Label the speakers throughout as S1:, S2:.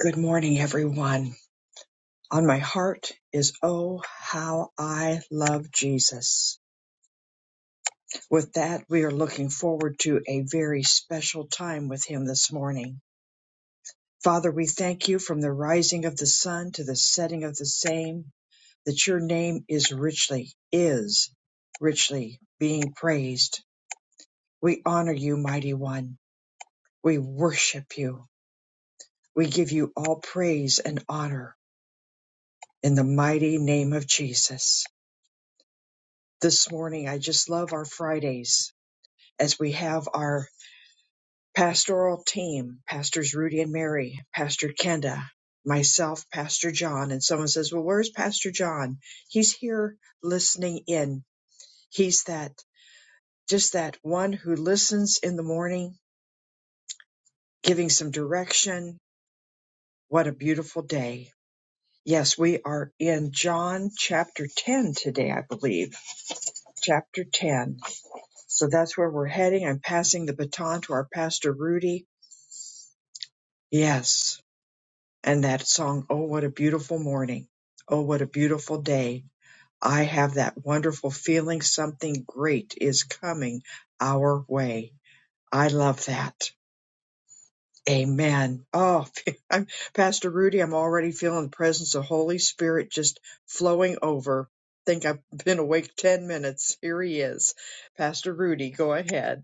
S1: Good morning, everyone. On my heart is Oh, how I love Jesus. With that, we are looking forward to a very special time with Him this morning. Father, we thank you from the rising of the sun to the setting of the same, that your name is richly, is richly being praised. We honor you, mighty one. We worship you. We give you all praise and honor in the mighty name of Jesus. this morning. I just love our Fridays as we have our pastoral team, Pastors Rudy and Mary, Pastor Kenda, myself, Pastor John. And someone says, Well, where's Pastor John? He's here listening in. He's that, just that one who listens in the morning, giving some direction. What a beautiful day. Yes, we are in John chapter 10 today, I believe. Chapter 10. So that's where we're heading. I'm passing the baton to our pastor, Rudy. Yes. And that song, Oh, what a beautiful morning. Oh, what a beautiful day. I have that wonderful feeling something great is coming our way. I love that. Amen. Oh, I'm, Pastor Rudy, I'm already feeling the presence of Holy Spirit just flowing over. Think I've been awake 10 minutes. Here he is. Pastor Rudy, go ahead.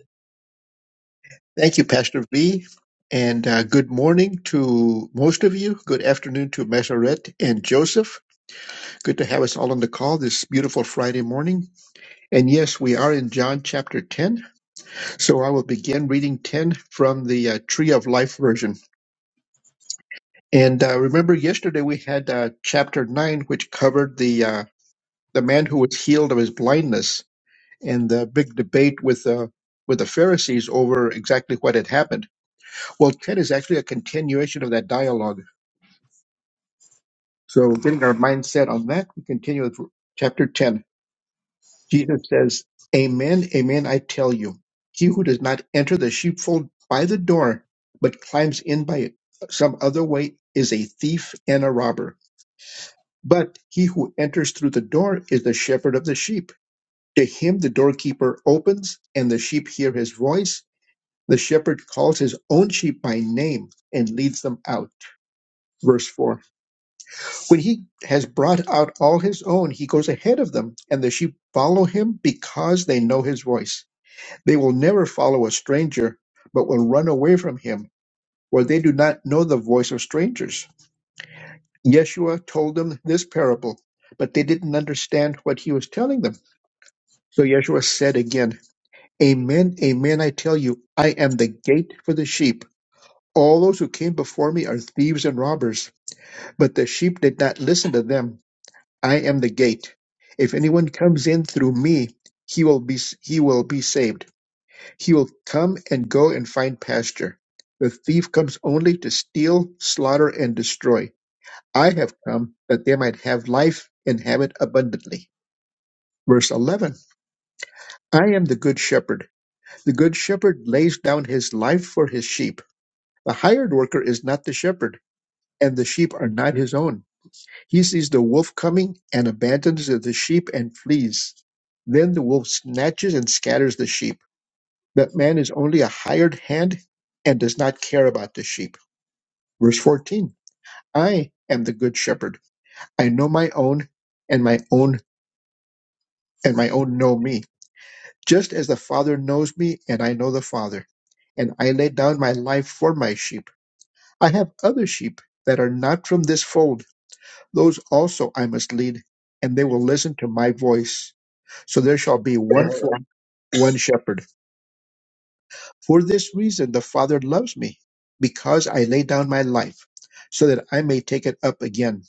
S2: Thank you, Pastor V. And uh, good morning to most of you. Good afternoon to Maseret and Joseph. Good to have us all on the call this beautiful Friday morning. And yes, we are in John chapter 10. So I will begin reading 10 from the uh, Tree of Life version. And uh, remember, yesterday we had uh, chapter 9, which covered the uh, the man who was healed of his blindness and the big debate with uh, with the Pharisees over exactly what had happened. Well, 10 is actually a continuation of that dialogue So, getting our mindset on that, we continue with chapter 10. Jesus says, Amen, amen, I tell you, he who does not enter the sheepfold by the door, but climbs in by some other way, is a thief and a robber. But he who enters through the door is the shepherd of the sheep. To him the doorkeeper opens, and the sheep hear his voice. The shepherd calls his own sheep by name and leads them out. Verse 4. When he has brought out all his own, he goes ahead of them, and the sheep follow him because they know his voice. They will never follow a stranger, but will run away from him, for they do not know the voice of strangers. Yeshua told them this parable, but they didn't understand what he was telling them. So Yeshua said again, Amen, amen, I tell you, I am the gate for the sheep. All those who came before me are thieves and robbers, but the sheep did not listen to them. I am the gate. If anyone comes in through me, he will be he will be saved. He will come and go and find pasture. The thief comes only to steal, slaughter, and destroy. I have come that they might have life and have it abundantly. Verse 11 I am the good shepherd. The good shepherd lays down his life for his sheep. The hired worker is not the shepherd, and the sheep are not his own. He sees the wolf coming and abandons the sheep and flees. Then the wolf snatches and scatters the sheep. But man is only a hired hand and does not care about the sheep. Verse 14. I am the good shepherd. I know my own and my own and my own know me. Just as the Father knows me and I know the Father. And I lay down my life for my sheep. I have other sheep that are not from this fold. Those also I must lead and they will listen to my voice. So there shall be one flock, one shepherd. For this reason the Father loves me, because I lay down my life, so that I may take it up again.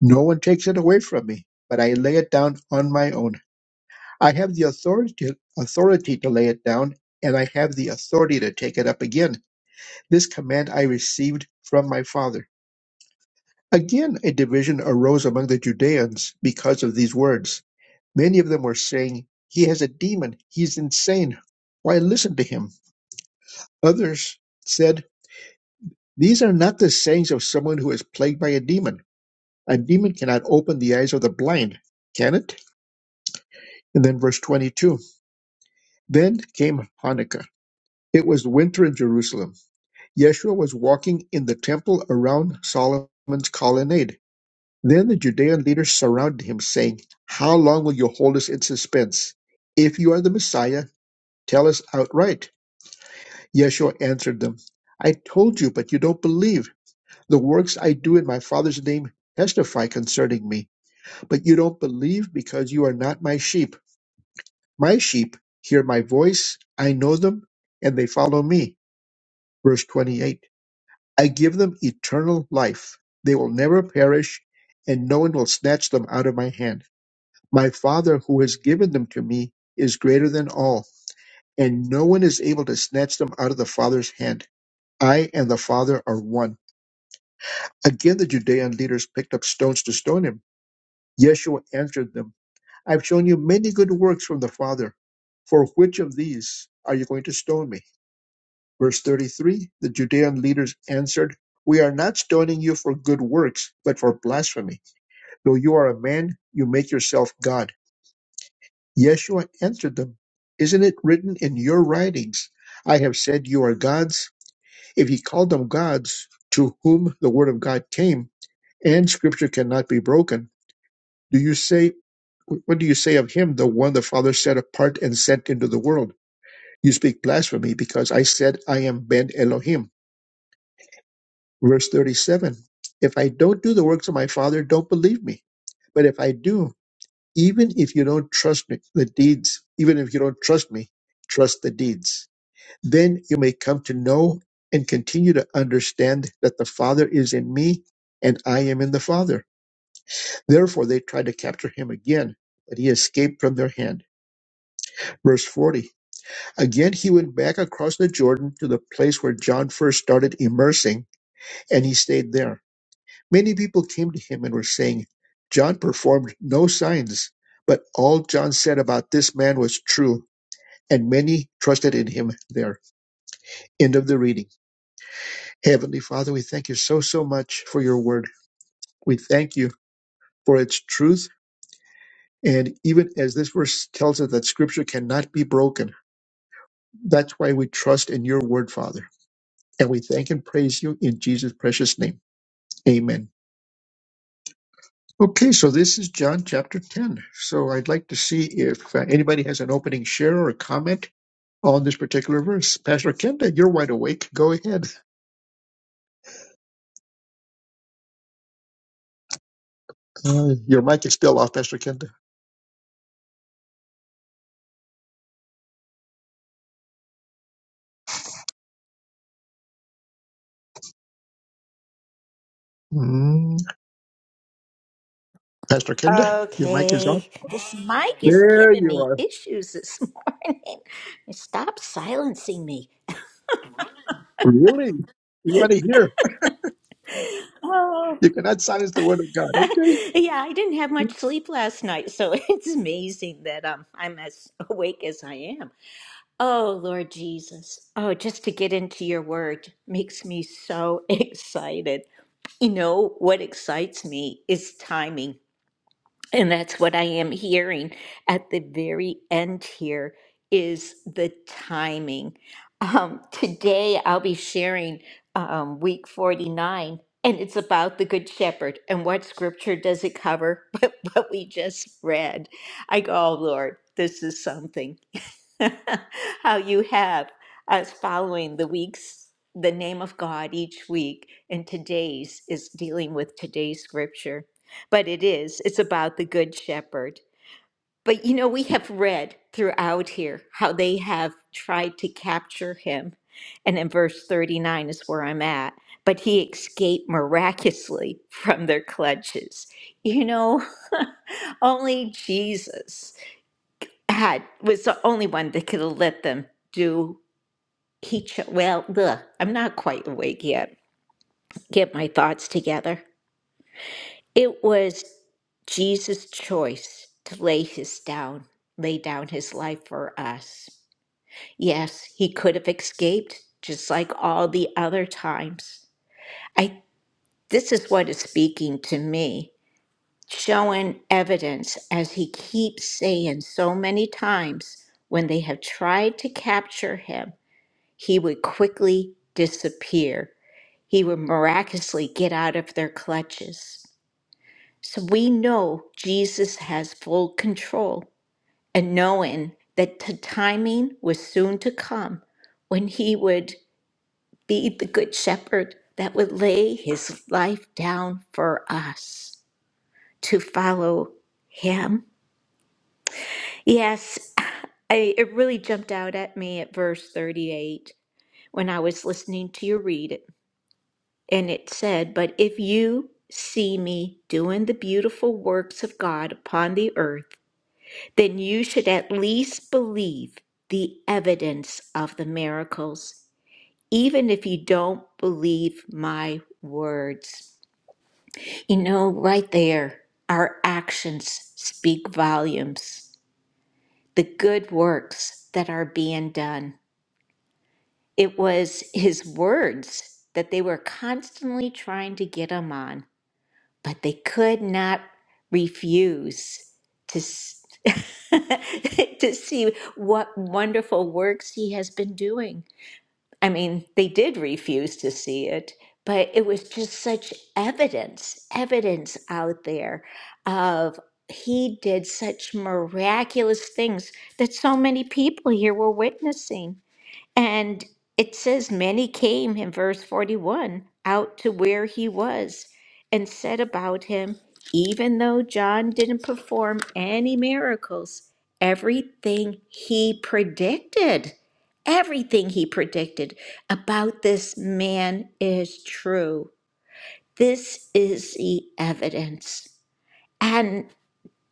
S2: No one takes it away from me, but I lay it down on my own. I have the authority authority to lay it down, and I have the authority to take it up again. This command I received from my Father. Again a division arose among the Judeans because of these words. Many of them were saying, He has a demon, he's insane. Why listen to him? Others said, These are not the sayings of someone who is plagued by a demon. A demon cannot open the eyes of the blind, can it? And then verse 22. Then came Hanukkah. It was winter in Jerusalem. Yeshua was walking in the temple around Solomon's colonnade. Then the Judean leaders surrounded him, saying, How long will you hold us in suspense? If you are the Messiah, tell us outright. Yeshua answered them, I told you, but you don't believe. The works I do in my Father's name testify concerning me, but you don't believe because you are not my sheep. My sheep hear my voice, I know them, and they follow me. Verse 28. I give them eternal life. They will never perish, and no one will snatch them out of my hand. My Father who has given them to me is greater than all, and no one is able to snatch them out of the Father's hand. I and the Father are one. Again, the Judean leaders picked up stones to stone him. Yeshua answered them, I've shown you many good works from the Father. For which of these are you going to stone me? Verse 33 The Judean leaders answered, We are not stoning you for good works, but for blasphemy. Though you are a man, you make yourself God. Yeshua answered them, Isn't it written in your writings, 'I have said you are gods? If he called them gods, to whom the word of God came, and scripture cannot be broken, do you say What do you say of him, the one the Father set apart and sent into the world? You speak blasphemy because I said, I am Ben Elohim. Verse 37 If I don't do the works of my Father, don't believe me. But if I do, even if you don't trust me, the deeds, even if you don't trust me, trust the deeds. Then you may come to know and continue to understand that the Father is in me and I am in the Father. Therefore, they tried to capture him again, but he escaped from their hand. Verse 40. Again, he went back across the Jordan to the place where John first started immersing, and he stayed there. Many people came to him and were saying, John performed no signs, but all John said about this man was true, and many trusted in him there. End of the reading. Heavenly Father, we thank you so, so much for your word. We thank you for its truth. And even as this verse tells us that scripture cannot be broken, that's why we trust in your word, Father. And we thank and praise you in Jesus' precious name. Amen. Okay, so this is John chapter 10. So I'd like to see if uh, anybody has an opening share or a comment on this particular verse. Pastor Kenda, you're wide awake. Go ahead. Uh, your mic is still off, Pastor Kenda. Mm, Pastor Kenda, your mic is on.
S3: Okay, this mic is
S2: There
S3: giving
S2: you
S3: me
S2: are.
S3: issues this morning. Stop silencing me.
S2: Really? We want to hear.
S3: Oh,
S2: You cannot silence the word of God. Okay.
S3: yeah, I didn't have much sleep last night, so it's amazing that um, I'm as awake as I am. Oh, Lord Jesus. Oh, just to get into your word makes me so excited. You know, what excites me is timing. And that's what I am hearing at the very end here is the timing. Um, today I'll be sharing um, week 49, and it's about the Good Shepherd. And what scripture does it cover? But what we just read. I go, oh, Lord, this is something. how you have us following the weeks, the name of God each week, and today's is dealing with today's scripture. But it is, it's about the Good Shepherd. But you know, we have read throughout here how they have tried to capture him. And in verse 39 is where I'm at. But he escaped miraculously from their clutches. You know, only Jesus had was the only one that could have let them do each well ugh, i'm not quite awake yet get my thoughts together it was jesus choice to lay his down lay down his life for us yes he could have escaped just like all the other times i this is what is speaking to me showing evidence as he keeps saying so many times when they have tried to capture him he would quickly disappear. He would miraculously get out of their clutches. So we know Jesus has full control, and knowing that the timing was soon to come when he would be the good shepherd that would lay his life down for us to follow him. Yes, I, it really jumped out at me at verse 38 when I was listening to you read it And it said, But if you see me doing the beautiful works of God upon the earth, then you should at least believe the evidence of the miracles, even if you don't believe my words. You know, right there, our actions speak volumes, the good works that are being done. It was his words that they were constantly trying to get him on but they could not refuse to s- to see what wonderful works he has been doing. I mean, they did refuse to see it, but it was just such evidence, evidence out there of he did such miraculous things that so many people here were witnessing. And it says, Many came in verse 41 out to where he was and said about him, even though John didn't perform any miracles, everything he predicted, everything he predicted about this man is true. This is the evidence. and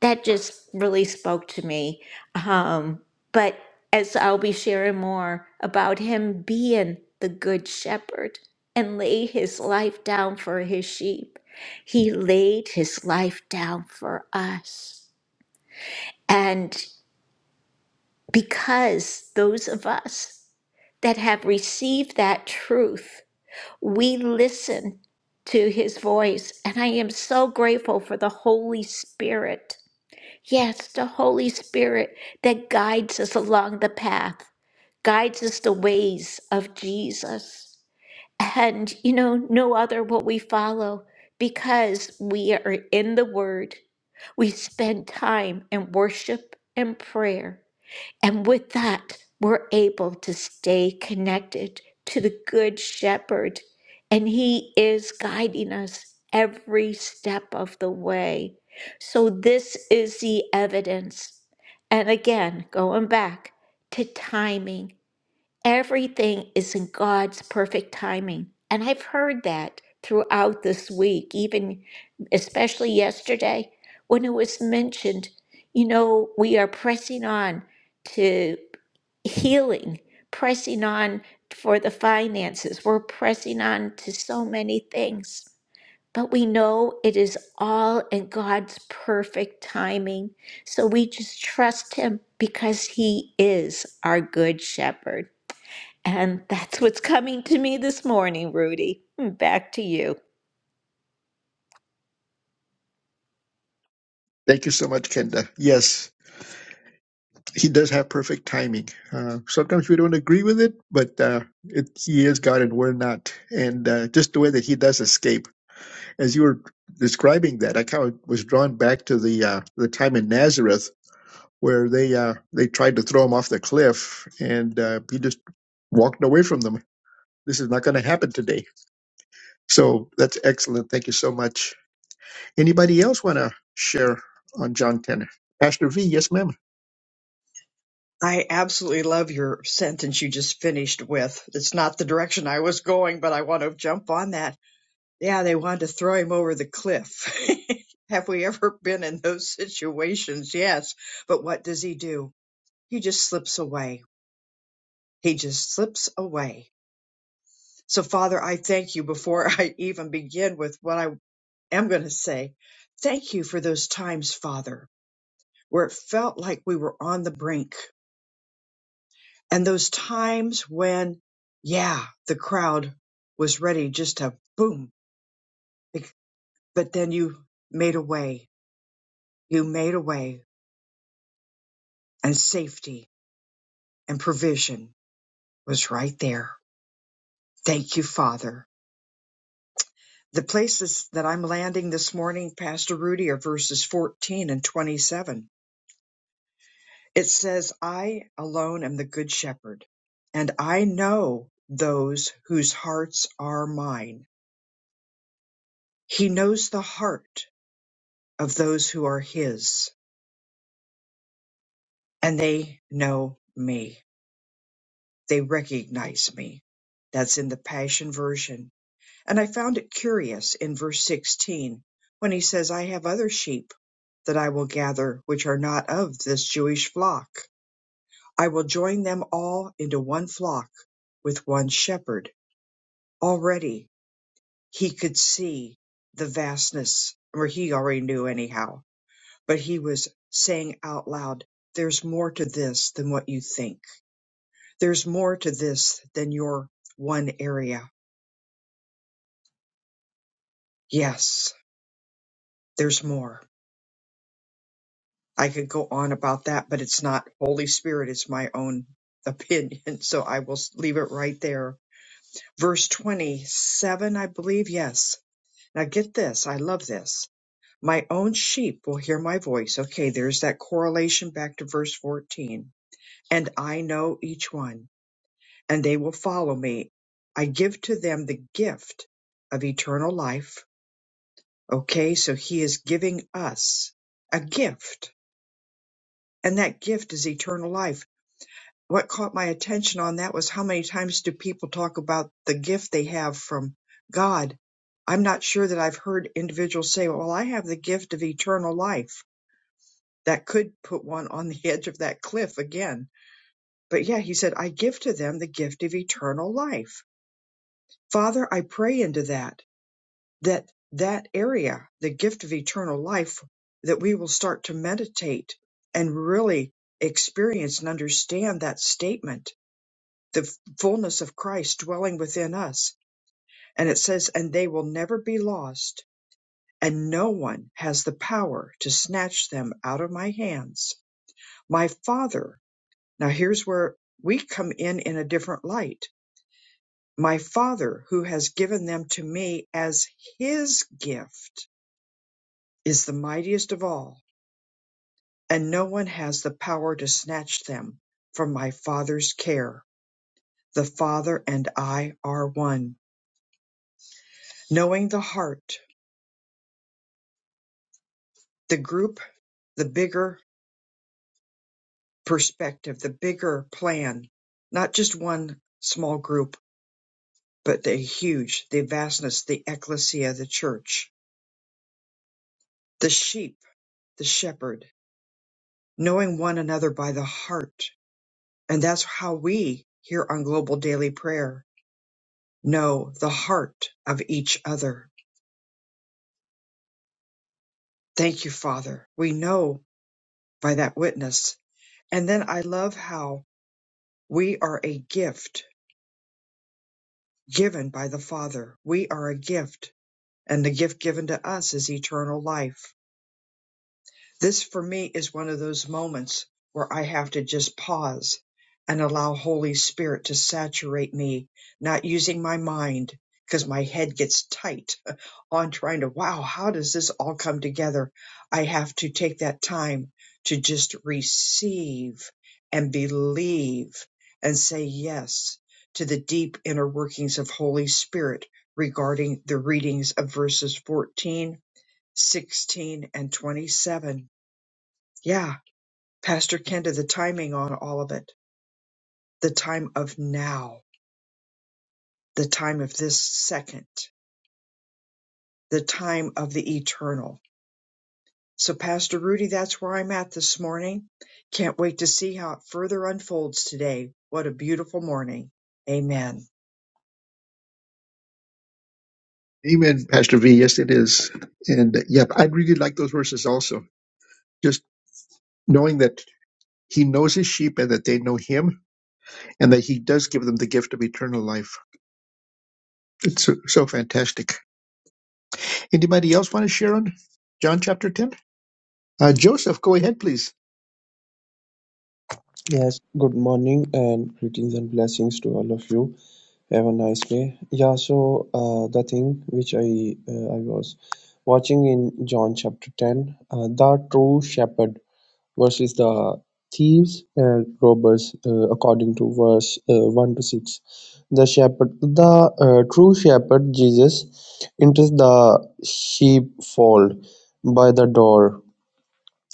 S3: that just really spoke to me. Um, but as I'll be sharing more about him being the good shepherd and lay his life down for his sheep, he laid his life down for us. And because those of us that have received that truth, we listen to his voice. And I am so grateful for the Holy Spirit Yes, the Holy Spirit that guides us along the path, guides us the ways of Jesus. And, you know, no other will we follow because we are in the Word. We spend time in worship and prayer. And with that, we're able to stay connected to the Good Shepherd. And He is guiding us every step of the way. So, this is the evidence. And again, going back to timing, Everything is in God's perfect timing. And I've heard that throughout this week, even especially yesterday when it was mentioned, you know, we are pressing on to healing, pressing on for the finances, we're pressing on to so many things. But we know it is all in God's perfect timing. So we just trust Him because He is our good shepherd. And that's what's coming to me this morning, Rudy. Back to you.
S2: Thank you so much, Kenda. Yes. he does have perfect timing. Uh, sometimes we don't agree with it, but uh, it, he is God and we're not. And uh, just the way that he does escape, as you were describing that, I kind of was drawn back to the uh, the time in Nazareth where they uh, they tried to throw him off the cliff, and uh, he just walked away from them. This is not going to happen today. So that's excellent. Thank you so much. Anybody else want to share on John Ten? Pastor V, yes, ma'am.
S1: I absolutely love your sentence you just finished with. It's not the direction I was going, but I want to jump on that. Yeah, they wanted to throw him over the cliff. Have we ever been in those situations? Yes. But what does he do? He just slips away. He just slips away. So, Father, I thank you before I even begin with what I am going to say. Thank you for those times, Father, where it felt like we were on the brink and those times when yeah the crowd was ready just to boom but then you made a way you made a way and safety and provision was right there thank you father the places that i'm landing this morning pastor rudy are verses 14 and 27 it says i alone am the good shepherd and i know those whose hearts are mine he knows the heart of those who are His, and they know me. They recognize me. That's in the Passion Version. And I found it curious in verse 16 when he says, I have other sheep that I will gather which are not of this Jewish flock. I will join them all into one flock with one shepherd. Already he could see the vastness, or he already knew anyhow but he was saying out loud, There's more to this than what you think. There's more to this than your one area. Yes, there's more. I could go on about that, but it's not Holy Spirit, it's my own opinion. So I will leave it right there. Verse 27, I believe. Yes. Now get this. I love this. My own sheep will hear my voice. Okay, there's that correlation back to verse 14. And I know each one and they will follow me. I give to them the gift of eternal life. Okay, so he is giving us a gift, and that gift is eternal life. What caught my attention on that was how many times do people talk about the gift they have from God? I'm not sure that I've heard individuals say, Well, I have the gift of eternal life. That could put one on the edge of that cliff again. But yeah, he said, I give to them the gift of eternal life. Father, I pray into that that that area, the gift of eternal life, that we will start to meditate and really experience and understand that statement, the f- fullness of Christ dwelling within us. And it says, and they will never be lost, and no one has the power to snatch them out of my hands. My Father. Now here's where we come in in a different light. My Father, who has given them to me as his gift, is the mightiest of all and no one has the power to snatch them from my Father's care. The Father and I are one. Knowing the heart, the group, the bigger perspective, the bigger plan, not just one small group, but the huge, the vastness, the ecclesia, the church, the sheep, the shepherd, knowing one another by the heart. And that's how we here on Global Daily Prayer know the heart of each other Thank you, Father. We know by that witness. And then I love how we are a gift given by the Father. We are a gift, and the gift given to us is eternal life. This for me is one of those moments where I have to just pause and allow Holy Spirit to saturate me, not using my mind because my head gets tight on trying to, wow, how does this all come together? I have to take that time to just receive and believe and say yes to the deep inner workings of Holy Spirit regarding the readings of verses 14, 16, and 27 yeah, Pastor Kenda, the timing on all of it, the time of now, the time of this second, the time of the eternal. So, Pastor Rudy, that's where I'm at this morning. Can't wait to see how it further unfolds today. What a beautiful morning. Amen.
S2: Amen, Pastor V. Yes, it is. And yeah, I'd really like those verses also. Just knowing that he knows his sheep and that they know him and that he does give them the gift of eternal life. It's so, so fantastic. Anybody else want to share on John chapter 10? Uh, Joseph, go ahead, please.
S4: Yes, good morning and greetings and blessings to all of you. Have a nice day. Yeah, so uh, the thing which I uh, I was watching in John chapter 10, uh, the true shepherd versus the thieves and robbers, uh, according to verse uh, 1 to 6. The shepherd, the uh, true shepherd, Jesus, enters the sheepfold by the door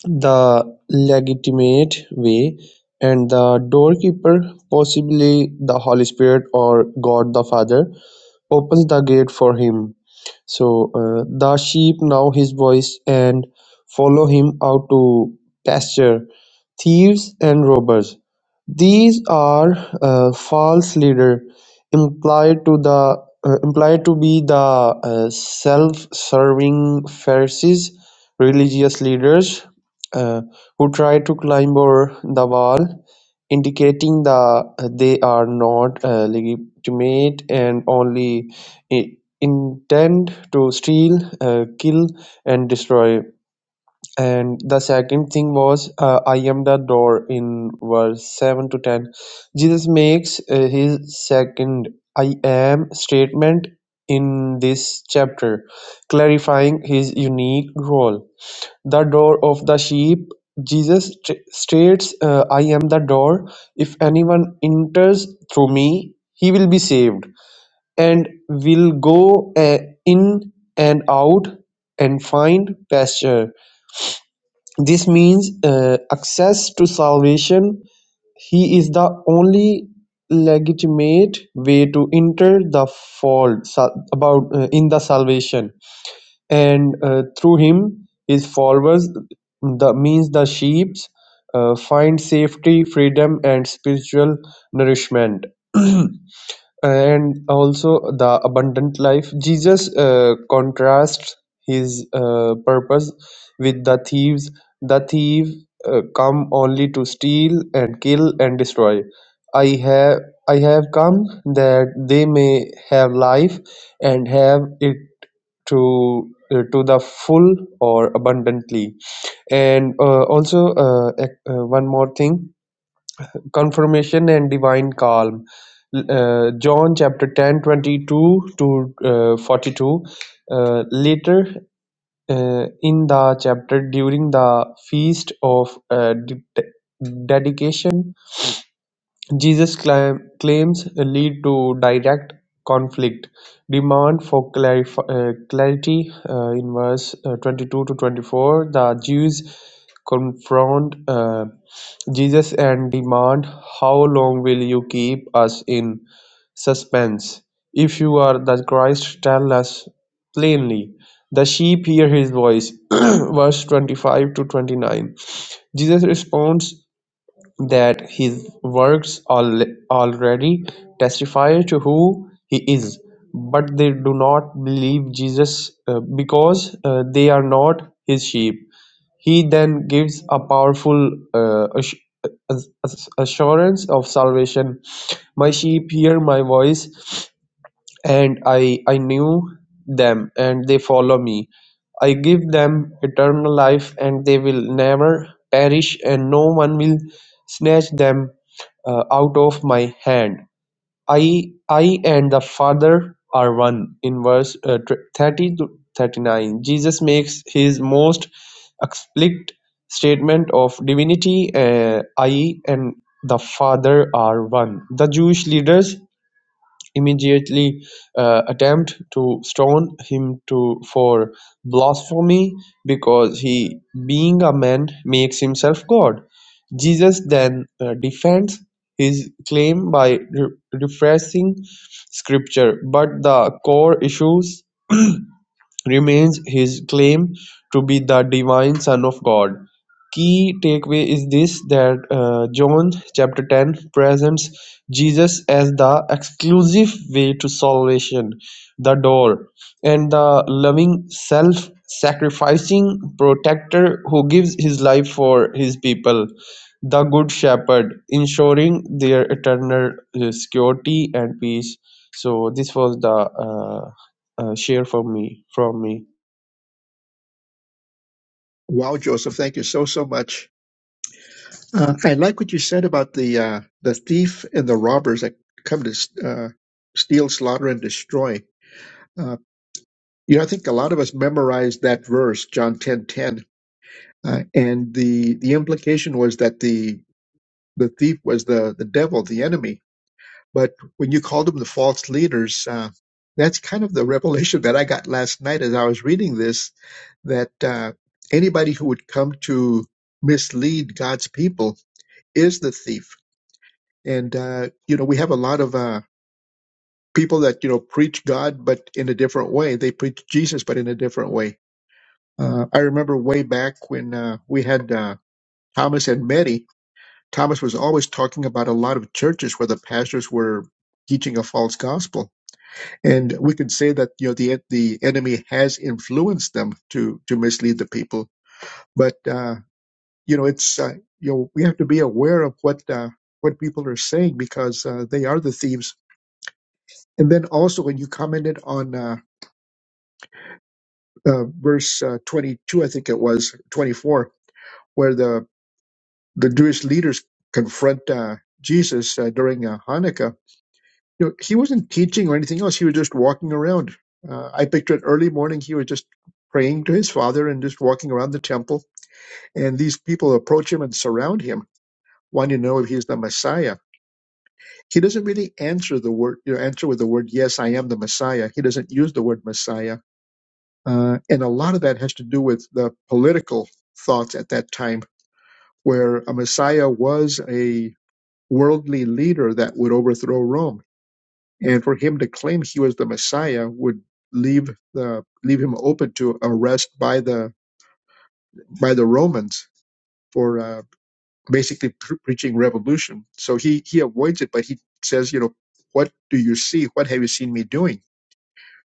S4: the legitimate way, and the doorkeeper, possibly the Holy Spirit or God the Father opens the gate for him. So uh, the sheep know his voice and follow him out to pasture. Thieves and robbers. These are uh, false leader implied to the uh, implied to be the uh, self-serving Pharisees, religious leaders uh, who try to climb over the wall indicating that they are not uh, legitimate and only i- intend to steal, uh, kill, and destroy. And the second thing was, uh, I am the door in verse 7 to 10. Jesus makes uh, his second I am statement in this chapter, clarifying his unique role the door of the sheep. Jesus st- states, uh, I am the door. If anyone enters through me, he will be saved and will go uh, in and out and find pasture. This means uh, access to salvation. He is the only legitimate way to enter the fold sal- about uh, in the salvation and uh, through him his followers the means the sheep uh, find safety freedom and spiritual nourishment and also the abundant life. Jesus uh, contrasts his uh, purpose with the thieves. The thief uh, come only to steal and kill and destroy. I have I have come that they may have life and have it to uh, to the full or abundantly. And uh, also uh, ec- uh, one more thing Confirmation and divine calm. Uh, John chapter 10 22 to uh, 42. Uh, later uh, in the chapter, during the feast of uh, de- dedication, Jesus' claim, claims lead to direct conflict demand for clarif- uh, clarity uh, in verse uh, 22 to 24 the jews confront uh, jesus and demand how long will you keep us in suspense if you are the christ tell us plainly the sheep hear his voice verse 25 to 29 jesus responds that his works al- already testify to who he is, but they do not believe Jesus uh, because uh, they are not his sheep. He then gives a powerful uh, ass- ass- assurance of salvation. My sheep hear my voice, and I, I knew them and they follow me. I give them eternal life and they will never perish and no one will snatch them uh, out of my hand. I, I and the Father are one. In verse uh, tw- 30 to 39, Jesus makes his most explicit statement of divinity uh, I and the Father are one. The Jewish leaders immediately uh, attempt to stone him to for blasphemy because he being a man makes himself god jesus then uh, defends his claim by re- refreshing scripture but the core issues remains his claim to be the divine Son of God. Key takeaway is this that uh, John chapter 10 presents Jesus as the exclusive way to salvation, the door, and the loving, self sacrificing protector who gives his life for his people, the good shepherd, ensuring their eternal uh, security and peace. So, this was the uh, uh, share from me from me
S2: Wow, Joseph, thank you so, so much. Uh, I like what you said about the uh, the thief and the robbers that come to uh, steal, slaughter, and destroy. Uh, you know, I think a lot of us memorized that verse, John 10:10 Uh, and the the implication was that the the thief was the the devil, the enemy. But when you called them the false leaders, uh, that's kind of the revelation that I got last night as I was reading this. That uh, anybody who would come to mislead God's people is the thief. And uh, you know, we have a lot of uh, people that you know preach God, but in a different way. They preach Jesus, but in a different way. Uh, I remember way back when uh, we had uh, Thomas and Mary Thomas was always talking about a lot of churches where the pastors were teaching a false gospel, and we could say that you know the the enemy has influenced them to to mislead the people. But uh, you know, it's uh, you know we have to be aware of what uh, what people are saying because uh, they are the thieves. And then also when you commented on uh, uh, verse uh, 22, I think it was 24, where the the Jewish leaders confront uh, Jesus uh, during uh, Hanukkah you know, he wasn't teaching or anything else. He was just walking around. Uh, I picture it early morning. He was just praying to his father and just walking around the temple. And these people approach him and surround him, wanting to know if he's the Messiah. He doesn't really answer the word, you know, answer with the word, yes, I am the Messiah. He doesn't use the word Messiah. Uh, and a lot of that has to do with the political thoughts at that time, where a Messiah was a worldly leader that would overthrow Rome and for him to claim he was the Messiah would leave the leave him open to arrest by the by the Romans for uh, basically pre- preaching revolution. So he he avoids it, but he says, you know, what do you see? What have you seen me doing?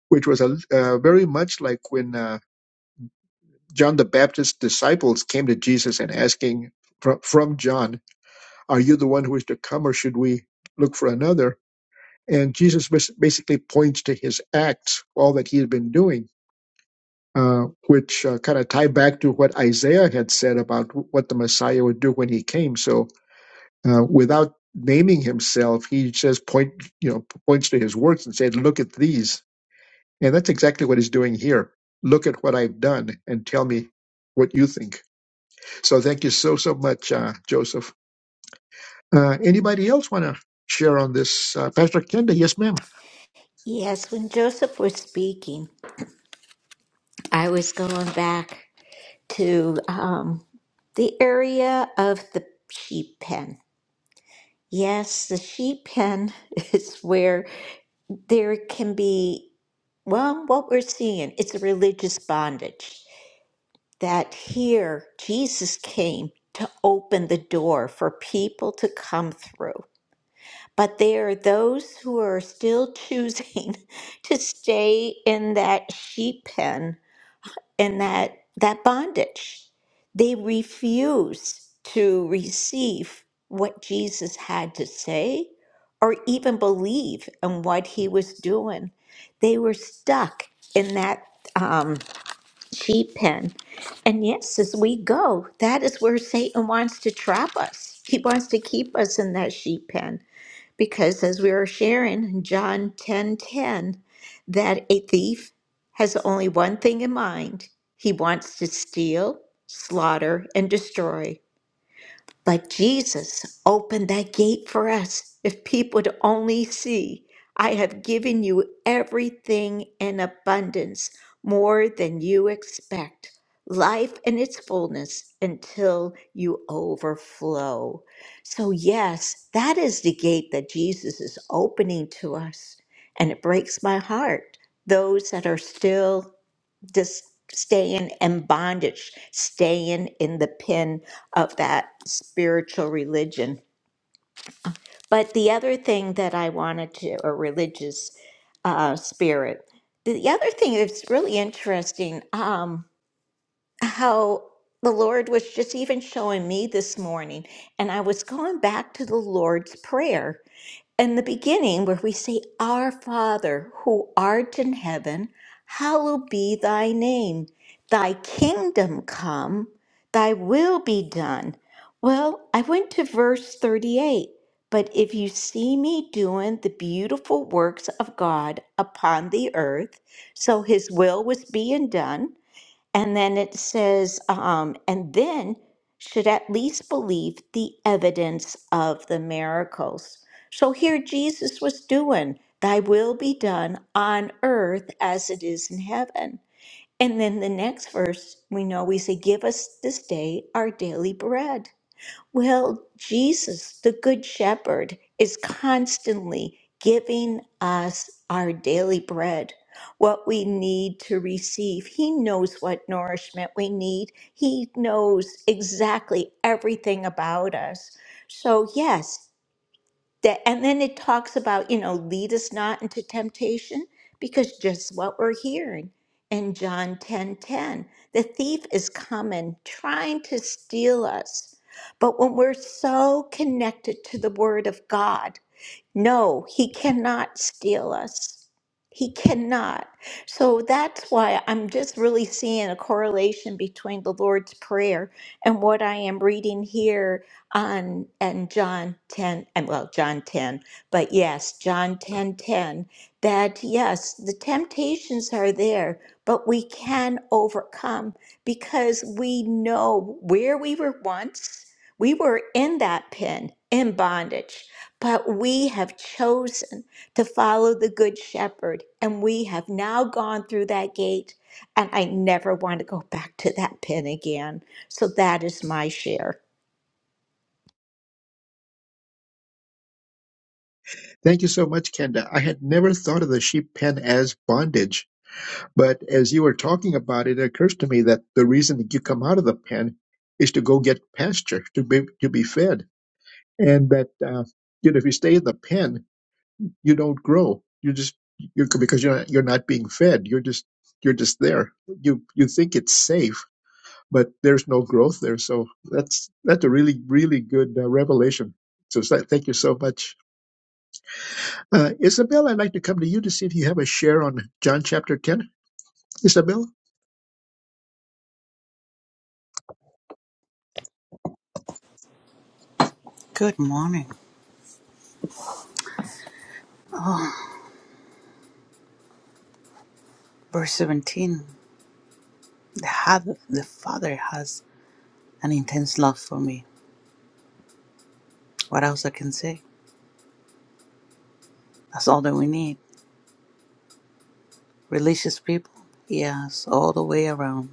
S2: Which was a uh, very much like when uh, John the Baptist's disciples came to Jesus and asking from, from John, "Are you the one who is to come, or should we look for another?" And Jesus bas- basically points to his acts, all that he had been doing uh, which uh, kind of tie back to what Isaiah had said about what the Messiah would do when he came. So, uh, without naming himself, he just point you know points to his works and said, "Look at these," and that's exactly what he's doing here. Look at what I've done, and tell me what you think. So, thank you so so much, uh, Joseph. Uh, anybody else want to? Share on this, uh, Pastor Kenda. Yes, ma'am.
S3: Yes, when Joseph was speaking, I was going back to um, the area of the sheep pen. Yes, the sheep pen is where there can be, well, what we're seeing, it's a religious bondage. That here, Jesus came to open the door for people to come through. But there are those who are still choosing to stay in that sheep pen in that, that bondage. They refuse to receive what Jesus had to say or even believe in what he was doing. They were stuck in that um, sheep pen. And yes, as we go, that is where Satan wants to trap us. He wants to keep us in that sheep pen because as we were sharing John 10:10 that a thief has only one thing in mind. He wants to steal, slaughter and destroy. But Jesus opened that gate for us. If people would only see, I have given you everything in abundance, more than you expect, life in its fullness until you overflow. So, yes, that is the gate that Jesus is opening to us. And it breaks my heart, those that are still just staying in bondage, staying in the pin of that spiritual religion. But the other thing that I wanted to, a religious uh, spirit, the other thing that's really interesting, um, how the Lord was just even showing me this morning, and I was going back to the Lord's Prayer in the beginning where we say, Our Father, who art in heaven, hallowed be thy name. Thy kingdom come, thy will be done. Well, I went to verse 38. But if you see me doing the beautiful works of God upon the earth, so his will was being done, and then it says, um, and then should at least believe the evidence of the miracles. So here Jesus was doing, Thy will be done on earth as it is in heaven. And then the next verse, we know we say, Give us this day our daily bread. Well, Jesus, the Good Shepherd, is constantly giving us our daily bread, what we need to receive. He knows what nourishment we need, He knows exactly everything about us. So, yes, that and then it talks about you know lead us not into temptation because just what we're hearing in john 10 10 the thief is coming trying to steal us but when we're so connected to the word of god no, he cannot steal us. He cannot. So that's why I'm just really seeing a correlation between the Lord's Prayer and what I am reading here on and John 10 and well John 10, but yes, John 10, 10. that yes, the temptations are there, but we can overcome because we know where we were once. We were in that pen, in bondage but we have chosen to follow the Good Shepherd, and we have now gone through that gate, and I never want to go back to that pen again. So that is my share.
S2: Thank you so much, Kenda. I had never thought of the sheep pen as bondage But as you were talking about it, it occurs to me that the reason that you come out of the pen is to go get pasture, to be to be fed, and that uh, you know if you stay in the pen, you don't grow. You just you because you're not, you're not being fed. You're just you're just there. You you think it's safe, but there's no growth there. So that's that's a really really good uh, revelation. So so thank you so much, uh, Isabel. I'd like to come to you to see if you have a share on John chapter ten, Isabel.
S5: Good morning. Verse 17 the, had, the Father has an intense love for me. What else I can say? That's all that we need. Religious people, yes, all the way around,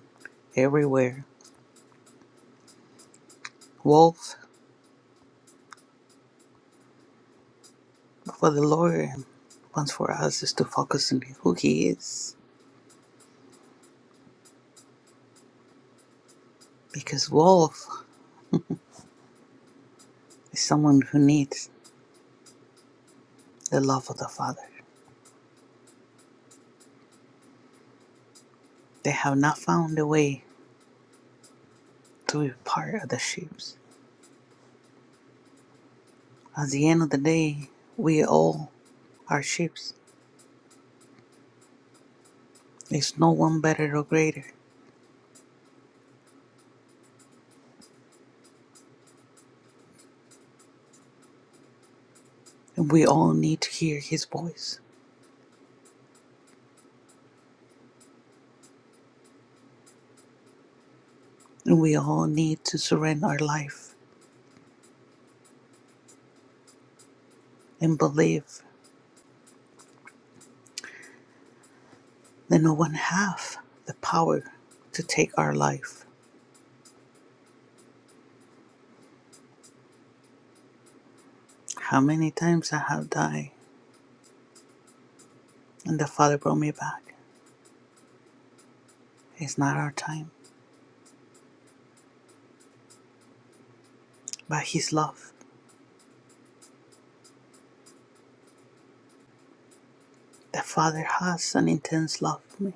S5: everywhere. Wolf, for the Lord wants for us is to focus on who He is. Because Wolf is someone who needs the love of the Father. They have not found a way to be part of the sheep. At the end of the day, we all are sheep. There's no one better or greater. And we all need to hear his voice. And we all need to surrender our life and believe that no one has the power to take our life. How many times I have died and the Father brought me back. It's not our time, but his love. The Father has an intense love for me.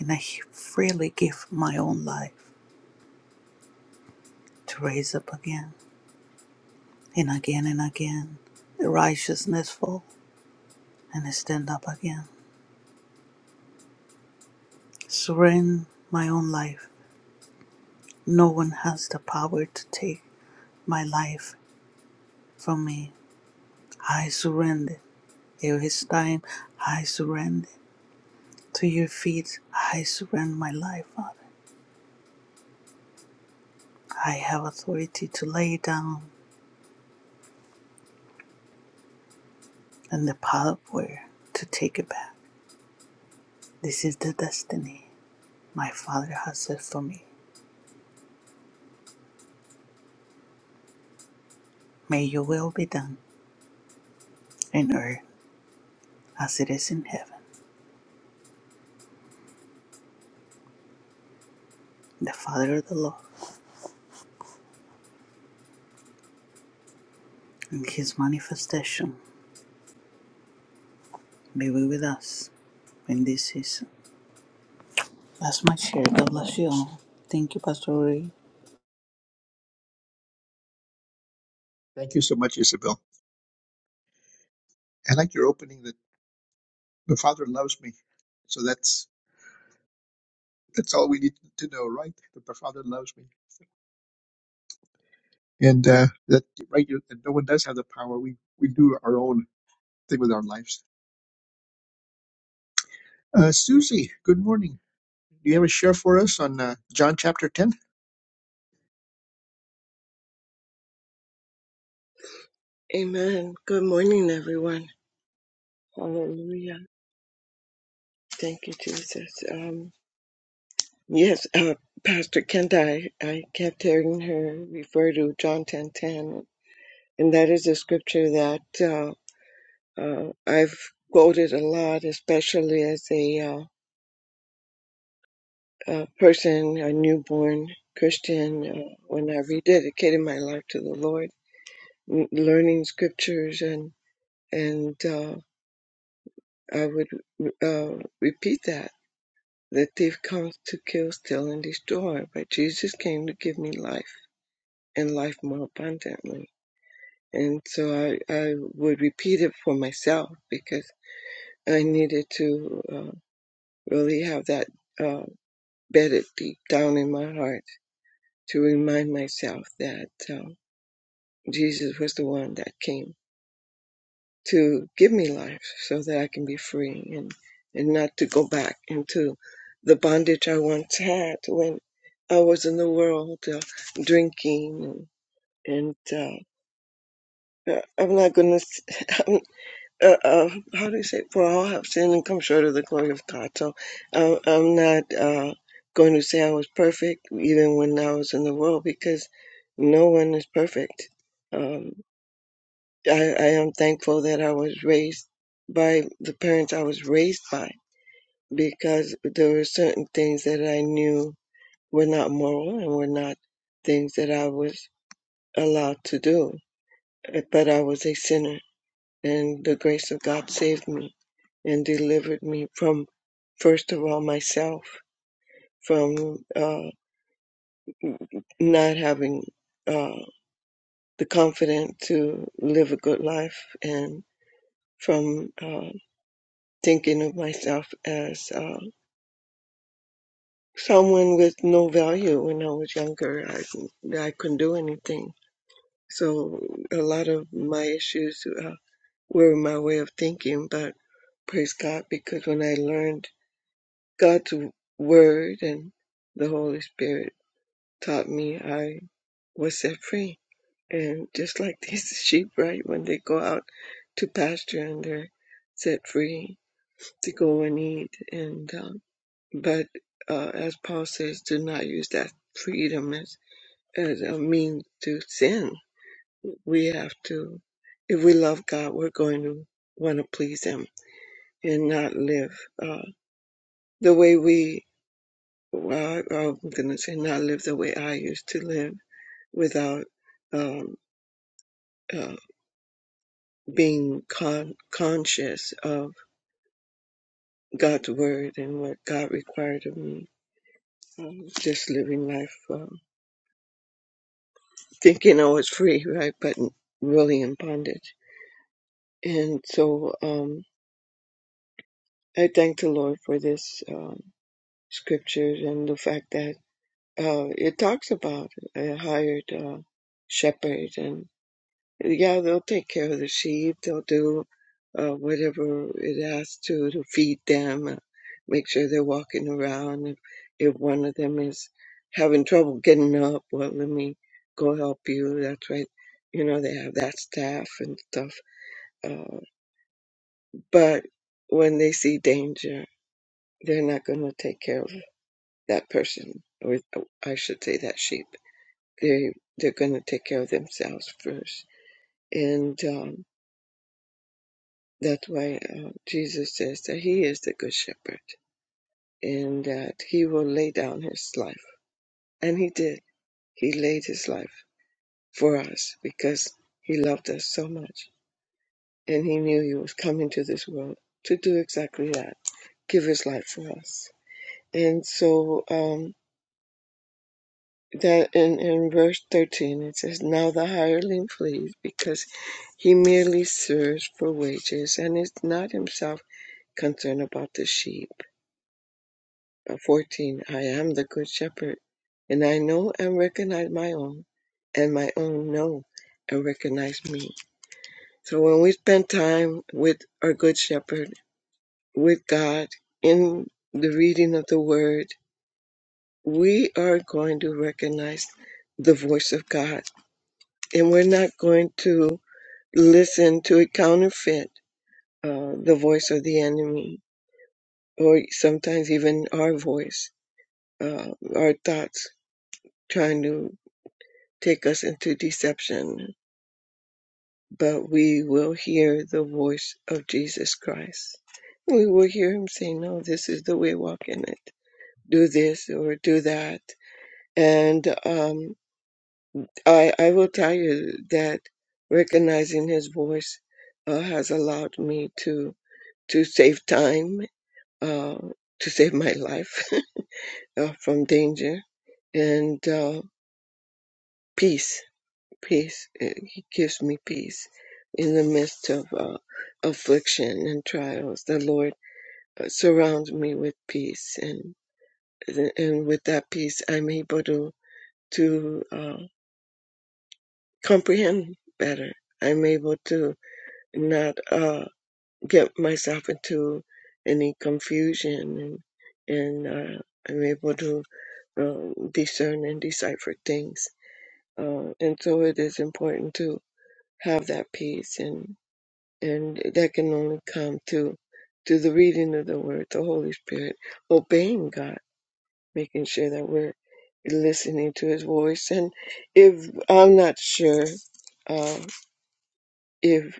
S5: And I freely give my own life to raise up again and again and again. The righteousness fall and I stand up again. surrender my own life. No one has the power to take my life from me. I surrender. It is time. I surrender. To your feet, I surrender my life, Father. I have authority to lay it down and the power to take it back. This is the destiny my Father has set for me. May your will be done in earth as it is in heaven. The Father of the Lord and his manifestation be with us in this season. That's my share. God bless you all. Thank you, Pastor Ray.
S2: Thank you so much, Isabel. I like your opening that the Father loves me. So that's that's all we need to know, right? That the Father loves me, and uh, that right, you, that no one does have the power. We we do our own thing with our lives. Uh, Susie, good morning. Do you have a share for us on uh, John chapter ten?
S6: Amen. Good morning, everyone. Hallelujah. Thank you, Jesus. Um, yes, uh, Pastor Kenda, I, I kept hearing her refer to John 10.10, and that is a scripture that uh, uh, I've quoted a lot, especially as a, uh, a person, a newborn Christian, uh, when I rededicated my life to the Lord, m- learning scriptures, and and uh, I would uh, repeat that The thief comes to kill, steal, and destroy, but Jesus came to give me life and life more abundantly. And so I, I would repeat it for myself because I needed to uh, really have that uh, bedded deep down in my heart to remind myself that um, Jesus was the one that came. to give me life so that I can be free and, and not to go back into the bondage I once had when I was in the world uh, drinking and, and uh, uh, I'm not going to, uh, uh, how do you say, for all have sinned and come short of the glory of God. So uh, I'm not uh, going to say I was perfect even when I was in the world because no one is perfect. Um, I, I am thankful that I was raised by the parents I was raised by because there were certain things that I knew were not moral and were not things that I was allowed to do. But I was a sinner, and the grace of God saved me and delivered me from, first of all, myself, from uh, not having uh, the confidence to live a good life and from. uh, thinking of myself as uh, someone with no value when I was younger. I, I couldn't do anything. So a lot of my issues uh, were my way of thinking, but praise God because when I learned God's word and the Holy Spirit taught me, I was set free. And just like these sheep, right, when they go out to pasture and they're set free to go and eat. And um, But uh, as Paul says, do not use that freedom as, as a means to sin. We have to, if we love God, we're going to want to please Him and not live uh, the way we, well, I- I'm going to say, not live the way I used to live without um, uh, being con- conscious of God's word and what God required of me. Um, just living life. um, thinking I was free, right? But really in bondage. And so um, I thank the Lord for this um, scriptures and the fact that uh, it talks about a hired uh, shepherd. And yeah, they'll take care of the sheep, they'll do uh, whatever it asks to to feed them, uh, make sure they're walking around. If, if one of them is having trouble getting up, well, let me go help you. That's right. You know, they have that staff and stuff Uh, but when they see danger, they're not going to take care of that person, or I should say that sheep. They they're going to take care of themselves first, and um, that's why uh, Jesus says that He is the good shepherd, and that He will lay down His life, and He did. He laid His life for us because He loved us so much, and He knew He was coming to this world to do exactly that, give His life for us, and so. Um, that in, in verse 13 it says, Now the hireling flees because he merely serves for wages and is not himself concerned about the sheep. Uh, 14 I am the good shepherd, and I know and recognize my own, and my own know and recognize me. So when we spend time with our good shepherd, with God, in the reading of the word, we are going to recognize the voice of God and we're not going to listen to it counterfeit uh, the voice of the enemy or sometimes even our voice uh, our thoughts trying to take us into deception but we will hear the voice of jesus christ we will hear him say no this is the way walk in it do this or do that and um, I, I will tell you that recognizing his voice uh, has allowed me to to save time, uh, to save my life uh, from danger, and uh, peace. Peace. Uh, He gives me peace in the midst of uh, affliction and trials. The Lord uh, surrounds me with peace, and and with that peace, I'm able to to uh, comprehend better. I'm able to not uh, get myself into any confusion, and and uh, I'm able to um, discern and decipher things. Uh, and so it is important to have that peace, and and that can only come to to the reading of the Word, the Holy Spirit, obeying God, making sure that we're listening to His voice. And if I'm not sure, uh, if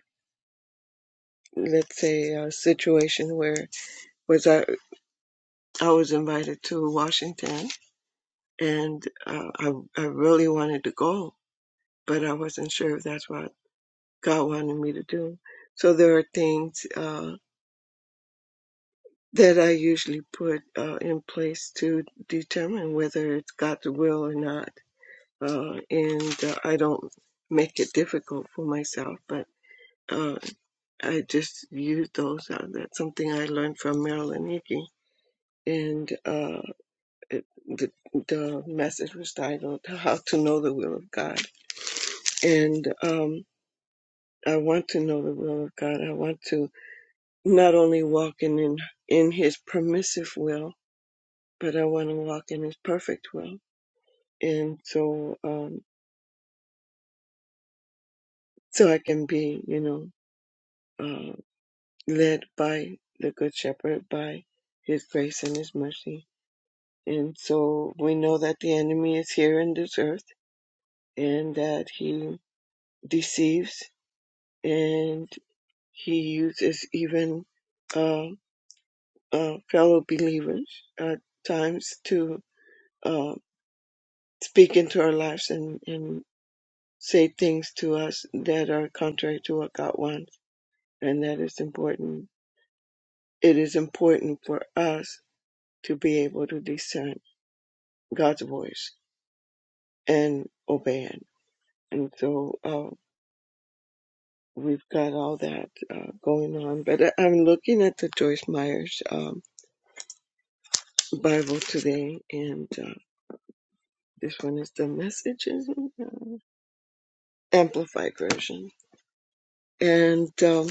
S6: let's say a situation where was I I was invited to Washington, and uh, I I really wanted to go, but I wasn't sure if that's what God wanted me to do. So there are things uh, that I usually put uh, in place to determine whether it's God's will or not. Uh, and uh, I don't make it difficult for myself, but uh, I just use those. Uh, that's something I learned from Marilyn Hickey. And uh, it, the, the message was titled How to Know the Will of God. And um, I want to know the will of God. I want to not only walking in in his permissive will but i want to walk in his perfect will and so um so i can be you know uh, led by the good shepherd by his grace and his mercy and so we know that the enemy is here in this earth and that he deceives and he uses even uh, uh, fellow believers at times to uh, speak into our lives and, and say things to us that are contrary to what God wants. And that is important. It is important for us to be able to discern God's voice and obey it. And so uh, we've got all that uh, going on. But I, I'm looking at the Joyce Myers um, Bible today, and uh, this one is the message isn't it? Uh, amplified version. And um,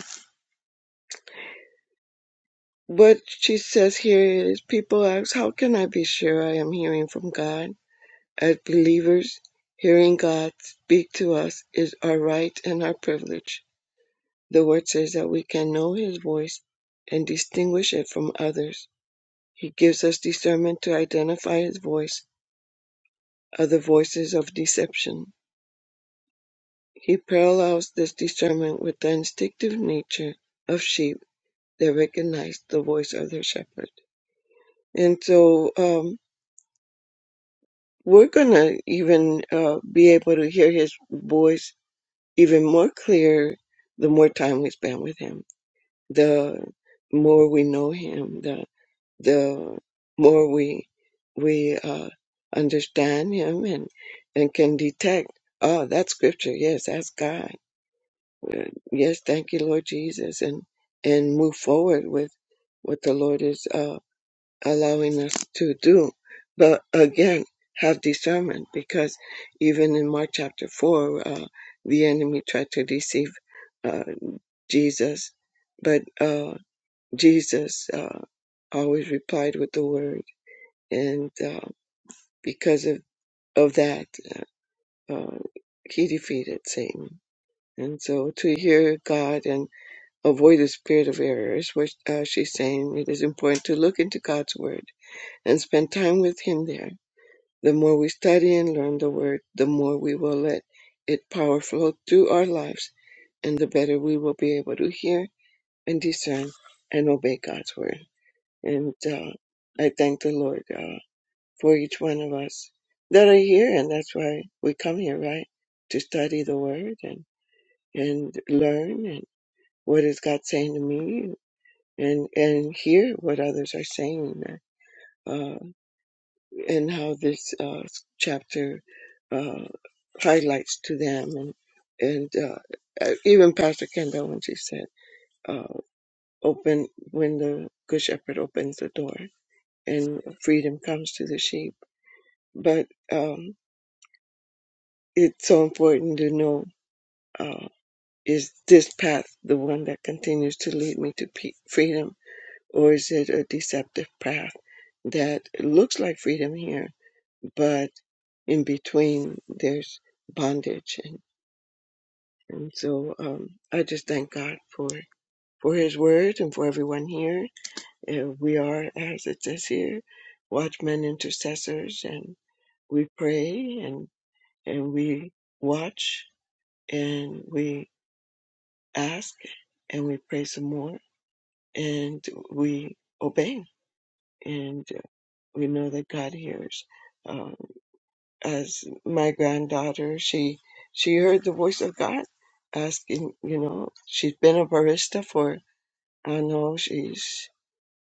S6: what she says here is people ask, How can I be sure I am hearing from God? As believers, hearing God speak to us is our right and our privilege. The Word says that we can know His voice and distinguish it from others. He gives us discernment to identify His voice, other voices of deception. He parallels this discernment with the instinctive nature of sheep that recognize the voice of their shepherd. And so um, we're going to even uh, be able to hear His voice even more clear the more time we spend with him the more we know him the the more we we uh, understand him and and can detect oh that's scripture yes that's god Uh, yes thank you lord jesus and and move forward with what the lord is uh, allowing us to do. But again, have discernment because even in Mark chapter 4, uh, the enemy tried to deceive uh, Jesus, but uh, Jesus uh, always replied with the word. And uh, because of, of that, uh, uh, he defeated Satan. And so to hear God and avoid the spirit of error is what uh, she's saying. It is important to look into God's word and spend time with Him there The more we study and learn the Word, the more we will let its power flow through our lives, and the better we will be able to hear and discern and obey God's Word. And uh, I thank the Lord uh, for each one of us that are here, and that's why we come here, right? To study the Word and, and learn and what is God saying to me and, and hear what others are saying. Uh, and how this uh, chapter uh, highlights to them and and uh, uh, even Pastor Kendall when she said uh, open when the good shepherd opens the door and freedom comes to the sheep but um, it's so important to know uh, is this path the one that continues to lead me to pe- freedom or is it a deceptive path that looks like freedom here but in between there's bondage and, and so um, i just thank god for for his word and for everyone here Uh, we are as it says here watchmen intercessors and we pray and and we watch and we ask and we pray some more and we obey and uh, we know that god hears uh, as my granddaughter, she she heard the voice of God asking, you know, she's been a barista for I don't know, she's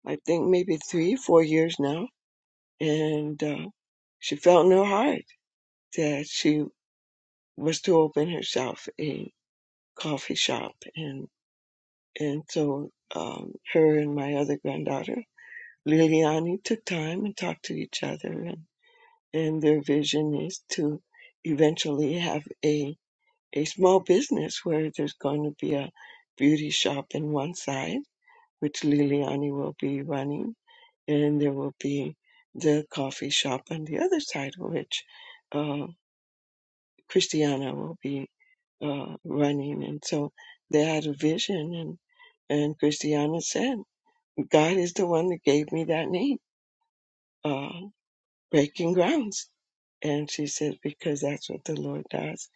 S6: I think maybe three, four years now, and uh, she felt in her heart that she was to open herself a coffee shop, and and so um, her and my other granddaughter Liliani took time and talked to each other, and and their vision is to eventually have a a small business where there's going to be a beauty shop in one side, which Liliani will be running, and there will be the coffee shop on the other side, which uh, Christiana will be uh, running. And so they had a vision, and and Christiana said, "God is the one that gave me that name, uh, Breaking Grounds." And she said, "Because that's what the Lord does."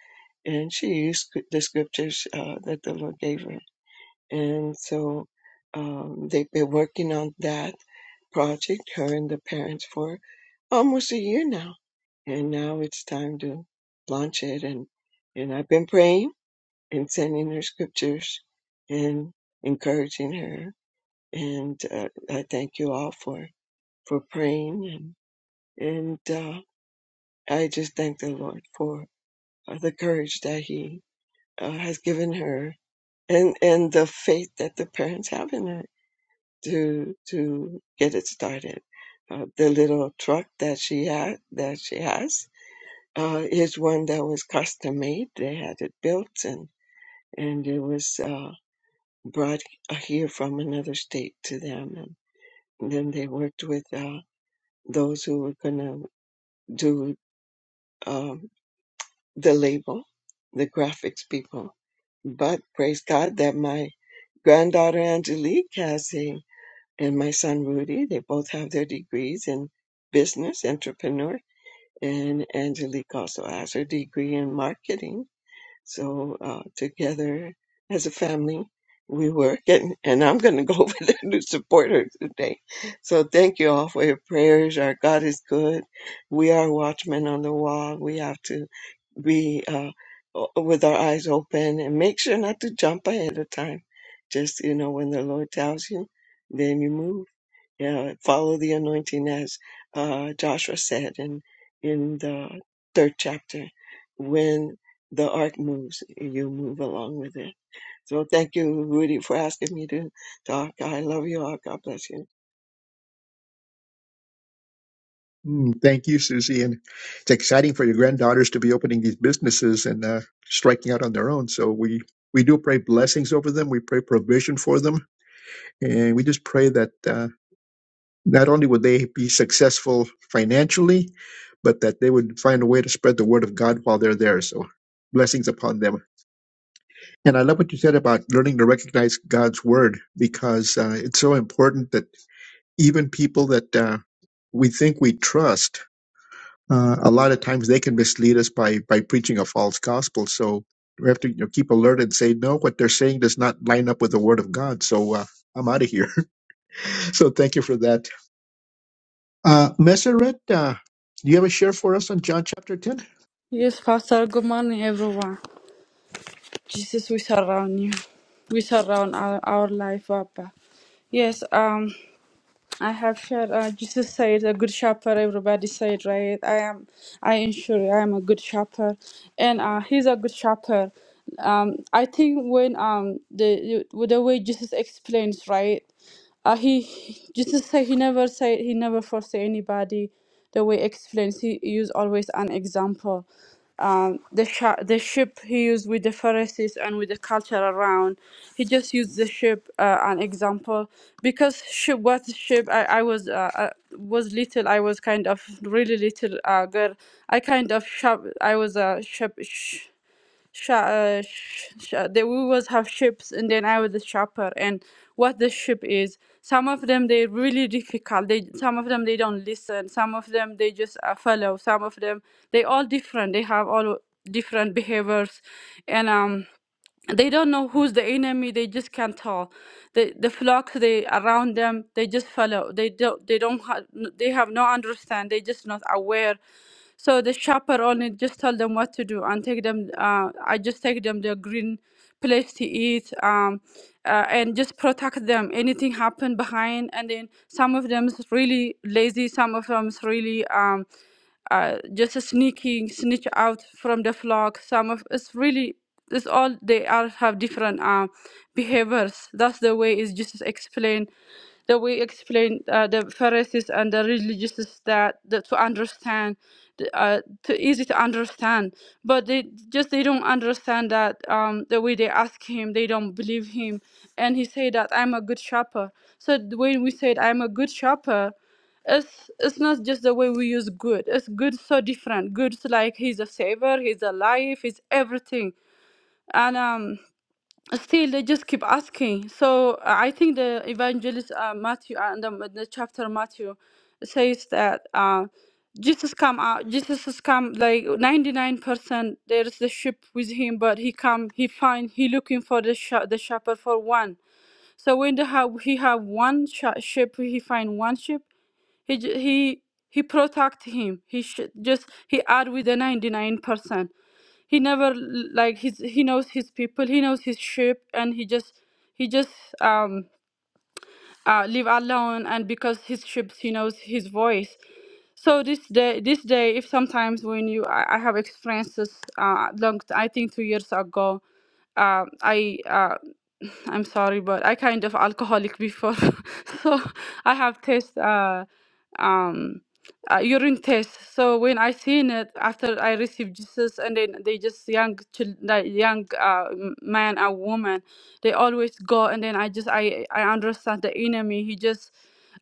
S6: And she used sc- the scriptures uh, that the Lord gave her And so um, they've been working on that project, her and the parents, for almost a year now. And now it's time to launch it. And, and I've been praying and sending her scriptures and encouraging her. And uh, I thank you all for, for praying. And, and uh, I just thank the Lord for uh, the courage that He uh, has given her and, and the faith that the parents have in her to to get it started. Uh, the little truck that she had that she has uh, is one that was custom made. They had it built and and it was uh, brought here from another state to them, and then they worked with uh, those who were gonna do um, the label, the graphics people. But praise God that my granddaughter Angelique has a and my son Rudy. They both have their degrees in business, entrepreneur, and Angelique also has her degree in marketing. So uh, together as a family, we work, and, and I'm going to go over there to support her today. So thank you all for your prayers. Our God is good. We are watchmen on the wall. We have to be uh, o- with our eyes open and make sure not to jump ahead of time. Just, you know, when the Lord tells you, then you move yeah, follow the anointing as uh, Joshua said in in the third chapter. When the ark moves, you move along with it. So thank you, Rudy, for asking me to talk. I love you all. God bless you.
S2: Mm, thank you, Susie. And it's exciting for your granddaughters to be opening these businesses and uh, striking out on their own. So we we do pray blessings over them. We pray provision for them And we just pray that uh, not only would they be successful financially, but that they would find a way to spread the word of God while they're there. So blessings upon them. And I love what you said about learning to recognize God's word because uh, it's so important that even people that uh, we think we trust, uh, a lot of times they can mislead us by by preaching a false gospel. So we have to you know, keep alert and say no, what they're saying does not line up with the word of God. So uh, I'm out of here. so thank you for that. Uh, Messeret, uh, do you have a share for us on John chapter 10?
S7: Yes, Pastor, good morning, everyone. Jesus, we surround you. We surround our, our life, Papa. Yes, um, I have shared, uh, Jesus said, a good shepherd, everybody said, right? I am, I am sure I am a good shepherd. And uh, he's a good shepherd. Um, I think when um, the, the the way Jesus explains, right? Uh, he Jesus said he never said he never forsake anybody the way explains he used always an example um, the sh- the ship he used with the Pharisees and with the culture around. He just used the ship uh, an example because ship was ship. I I was uh, uh, was little. I was kind of really little uh, girl. I kind of shop. I was a ship sh- uh, sh- sh- they we was have ships and then i was the shopper and what the ship is some of them they're really difficult they some of them they don't listen some of them they just uh, follow some of them they all different they have all different behaviors and um they don't know who's the enemy they just can't tell the the flocks they around them they just follow they don't they don't ha- they have no understand they just not aware so the shepherd only just tell them what to do and take them uh, i just take them the green place to eat um, uh, and just protect them anything happen behind and then some of them is really lazy some of them is really um, uh, just sneaking snitch out from the flock some of it's really it's all they are have different uh, behaviors. That's the way is Jesus explained. The way explained uh, the Pharisees and the religious that, that to understand, the, uh, to easy to understand. But they just they don't understand that um, the way they ask him, they don't believe him, and he said that I'm a good shepherd. So th- when we said I'm a good shepherd, it's it's not just the way we use good. It's good so different. Good's like he's a savior, he's alive, he's everything and um still they just keep asking so uh, i think the evangelist uh, matthew uh, and um, the chapter matthew says that uh jesus come out jesus has come like 99% there is the sheep with him but he come he find he looking for the sh- the shepherd for one so when they have he have one sh- sheep he find one sheep he j- he he protect him he sh- just he add with the 99% he never like his he knows his people he knows his sheep and he just he just um uh, leave alone and because his ships he knows his voice so this day this day if sometimes when you i, I have experiences uh long i think two years ago uh, i uh, i'm sorry but i kind of alcoholic before so i have test, uh um uh, urine test. So when I seen it after I received Jesus, and then they just young chil- like young uh, m- man or woman they always go and then i just i i understand the enemy he just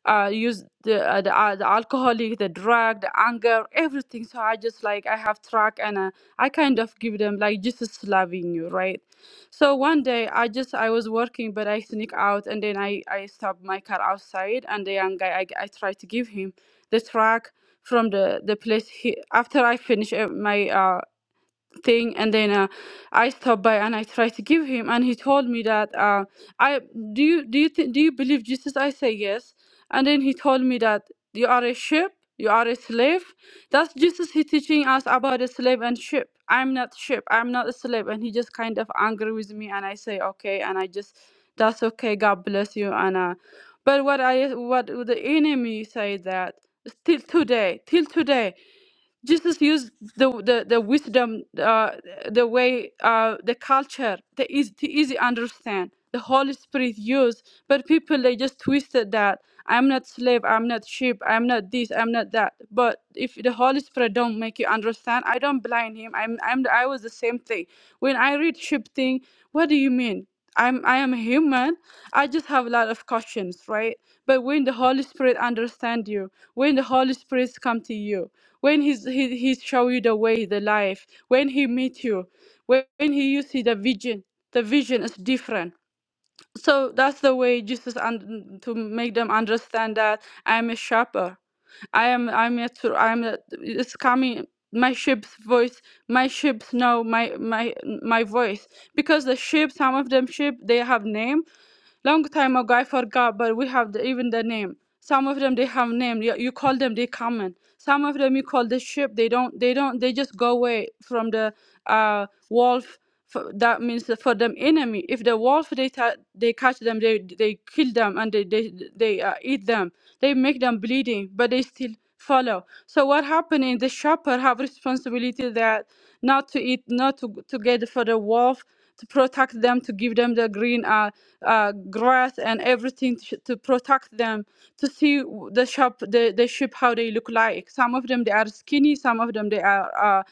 S7: uh use the uh, the, uh, the alcoholic the drug the anger everything so i just like i have track and uh, i kind of give them like jesus loving you right so one day i just i was working but i sneak out and then i i stop my car outside and the young guy i, I try to give him the track from the the place he after i finish uh, my uh, thing and then uh, i stopped by and i tried to give him and he told me that uh, i do you do you th- do you believe jesus i say yes and then he told me that you are a ship you are a slave that's jesus he teaching us about a slave and ship i'm not ship i'm not a slave and he just kind of angry with me and i say okay and i just that's okay god bless you and uh, but what i what the enemy say that still today till today Jesus used the the, the wisdom, uh, the way, uh, the culture, the easy to easy understand. The Holy Spirit used, but people they just twisted that. I'm not slave. I'm not sheep. I'm not this. I'm not that. But if the Holy Spirit don't make you understand, I don't blind him. I'm I'm I was the same thing. When I read sheep thing, what do you mean? I'm I am a human. I just have a lot of questions, right? But when the Holy Spirit understand you, when the Holy Spirit come to you when he's, he, he show you the way, the life, when he meet you, when, when he you see the vision, the vision is different so that's the way Jesus and to make them understand that I am a shepherd. I am I'm yet to I'm a, it's coming my sheep's voice my sheep know my my my voice because the sheep some of them sheep they have name long time ago i forgot but we have the, even the name some of them they have name you, you call them they come in some of them you call the sheep they don't they don't they just go away from the uh wolf for, that means for them enemy if the wolf they ta- they catch them they they kill them and they they, they uh, eat them they make them bleeding but they still follow so what happening the shepherd have responsibility that not to eat not to, to get for the wolf to protect them to give them the green uh, uh, grass and everything to, to protect them to see w- the shop the, the sheep how they look like some of them they are skinny some of them they are uh,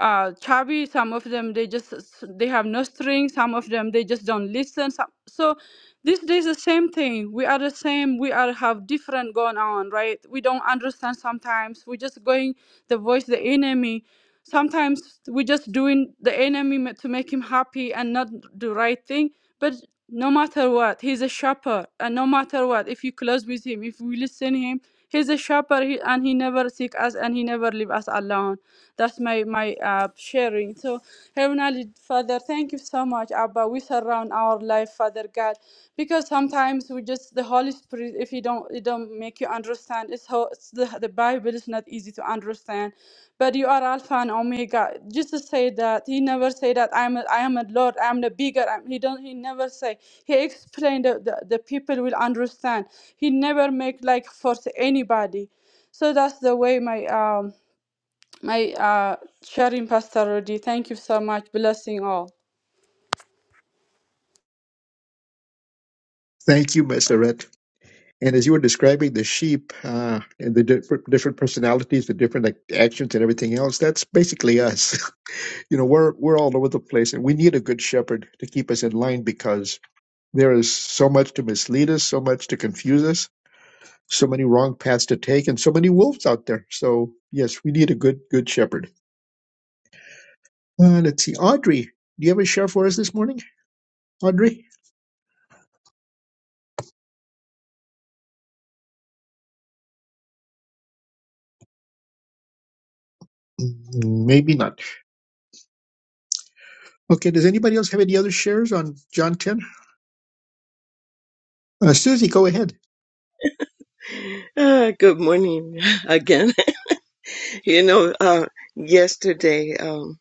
S7: uh chubby some of them they just s- they have no string some of them they just don't listen some, so these days the same thing we are the same we are have different going on right we don't understand sometimes we just going the voice the enemy sometimes we just doing the enemy ma- to make him happy and not the right thing but no matter what he's a shepherd and no matter what if you close with him if we listen him he's a shepherd he, and he never seek us and he never leave us alone that's my my uh, sharing. So, Heavenly Father, thank you so much, Abba. We surround our life, Father God, because sometimes we just the Holy Spirit. If you don't, it don't make you understand. It's, how, it's the the Bible is not easy to understand, but you are Alpha and Omega. Jesus said that He never said that I'm a, I am a Lord. I'm the bigger. I'm, he don't. He never say. He explained that the, the people will understand. He never make like force anybody so that's the way my um my uh, sharing, Pastor Rudy. Thank you so much. Blessing all.
S2: Thank you, Messeret. And as you were describing the sheep uh, and the different, different personalities, the different like, actions and everything else, that's basically us. you know, we're we're all over the place, and we need a good shepherd to keep us in line because there is so much to mislead us, so much to confuse us, so many wrong paths to take, and so many wolves out there. So yes, we need a good good shepherd. Uh, let's see, Audrey, do you have a share for us this morning, Audrey? Mm, Maybe not. Okay, does anybody else have any other shares on John 10? Uh, Susie, go ahead.
S6: Ah, good morning again. you know, uh, yesterday um,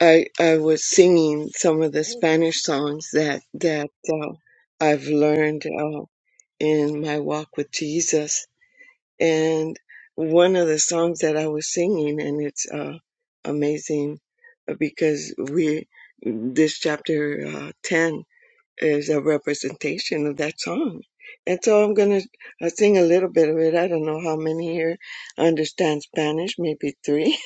S6: I I was singing some of the Spanish songs that that uh, I've learned uh, in my walk with Jesus and one of the songs that I was singing, and it's uh, amazing uh, because we this chapter uh, ten is a representation of that song, and so I'm gonna uh, sing a little bit of it. I don't know how many here understand Spanish, maybe three,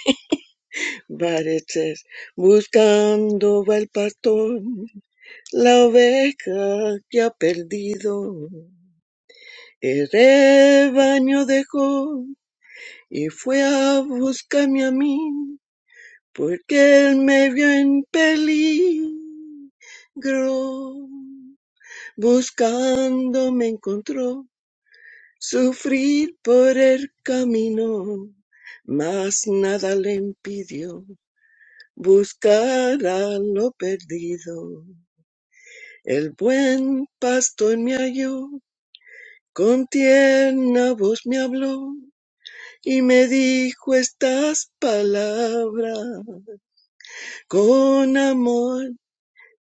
S6: but it says buscando va el pastor la oveja que ha perdido el rebaño dejó Y fue a buscarme a mí, porque él me vio en peligro. Buscando me encontró, sufrir por el camino, mas nada le impidió buscar a lo perdido. El buen pastor me halló, con tierna voz me habló y me dijo estas palabras. Con amor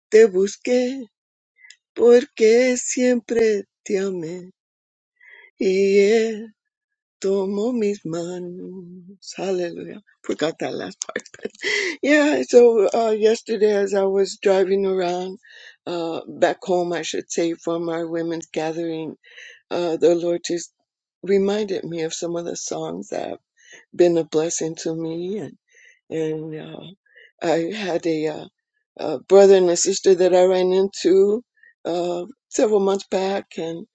S6: te busqué porque siempre te amé y él tomó mis manos. Hallelujah. Forgot that last part. but- yeah, so uh, yesterday as I was driving around uh, back home, I should say, from our women's gathering, uh, the Lord just reminded me of some of the songs that have been a blessing to me And and uh, I had a, uh, a brother and a sister that I ran into uh, several months back, and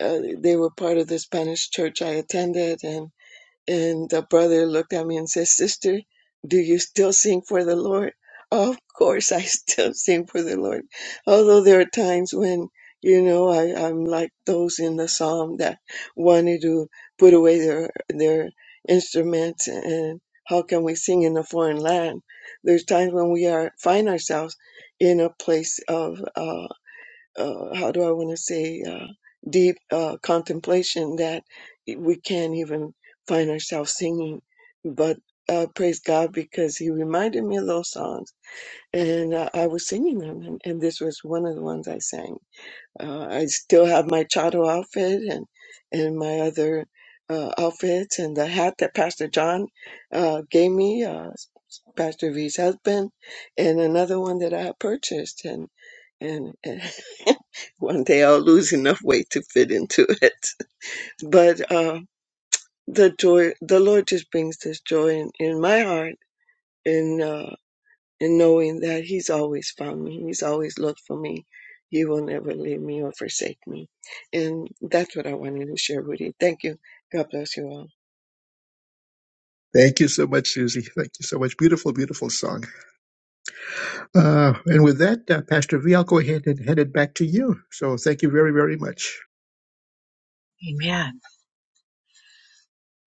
S6: uh, they were part of the Spanish church I attended, and the brother looked at me and said, Sister, do you still sing for the Lord? Of course, I still sing for the Lord. Although there are times when, you know, I, I'm like those in the psalm that wanted to put away their, their instruments and how can we sing in a foreign land? There's times when we are find ourselves in a place of uh, uh, how do I want to say, uh, deep uh, contemplation that we can't even find ourselves singing. But uh, praise God because He reminded me of those songs and uh, I was singing them. And, and this was one of the ones I sang. Uh, I still have my chado outfit and, and my other uh, outfits and the hat that Pastor John uh, gave me. Uh, Pastor V's husband, and another one that I purchased, and and, and one day I'll lose enough weight to fit into it. But uh, the joy, the Lord just brings this joy in, in my heart, in uh, in knowing that He's always found me, He's always looked for me. He will never leave me or forsake me, and that's what I wanted to share with you. Thank you. God bless you all.
S2: Thank you so much, Susie. Thank you so much. Beautiful, beautiful song. Uh, and with that, uh, Pastor V, I'll go ahead and hand it back to you. So thank you very, very much.
S1: Amen.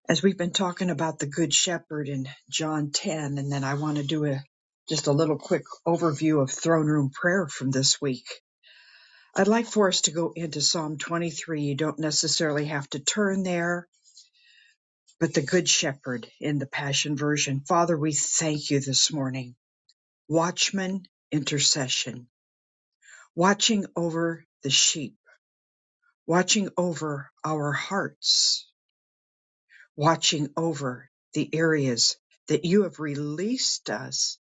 S1: As we've been talking about the Good Shepherd in John 10, and then I want to do a just a little quick overview of throne room prayer from this week. I'd like for us to go into Psalm 23. You don't necessarily have to turn there, but the Good Shepherd in the Passion Version. Father, we thank you this morning. Watchman, intercession, watching over the sheep, watching over our hearts, watching over the areas that you have released us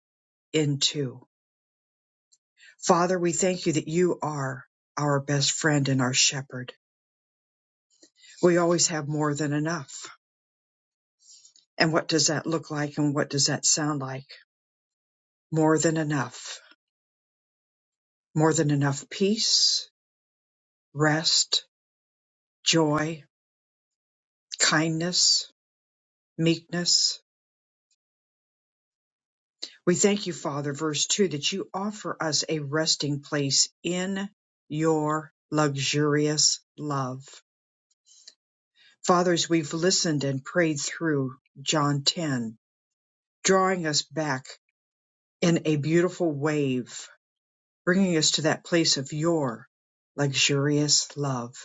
S1: into. Father, we thank you that you are our best friend and our shepherd. We always have more than enough And what does that look like and what does that sound like? More than enough. More than enough peace, rest, joy, kindness, meekness. We thank you, Father, verse 2, that you offer us a resting place in your luxurious love. Fathers, we've listened and prayed through John 10, drawing us back in a beautiful wave, bringing us to that place of your luxurious love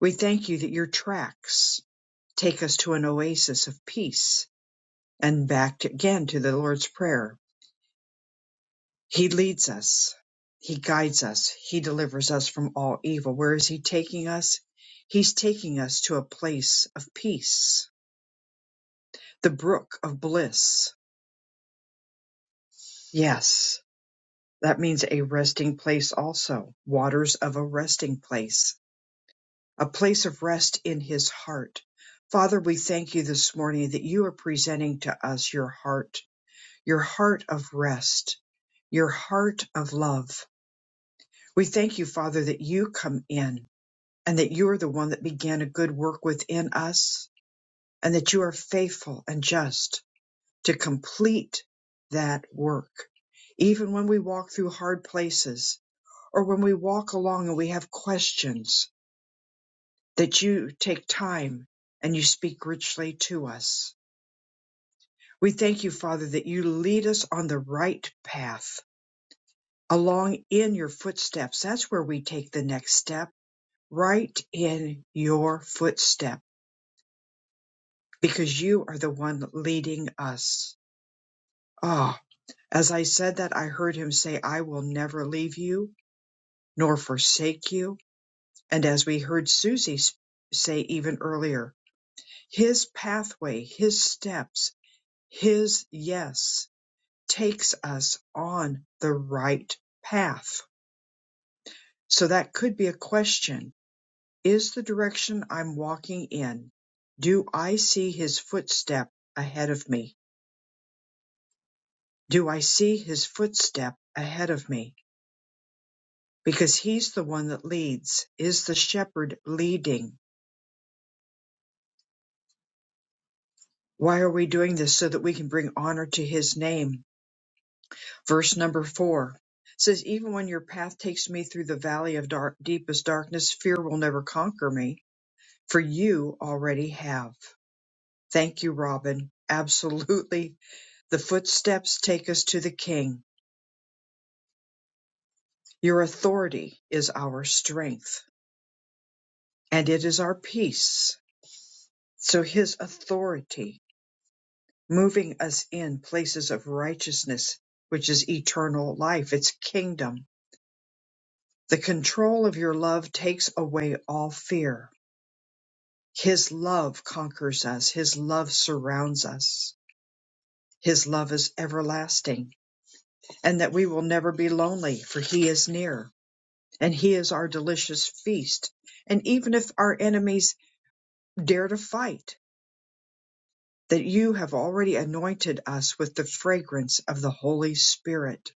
S1: We thank you that your tracks take us to an oasis of peace and back to- again to the Lord's Prayer. He leads us. He guides us. He delivers us from all evil. Where is He taking us? He's taking us to a place of peace, the brook of bliss. Yes, that means a resting place also, waters of a resting place, a place of rest in His heart. Father, we thank you this morning that you are presenting to us your heart your heart of rest, your heart of love. We thank you, Father, that you come in and that you are the one that began a good work within us and that you are faithful and just to complete that work. Even when we walk through hard places or when we walk along and we have questions, that you take time and you speak richly to us. We thank you, Father, that you lead us on the right path along in your footsteps. That's where we take the next step, right in your footstep, because you are the one leading us. Ah, as I said that, I heard him say, I will never leave you nor forsake you. And as we heard Susie say even earlier, his pathway, his steps, his yes takes us on the right path. So that could be a question is the direction I'm walking in. Do I see his footstep ahead of me? Do I see his footstep ahead of me? Because he's the one that leads, is the shepherd leading. Why are we doing this? So that we can bring honor to his name. Verse number four says, Even when your path takes me through the valley of dark, deepest darkness, fear will never conquer me, for you already have. Thank you, Robin. Absolutely The footsteps take us to the King. Your authority is our strength and it is our peace. So his authority moving us in places of righteousness, which is eternal life, its kingdom. The control of your love takes away all fear. His love conquers us. His love surrounds us. His love is everlasting and that we will never be lonely for he is near. and he is our delicious feast. And even if our enemies dare to fight, that you have already anointed us with the fragrance of the Holy Spirit,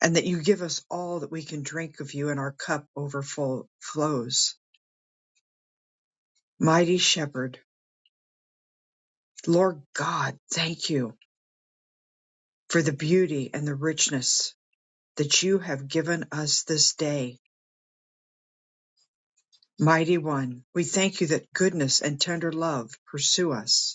S1: and that you give us all that we can drink of you, and our cup overflows. Mighty Shepherd, Lord God, thank you for the beauty and the richness that you have given us this day. Mighty One, we thank you that goodness and tender love pursue us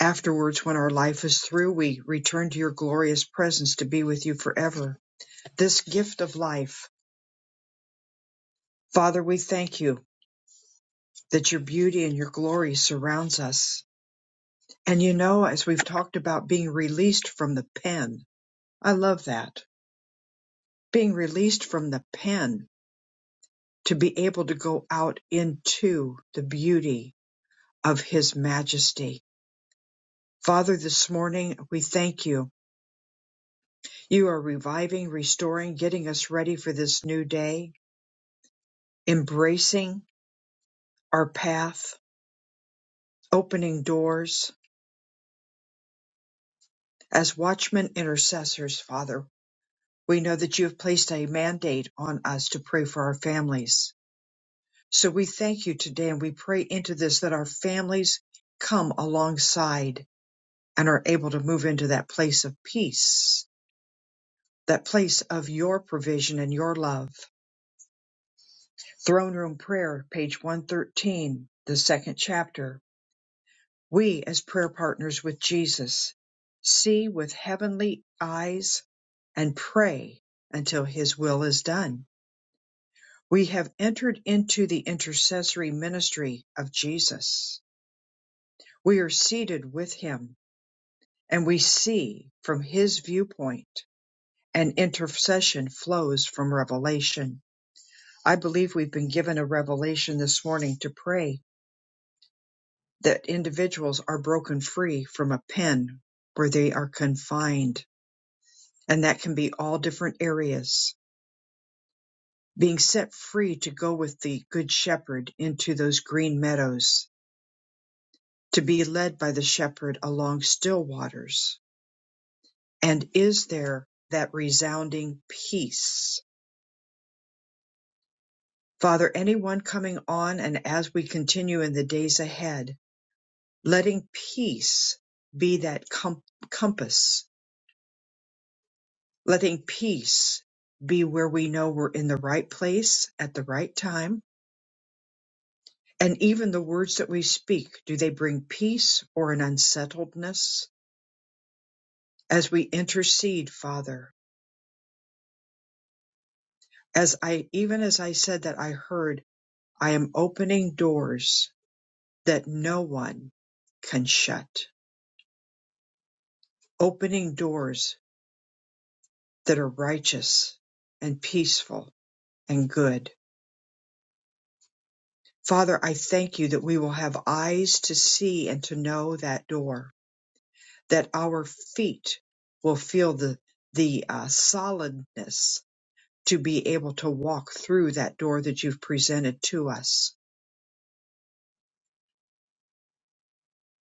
S1: Afterwards, when our life is through, we return to your glorious presence to be with you forever. This gift of life, Father, we thank you that your beauty and your glory surrounds us. And you know, as we've talked about being released from the pen, I love that. Being released from the pen to be able to go out into the beauty of his majesty. Father, this morning we thank you. You are reviving, restoring, getting us ready for this new day embracing our path, opening doors. As watchmen intercessors, Father, we know that you have placed a mandate on us to pray for our families. So we thank you today and we pray into this that our families come alongside and are able to move into that place of peace, that place of your provision and your love. Throne Room Prayer, page 113, the second chapter We, as prayer partners with Jesus, see with heavenly eyes and pray until his will is done. We have entered into the intercessory ministry of Jesus. We are seated with him and we see from his viewpoint and intercession flows from revelation. I believe we've been given a revelation this morning to pray that individuals are broken free from a pen where they are confined and that can be all different areas, being set free to go with the Good Shepherd into those green meadows, to be led by the Shepherd along still waters. And is there that resounding peace? Father, anyone coming on and as we continue in the days ahead, letting peace be that com- compass, letting peace be where we know we're in the right place at the right time And even the words that we speak, do they bring peace or an unsettledness? As we intercede, Father, as I, even as I said that I heard, I am opening doors that no one can shut, opening doors that are righteous and peaceful and good. Father, I thank you that we will have eyes to see and to know that door, that our feet will feel the, the uh, solidness to be able to walk through that door that you've presented to us.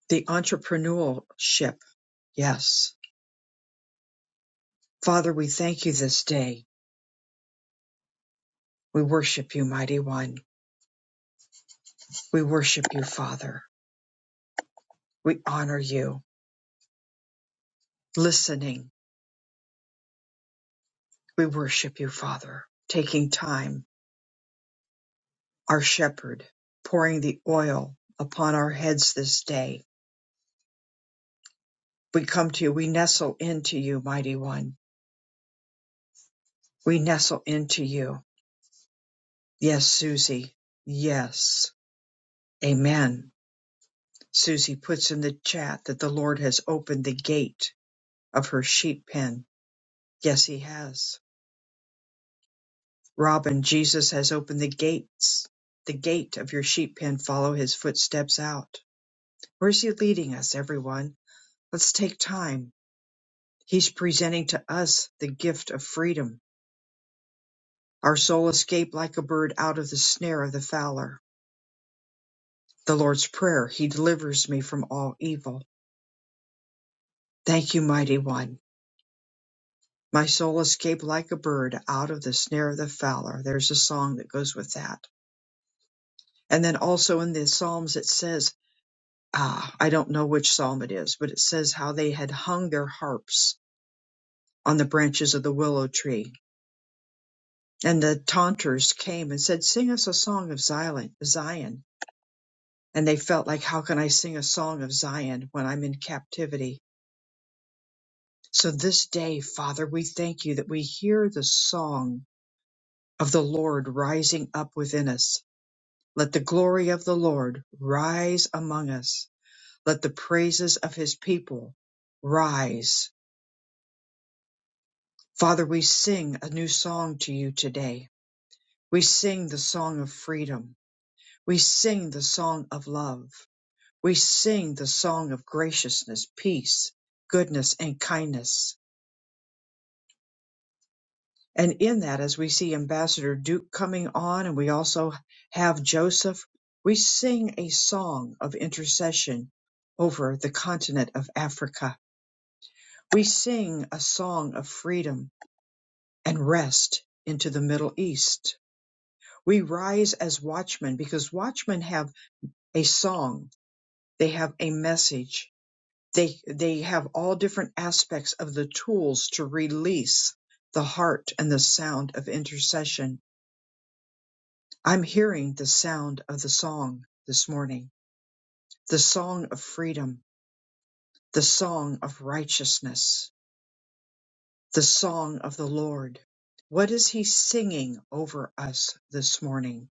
S1: The entrepreneurship. Yes. Father, we thank you this day. We worship you, mighty one. We worship you, Father. We honor you. Listening. We worship you, Father. Taking time. Our shepherd. Pouring the oil upon our heads this day. We come to you. We nestle into you, mighty one. We nestle into you. Yes, Susie. Yes. Amen. Susie puts in the chat that the Lord has opened the gate of her sheep pen. Yes, he has. Robin, Jesus has opened the gates, the gate of your sheep pen. Follow his footsteps out. Where's he leading us, everyone? Let's take time. He's presenting to us the gift of freedom. Our soul escaped like a bird out of the snare of the fowler. The Lord's Prayer, He delivers me from all evil. Thank you, Mighty One. My soul escaped like a bird out of the snare of the fowler. There's a song that goes with that. And then also in the Psalms, it says, ah, I don't know which Psalm it is, but it says how they had hung their harps on the branches of the willow tree. And the taunters came and said, Sing us a song of Zion. Zion. And they felt like, How can I sing a song of Zion when I'm in captivity? So this day, Father, we thank you that we hear the song of the Lord rising up within us Let the glory of the Lord rise among us. Let the praises of his people rise. Father, we sing a new song to you today. We sing the song of freedom. We sing the song of love. We sing the song of graciousness, peace, goodness, and kindness. And in that, as we see Ambassador Duke coming on, and we also have Joseph, we sing a song of intercession over the continent of Africa We sing a song of freedom and rest into the Middle East. We rise as watchmen because watchmen have a song, they have a message, they, they have all different aspects of the tools to release the heart and the sound of intercession. I'm hearing the sound of the song this morning, the song of freedom, the song of righteousness the song of the Lord. What is He singing over us this morning?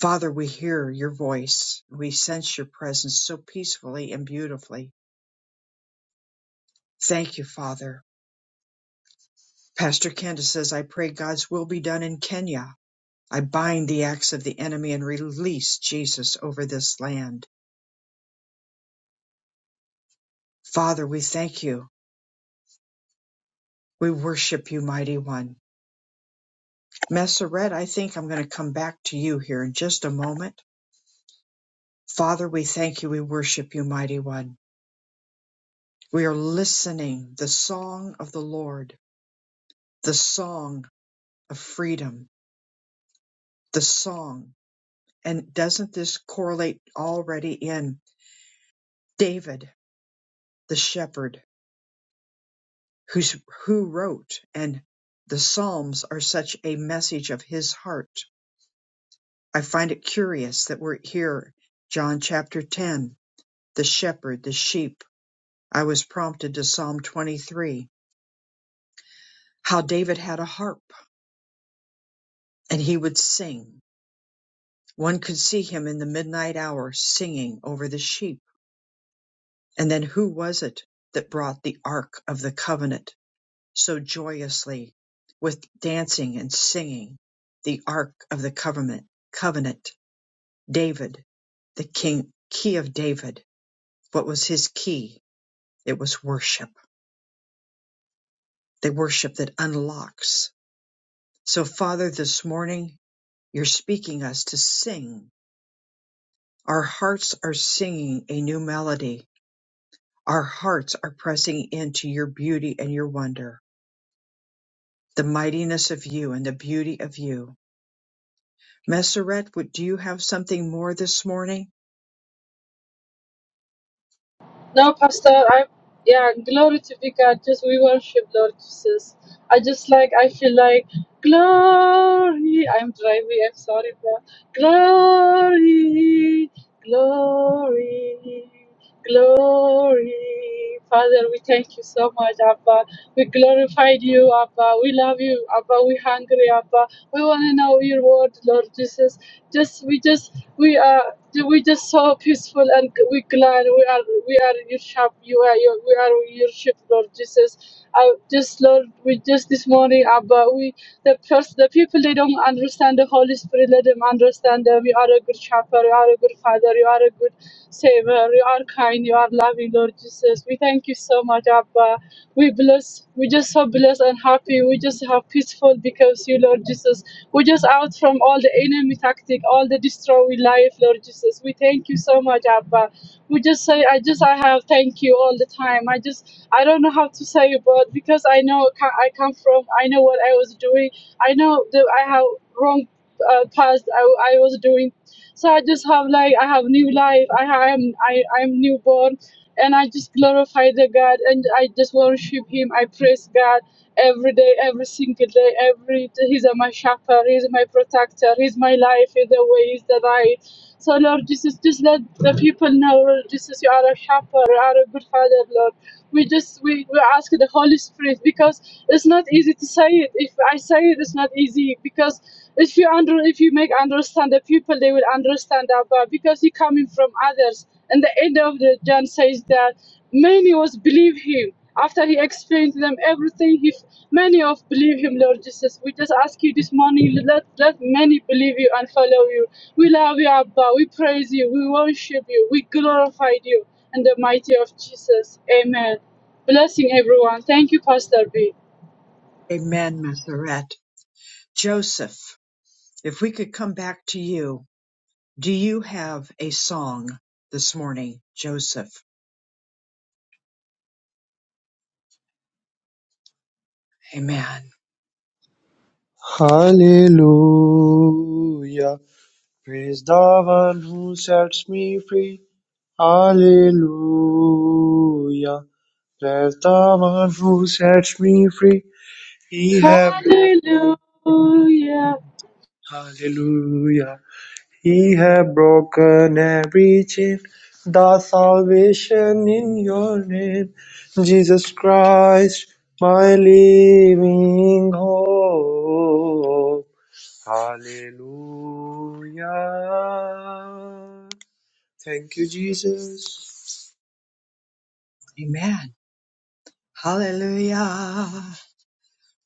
S1: Father, we hear your voice. We sense your presence so peacefully and beautifully. Thank you, Father. Pastor Candace says, I pray God's will be done in Kenya. I bind the acts of the enemy and release Jesus over this land. Father, we thank you. We worship you, mighty one. Messeret, I think I'm going to come back to you here in just a moment. Father, we thank you. We worship you, mighty one. We are listening the song of the Lord, the song of freedom, the song. And doesn't this correlate already in David, the shepherd, who's, who wrote and the Psalms are such a message of his heart. I find it curious that we're here, John chapter 10, the shepherd, the sheep. I was prompted to Psalm 23, how David had a harp and he would sing One could see him in the midnight hour singing over the sheep. And then who was it that brought the Ark of the Covenant so joyously with dancing and singing? The Ark of the Covenant, Covenant, David, the King, Key of David. What was his key? It was worship, the worship that unlocks. So Father, this morning, you're speaking us to sing. Our hearts are singing a new melody Our hearts are pressing into your beauty and your wonder, the mightiness of you and the beauty of you. Messeret, would do you have something more this morning?
S7: No, Pastor, I yeah, glory to be God. Just we worship Lord Jesus. I just like I feel like glory. I'm driving. I'm sorry, bro. Glory, glory, glory. Father, we thank you so much, Abba. We glorified you, Abba. We love you, Abba. We hungry, Abba. We want to know your word, Lord Jesus. Just we just we are we just so peaceful and we glad we are we are your shop. You are your we are your sheep, Lord Jesus. I just Lord, we just this morning, Abba, we the first the people they don't understand the Holy Spirit. Let them understand them. You are a good shepherd. You are a good father. You are a good savior. You are kind. You are loving, Lord Jesus. We thank you so much, Abba. We bless, we just so blessed and happy. We just have peaceful because you, Lord Jesus. We just out from all the enemy tactic, all the destroy life, Lord Jesus. We thank you so much, Abba. We just say, I just, I have thank you all the time. I just, I don't know how to say, but because I know ca- I come from, I know what I was doing. I know that I have wrong uh, past I, I was doing so I just have like I have new life. I am I I'm newborn and I just glorify the God and I just worship Him. I praise God every day, every single day. Every He's my shepherd, He's my protector, He's my life, He's the way, He's the right. So Lord Jesus, just let the people know, Lord Jesus, you are a shepherd, you are a good father, Lord we just we, we ask the holy spirit because it's not easy to say it if i say it it's not easy because if you under if you make understand the people they will understand our abba because he coming from others and the end of the john says that many was believe him after he explained to them everything he many of believe him lord jesus we just ask you this morning let let many believe you and follow you we love you abba we praise you we worship you we glorify you and the mighty of Jesus. Amen. Blessing everyone. Thank you, Pastor B.
S1: Amen, Messeret. Joseph, if we could come back to you, do you have a song this morning, Joseph? Amen.
S4: hallelujah praise the one who sets me free hallelujah praise the one who sets me free he have
S7: Hallelujah.
S4: broken hallelujah he have broken every chain the salvation in your name jesus christ my living hope Hallelujah. Thank you, Jesus.
S1: Amen. Hallelujah.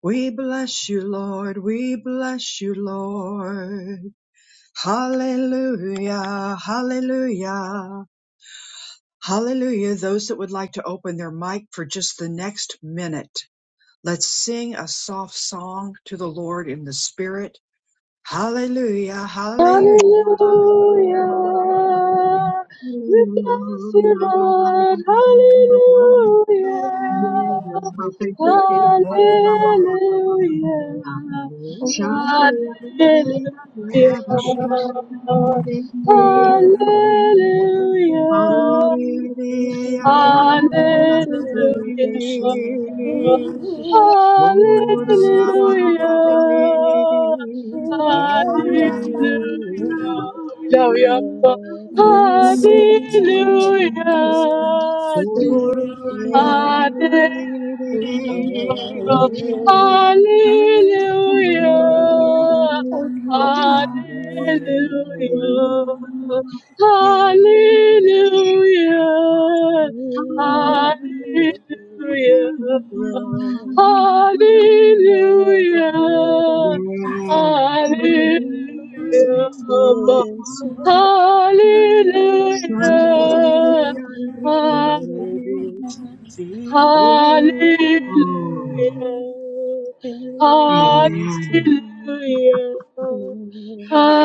S1: We bless you, Lord. We bless you, Lord. Hallelujah. Hallelujah. Hallelujah. Those that would like to open their mic for just the next minute, let's sing a soft song to the Lord in the Spirit. Hallelujah, hallelujah, hallelujah.
S7: Hallelujah. We bless you, Lord.
S1: hallelujah.
S7: Hallelujah.
S1: Yes, perfect.
S7: Hallelujah. Hallelujah.
S1: Hallelujah.
S6: Hallelujah.
S1: Oh,
S7: Hallelujah. Hallelujah. Hallelujah. Hallelujah.
S6: Hallelujah,
S7: Love you, Abba. Hallelujah. Jesus. Hallelujah. Hallelujah. Hallelujah. Hallelujah.
S1: Yeah.
S7: Hallelujah. Hallelujah.
S6: Hallelujah.
S7: Hallelujah.
S6: Jesús,
S7: Abba.
S6: Jesucristo,
S7: Hallelujah.
S6: eres digno,
S7: Hallelujah.
S1: Oh,
S6: eres
S1: amen.
S7: Hallelujah.
S6: digno,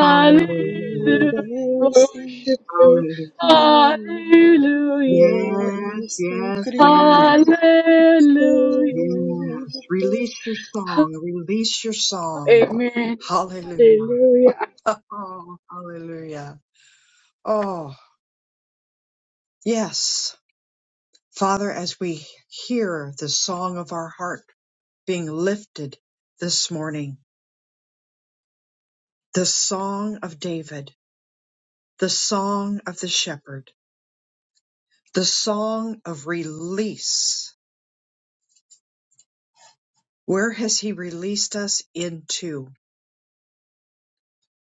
S1: Hallelujah.
S6: eres
S7: Worship you.
S1: Hallelujah.
S6: digno,
S7: Hallelujah.
S1: Yes, yes, yes,
S6: Jesucristo,
S7: Hallelujah.
S1: yes. Release your song. Release your song.
S7: Amen.
S1: Hallelujah.
S7: Hallelujah.
S1: Oh, hallelujah. Oh. Yes, Father, as we hear the song of our heart being lifted this morning, the song of David, the song of the shepherd, the song of release. Where has he released us into?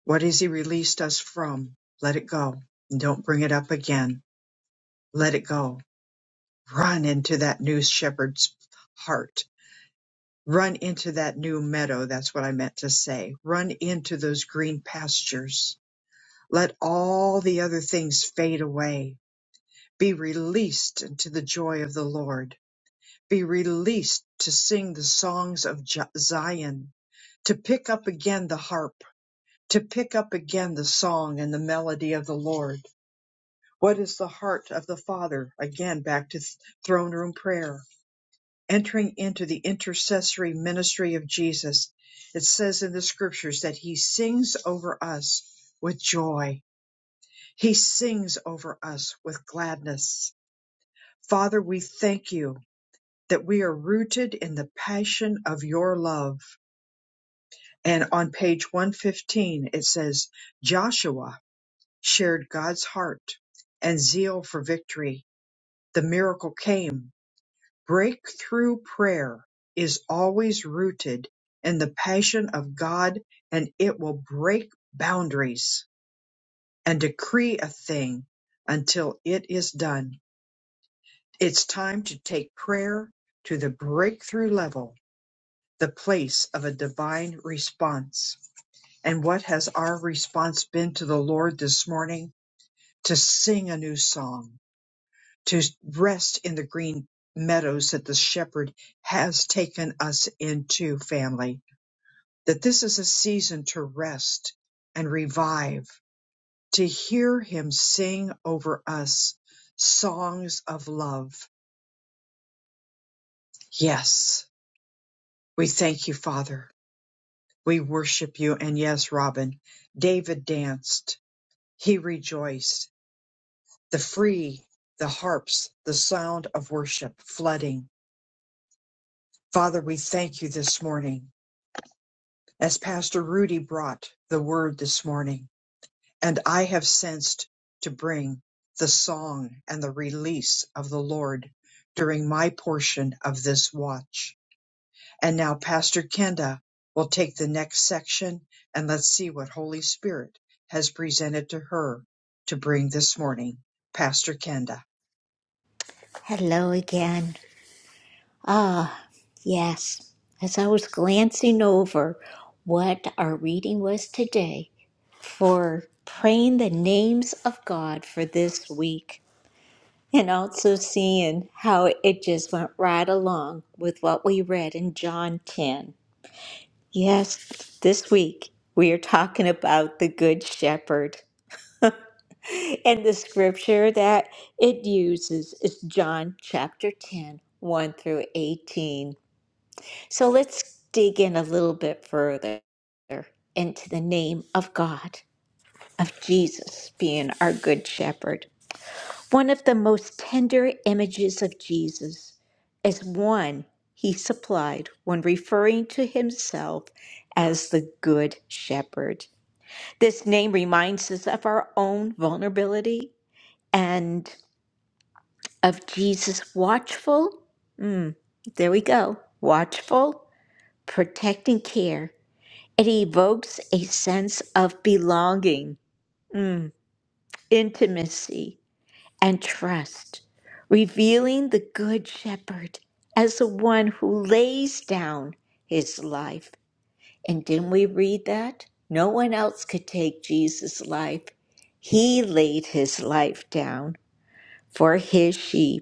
S1: What has he released us from? Let it go. Don't bring it up again. Let it go. Run into that new shepherd's heart Run into that new meadow. That's what I meant to say. Run into those green pastures. Let all the other things fade away. Be released into the joy of the Lord. Be released to sing the songs of Jo- Zion, to pick up again the harp, to pick up again the song and the melody of the Lord. What is the heart of the Father? Again, back to th- throne room prayer entering into the intercessory ministry of Jesus, it says in the scriptures that he sings over us with joy. He sings over us with gladness. Father, we thank you that we are rooted in the passion of your love. And on page 115, it says, Joshua shared God's heart and zeal for victory. The miracle came Breakthrough prayer is always rooted in the passion of God and it will break boundaries and decree a thing until it is done. It's time to take prayer to the breakthrough level, the place of a divine response. And what has our response been to the Lord this morning? To sing a new song to rest in the green meadows that the shepherd has taken us into, family. That this is a season to rest and revive, to hear him sing over us songs of love. Yes, we thank you, Father. We worship you. And yes, Robin, David danced, he rejoiced. The free, the harps, the sound of worship flooding. Father, we thank you this morning as Pastor Rudy brought the word this morning, and I have sensed to bring the song and the release of the Lord during my portion of this watch. And now Pastor Kenda will take the next section and let's see what Holy Spirit has presented to her to bring this morning. Pastor Kenda.
S3: Hello again. Ah, yes. As I was glancing over what our reading was today for praying the names of God for this week, and also seeing how it just went right along with what we read in John 10. Yes, this week we are talking about the Good Shepherd. And the scripture that it uses is John chapter ten, one through 18. So let's dig in a little bit further into the name of God, of Jesus being our good shepherd. One of the most tender images of Jesus is one he supplied when referring to himself as the good shepherd. This name reminds us of our own vulnerability and. of Jesus watchful. Mm, there we go. Watchful, protecting care. It evokes a sense of belonging, mm, intimacy, and trust, revealing the Good Shepherd as the one who lays down his life. And didn't we read that? No one else could take Jesus' life. He laid his life down for his sheep.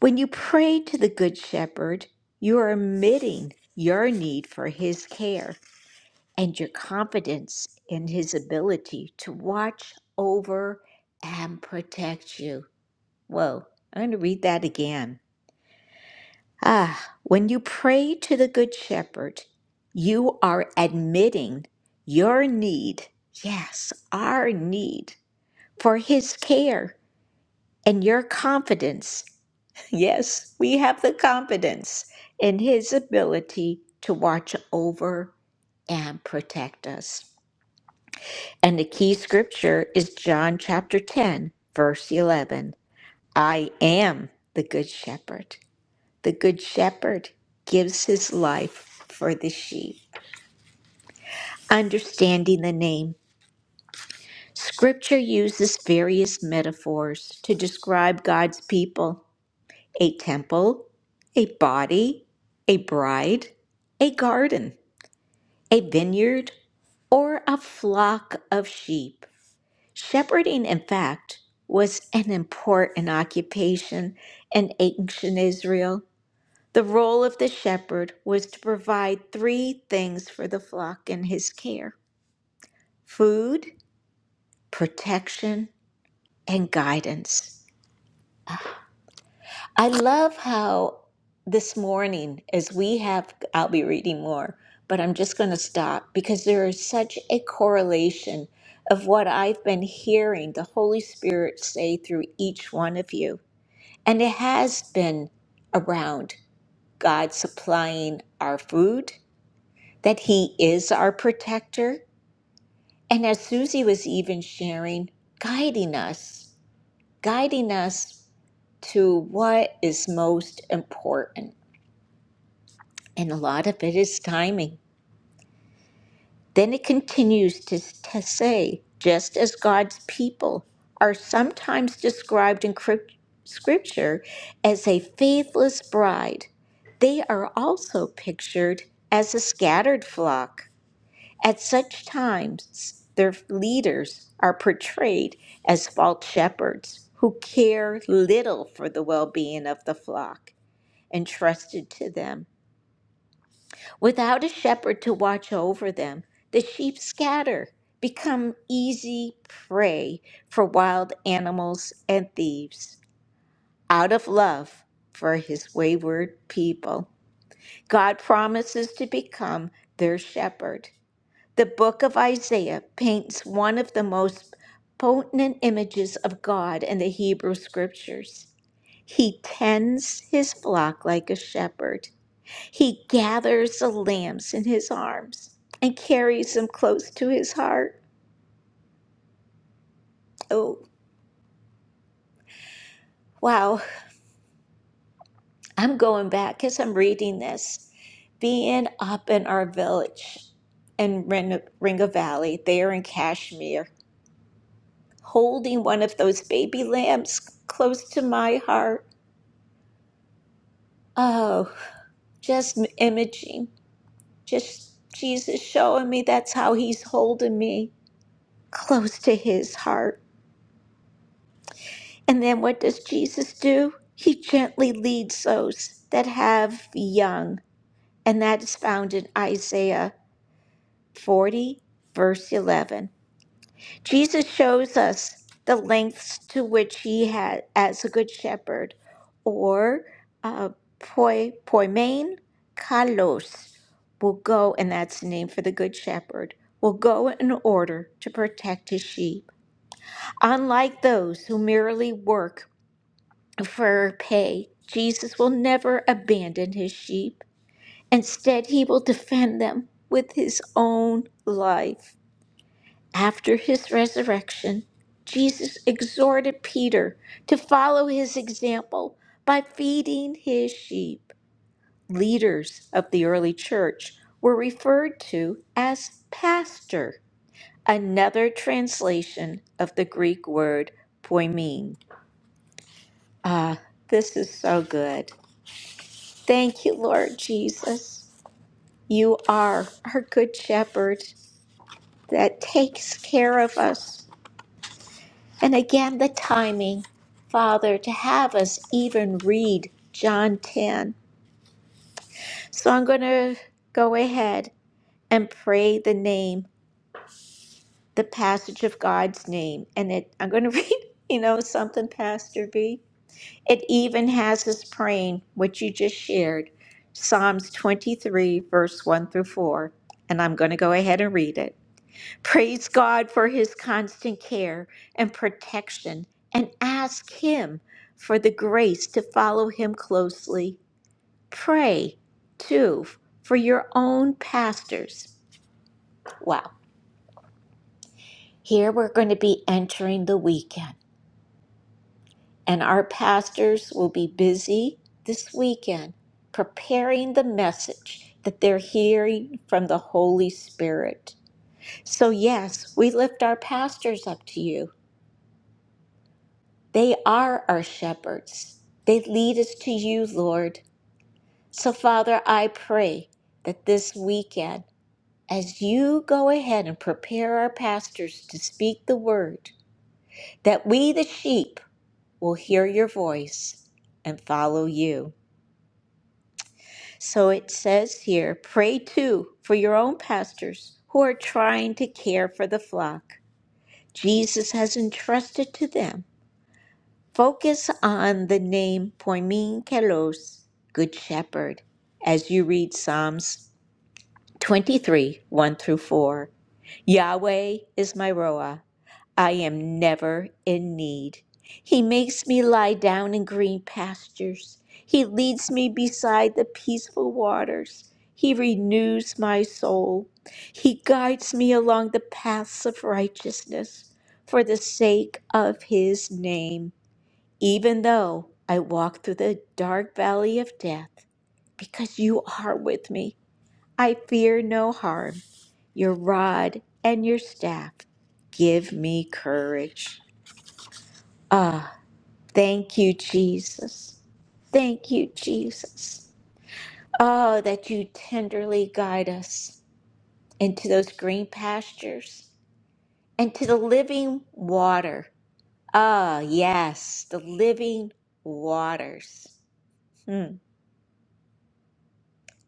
S3: When you pray to the Good Shepherd, you are admitting your need for his care and your confidence in his ability to watch over and protect you. Whoa, I'm going to read that again. Ah, when you pray to the Good Shepherd, you are admitting your need, yes, our need for his care And your confidence, yes, we have the confidence in His ability to watch over and protect us. And the key scripture is John chapter 10, verse 11. I am the good shepherd. The good shepherd gives his life for the sheep. Understanding the name, scripture uses various metaphors to describe God's people. a temple, a body, a bride, a garden, a vineyard, or a flock of sheep. Shepherding, in fact, was an important occupation in ancient Israel. The role of the shepherd was to provide three things for the flock in his care food, protection, and guidance. I love how this morning, as we have, I'll be reading more, but I'm just going to stop because there is such a correlation of what I've been hearing the Holy Spirit say through each one of you. And it has been around God supplying our food, that He is our protector. And as Susie was even sharing, guiding us, guiding us to what is most important. And a lot of it is timing. Then it continues to, to say, just as God's people are sometimes described in crypt- Scripture as a faithless bride, they are also pictured as a scattered flock. At such times, their leaders are portrayed as false shepherds who care little for the well being of the flock entrusted to them. Without a shepherd to watch over them, the sheep scatter, become easy prey for wild animals and thieves, out of love for his wayward people. God promises to become their shepherd. The book of Isaiah paints one of the most potent images of God in the Hebrew scriptures. He tends his flock like a shepherd. He gathers the lambs in his arms and carries them close to his heart. Oh, wow. I'm going back as I'm reading this. Being up in our village in Ren- Ringa Valley, there in Kashmir, holding one of those baby lambs close to my heart. Oh, just imaging, just Jesus showing me that's how he's holding me close to his heart. And then what does Jesus do? He gently leads those that have young, and that is found in Isaiah 40, verse 11. Jesus shows us the lengths to which he had as a good shepherd, or uh, poi, poimen kalos, will go, and that's the name for the good shepherd, will go in order to protect his sheep. Unlike those who merely work for pay. Jesus will never abandon his sheep. Instead, he will defend them with his own life. After his resurrection, Jesus exhorted Peter to follow his example by feeding his sheep. Leaders of the early church were referred to as pastor, another translation of the Greek word poimen. Ah, this is so good. Thank you, Lord Jesus. You are our good shepherd that takes care of us. And again, the timing, Father, to have us even read John 10. So I'm going to go ahead and pray the name, the passage of God's name. And it, I'm going to read, you know, something, Pastor B. It even has us praying what you just shared Psalms 23, verse 1 through 4. And I'm going to go ahead and read it. Praise God for his constant care and protection and ask him for the grace to follow him closely. Pray, too, for your own pastors. Wow. Here we're going to be entering the weekend, and our pastors will be busy this weekend preparing the message that they're hearing from the Holy Spirit. So, yes, we lift our pastors up to you They are our shepherds. They lead us to you, Lord. So, Father, I pray that this weekend, as you go ahead and prepare our pastors to speak the word, that we, the sheep, will hear your voice and follow you. So it says here pray too for your own pastors who are trying to care for the flock Jesus has entrusted to them Focus on the name Poimin Kelos, Good Shepherd, as you read Psalms 23 1 through 4. Yahweh is my Roa. I am never in need. He makes me lie down in green pastures. He leads me beside the peaceful waters. He renews my soul. He guides me along the paths of righteousness for the sake of his name even though I walk through the dark valley of death, because you are with me, I fear no harm. Your rod and your staff give me courage. Ah, thank you, Jesus. Thank you, Jesus. Oh, that you tenderly guide us into those green pastures and to the living water. Ah, yes, the living waters. Hmm.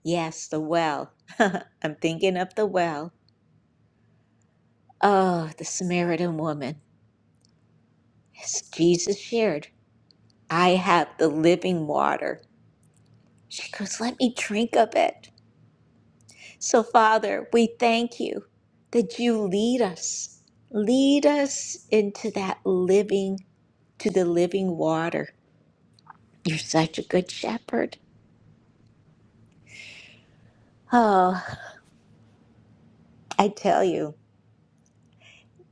S3: Yes, the well. I'm thinking of the well. Oh, the Samaritan woman. As Jesus shared, I have the living water. She goes, Let me drink of it. So, Father, we thank you that you lead us. Lead us into that living, to the living water. You're such a good shepherd. Oh, I tell you.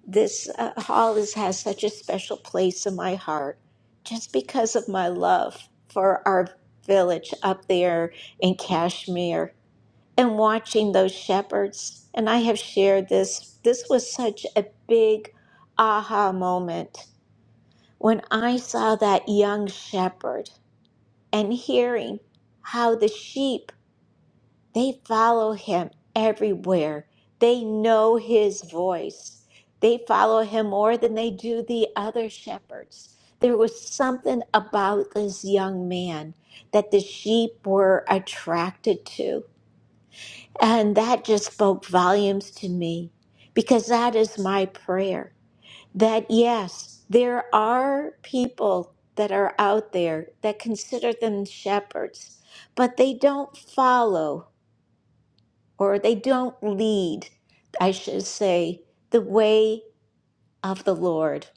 S3: This uh, hall is, has such a special place in my heart just because of my love for our village up there in Kashmir and watching those shepherds. And I have shared this. This was such a big aha moment when I saw that young shepherd and hearing how the sheep they follow him everywhere. They know his voice. They follow him more than they do the other shepherds. There was something about this young man that the sheep were attracted to. And that just spoke volumes to me because that is my prayer. That yes, there are people that are out there that consider them shepherds, but they don't follow or they don't lead, I should say, the way of the Lord.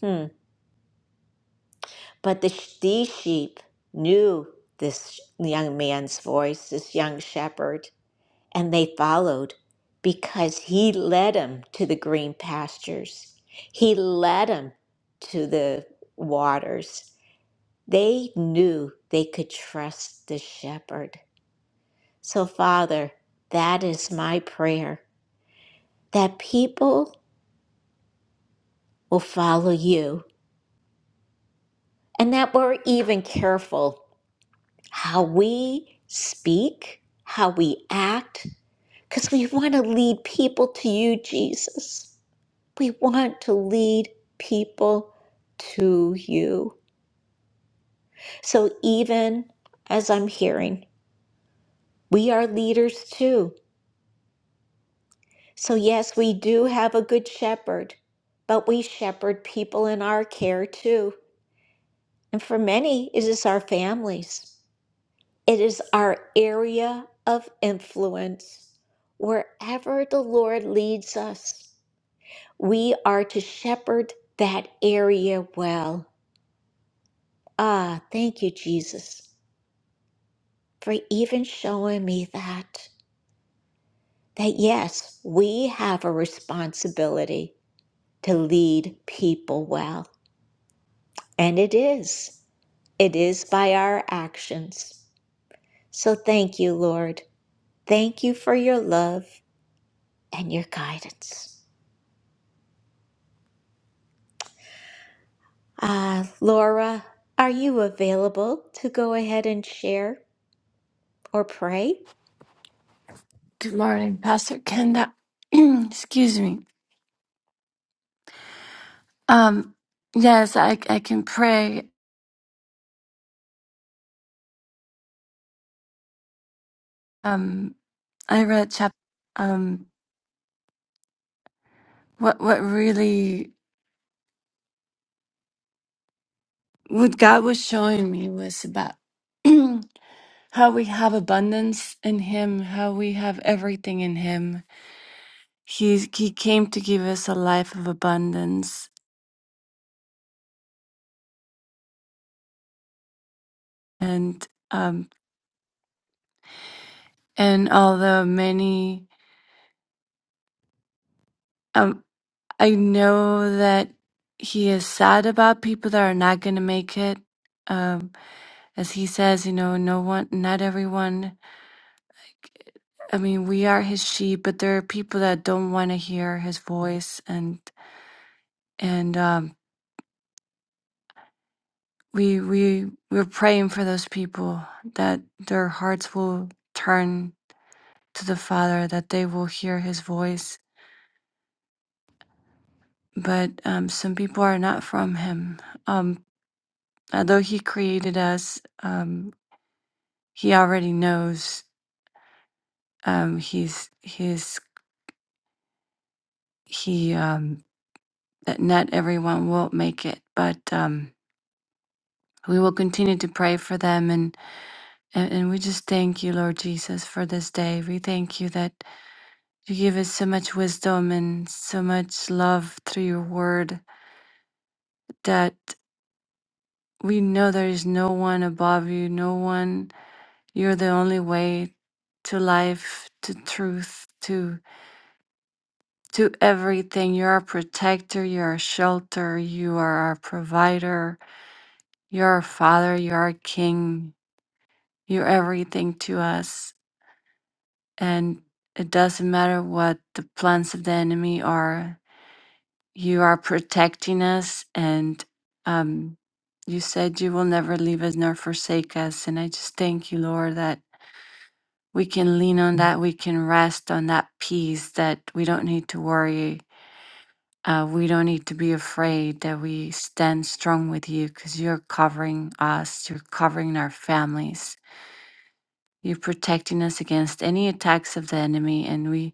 S3: Hmm. But the, these sheep knew this young man's voice, this young shepherd, and they followed because he led them to the green pastures. He led them to the waters. They knew they could trust the shepherd. So, Father, that is my prayer that people will follow you. And that we're even careful how we speak, how we act, because we want to lead people to you, Jesus. We want to lead people to you. So even as I'm hearing, we are leaders too. So, yes, we do have a good shepherd, but we shepherd people in our care too. And for many, it is our families. It is our area of influence. Wherever the Lord leads us, we are to shepherd that area well. Ah, thank you, Jesus, for even showing me that. That yes, we have a responsibility to lead people well. And it is. It is by our actions. So thank you, Lord. Thank you for your love and your guidance. Ah, Laura, are you available to go ahead and share or pray?
S8: can pray. Um, I read chap. Um, what what really what God was showing me was about how we have abundance in Him, how we have everything in Him. He He came to give us a life of abundance, and um, and although many, um, I know that He is sad about people that are not going to make it. Um, as He says, you know, no one, not everyone I mean, we are his sheep, but there are people that don't want to hear his voice, and and um, we we we're praying for those people that their hearts will turn to the Father, that they will hear His voice. But um, some people are not from Him. Um, although He created us, um, He already knows. Um, he's He's He um, that not everyone will make it, but. Um, We will continue to pray for them and, and, and we just thank you, Lord Jesus, for this day. We thank you that you give us so much wisdom and so much love through your word that we know there is no one above you, no one. You're the only way to life, to truth, to to everything. You're our protector, you're our shelter, you are our provider, you're our father, you're our king, you're everything to us. and it doesn't matter what the plans of the enemy are. You are protecting us, and um, you said you will never leave us nor forsake us. And I just thank you, Lord, that we can lean on that, we can rest on that peace, that we don't need to worry. Uh, we don't need to be afraid that we stand strong with you because you're covering us, you're covering our families, you're protecting us against any attacks of the enemy, and we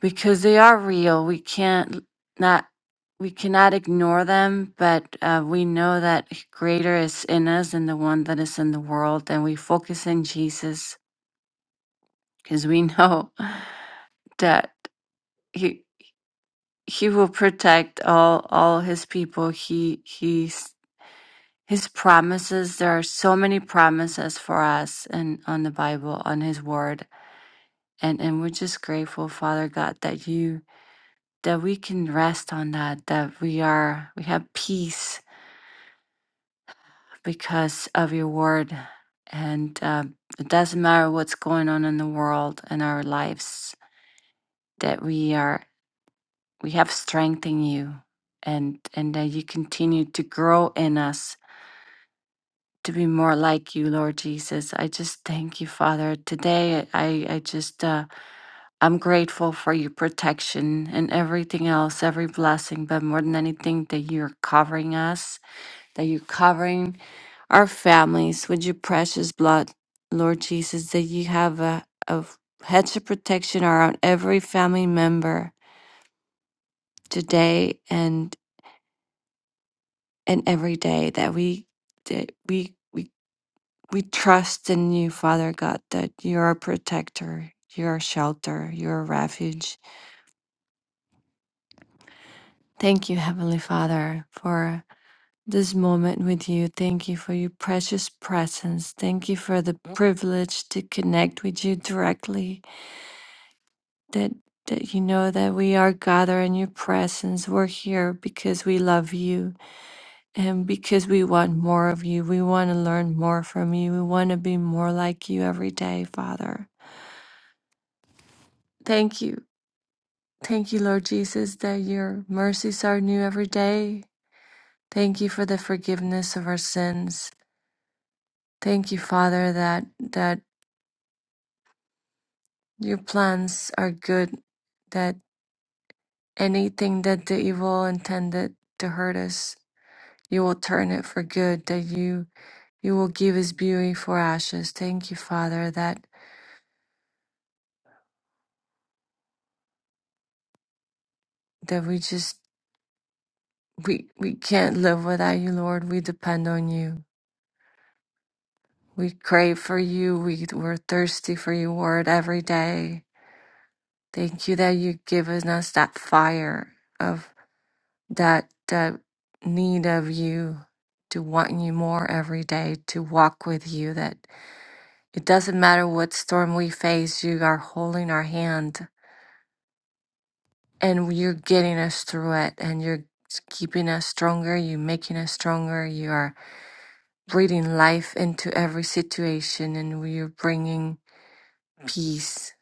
S8: because they are real. We can't not we cannot ignore them, but uh, we know that greater is in us than the one that is in the world, and we focus in Jesus because we know that he he will protect all all his people. He he's his promises there are so many promises for us and on the bible on his word and and we're just grateful father god that you that we can rest on that, that we are, we have peace because of your word. And uh, it doesn't matter what's going on in the world and our lives, that we are, we have strength in you and, and that you continue to grow in us to be more like you, Lord Jesus. I just thank you, Father. Today, I, I just, uh, I'm grateful for your protection and everything else, every blessing, but more than anything, that you're covering us that you're covering our families with your precious blood, Lord Jesus, that you have a, a hedge of protection around every family member today and and every day that we that we we we trust in you, Father God, that you're a protector, you're a shelter, you're a refuge. Thank you, Heavenly Father, for this moment with you. Thank you for your precious presence. Thank you for the privilege to connect with you directly that that you know that we are gathered in your presence. We're here because we love you and because we want more of you. We want to learn more from you. We want to be more like you every day, Father. Thank you. Thank you, Lord Jesus, that your mercies are new every day. Thank you for the forgiveness of our sins. Thank you, Father, that that your plans are good, that anything that the evil intended to hurt us You will turn it for good, that you you will give us beauty for ashes. Thank you, Father, that that we just we we can't live without you, Lord. We depend on you. We crave for you. We we're thirsty for your word every day. Thank you that you give us us that fire of that that need of you to want you more every day, to walk with you, that it doesn't matter what storm we face, you are holding our hand and you're getting us through it and you're keeping us stronger you're making us stronger you are breathing life into every situation and you're bringing peace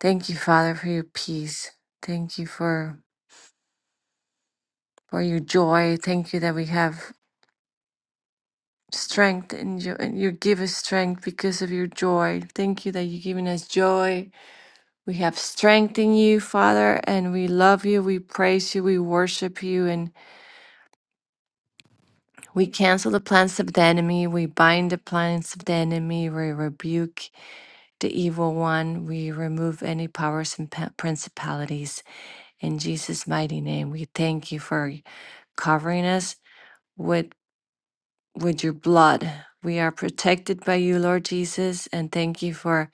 S8: thank you father for your peace thank you for for your joy thank you that we have strength and you and you give us strength because of your joy thank you that you're giving us joy we have strength in you father and we love you we praise you we worship you and. We cancel the plans of the enemy. We bind the plans of the enemy. We rebuke the evil one. We remove any powers and pa- principalities. In Jesus' mighty name, we thank you for covering us with, with your blood. We are protected by you, Lord Jesus, and thank you for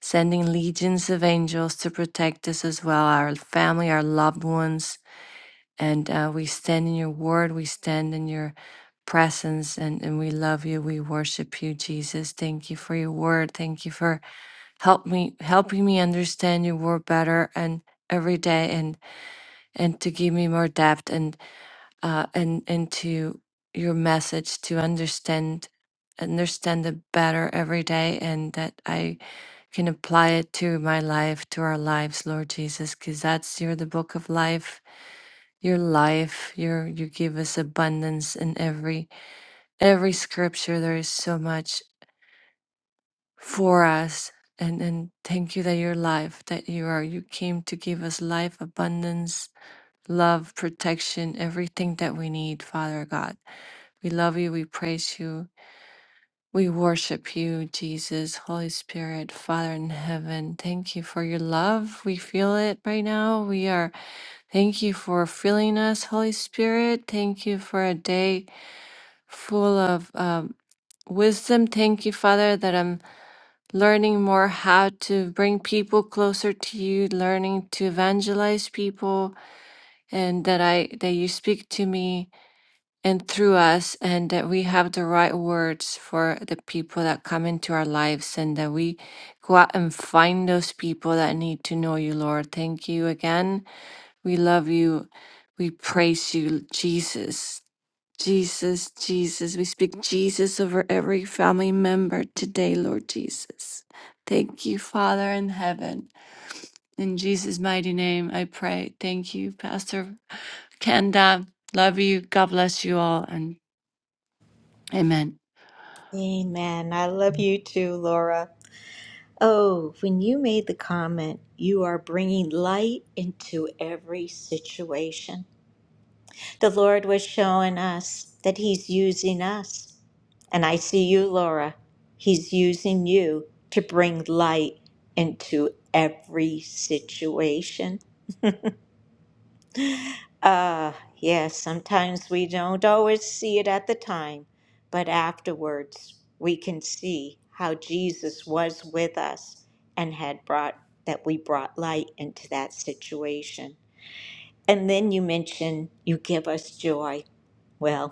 S8: sending legions of angels to protect us as well, our family, our loved ones and uh, we stand in your word, we stand in your presence, and, and we love you. We worship you, Jesus. Thank you for your word. Thank you for help me helping me understand your word better and every day and and to give me more depth and uh and and to your message to understand understand it better every day and that I can apply it to my life, to our lives, Lord Jesus, because that's you're the book of life your life your you give us abundance in every every scripture there is so much for us and and thank you that your life that you are you came to give us life abundance love protection everything that we need father god we love you we praise you we worship you jesus holy spirit father in heaven thank you for your love we feel it right now we are Thank you for filling us, Holy Spirit. Thank you for a day full of um, wisdom. Thank you, Father, that I'm learning more how to bring people closer to you, learning to evangelize people, and that I that you speak to me and through us, and that we have the right words for the people that come into our lives, and that we go out and find those people that need to know you, Lord. Thank you again. We love you. We praise you, Jesus. Jesus, Jesus. We speak Jesus over every family member today, Lord Jesus. Thank you, Father in heaven. In Jesus' mighty name, I pray. Thank you, Pastor Kenda. Love you. God bless you all. And amen.
S3: Amen. I love you too, Laura. Oh, when you made the comment, you are bringing light into every situation. The Lord was showing us that He's using us. And I see you, Laura. He's using you to bring light into every situation. Uh, yes, sometimes we don't always see it at the time, but afterwards we can see how Jesus was with us and had brought that we brought light into that situation. And then you mention you give us joy. Well,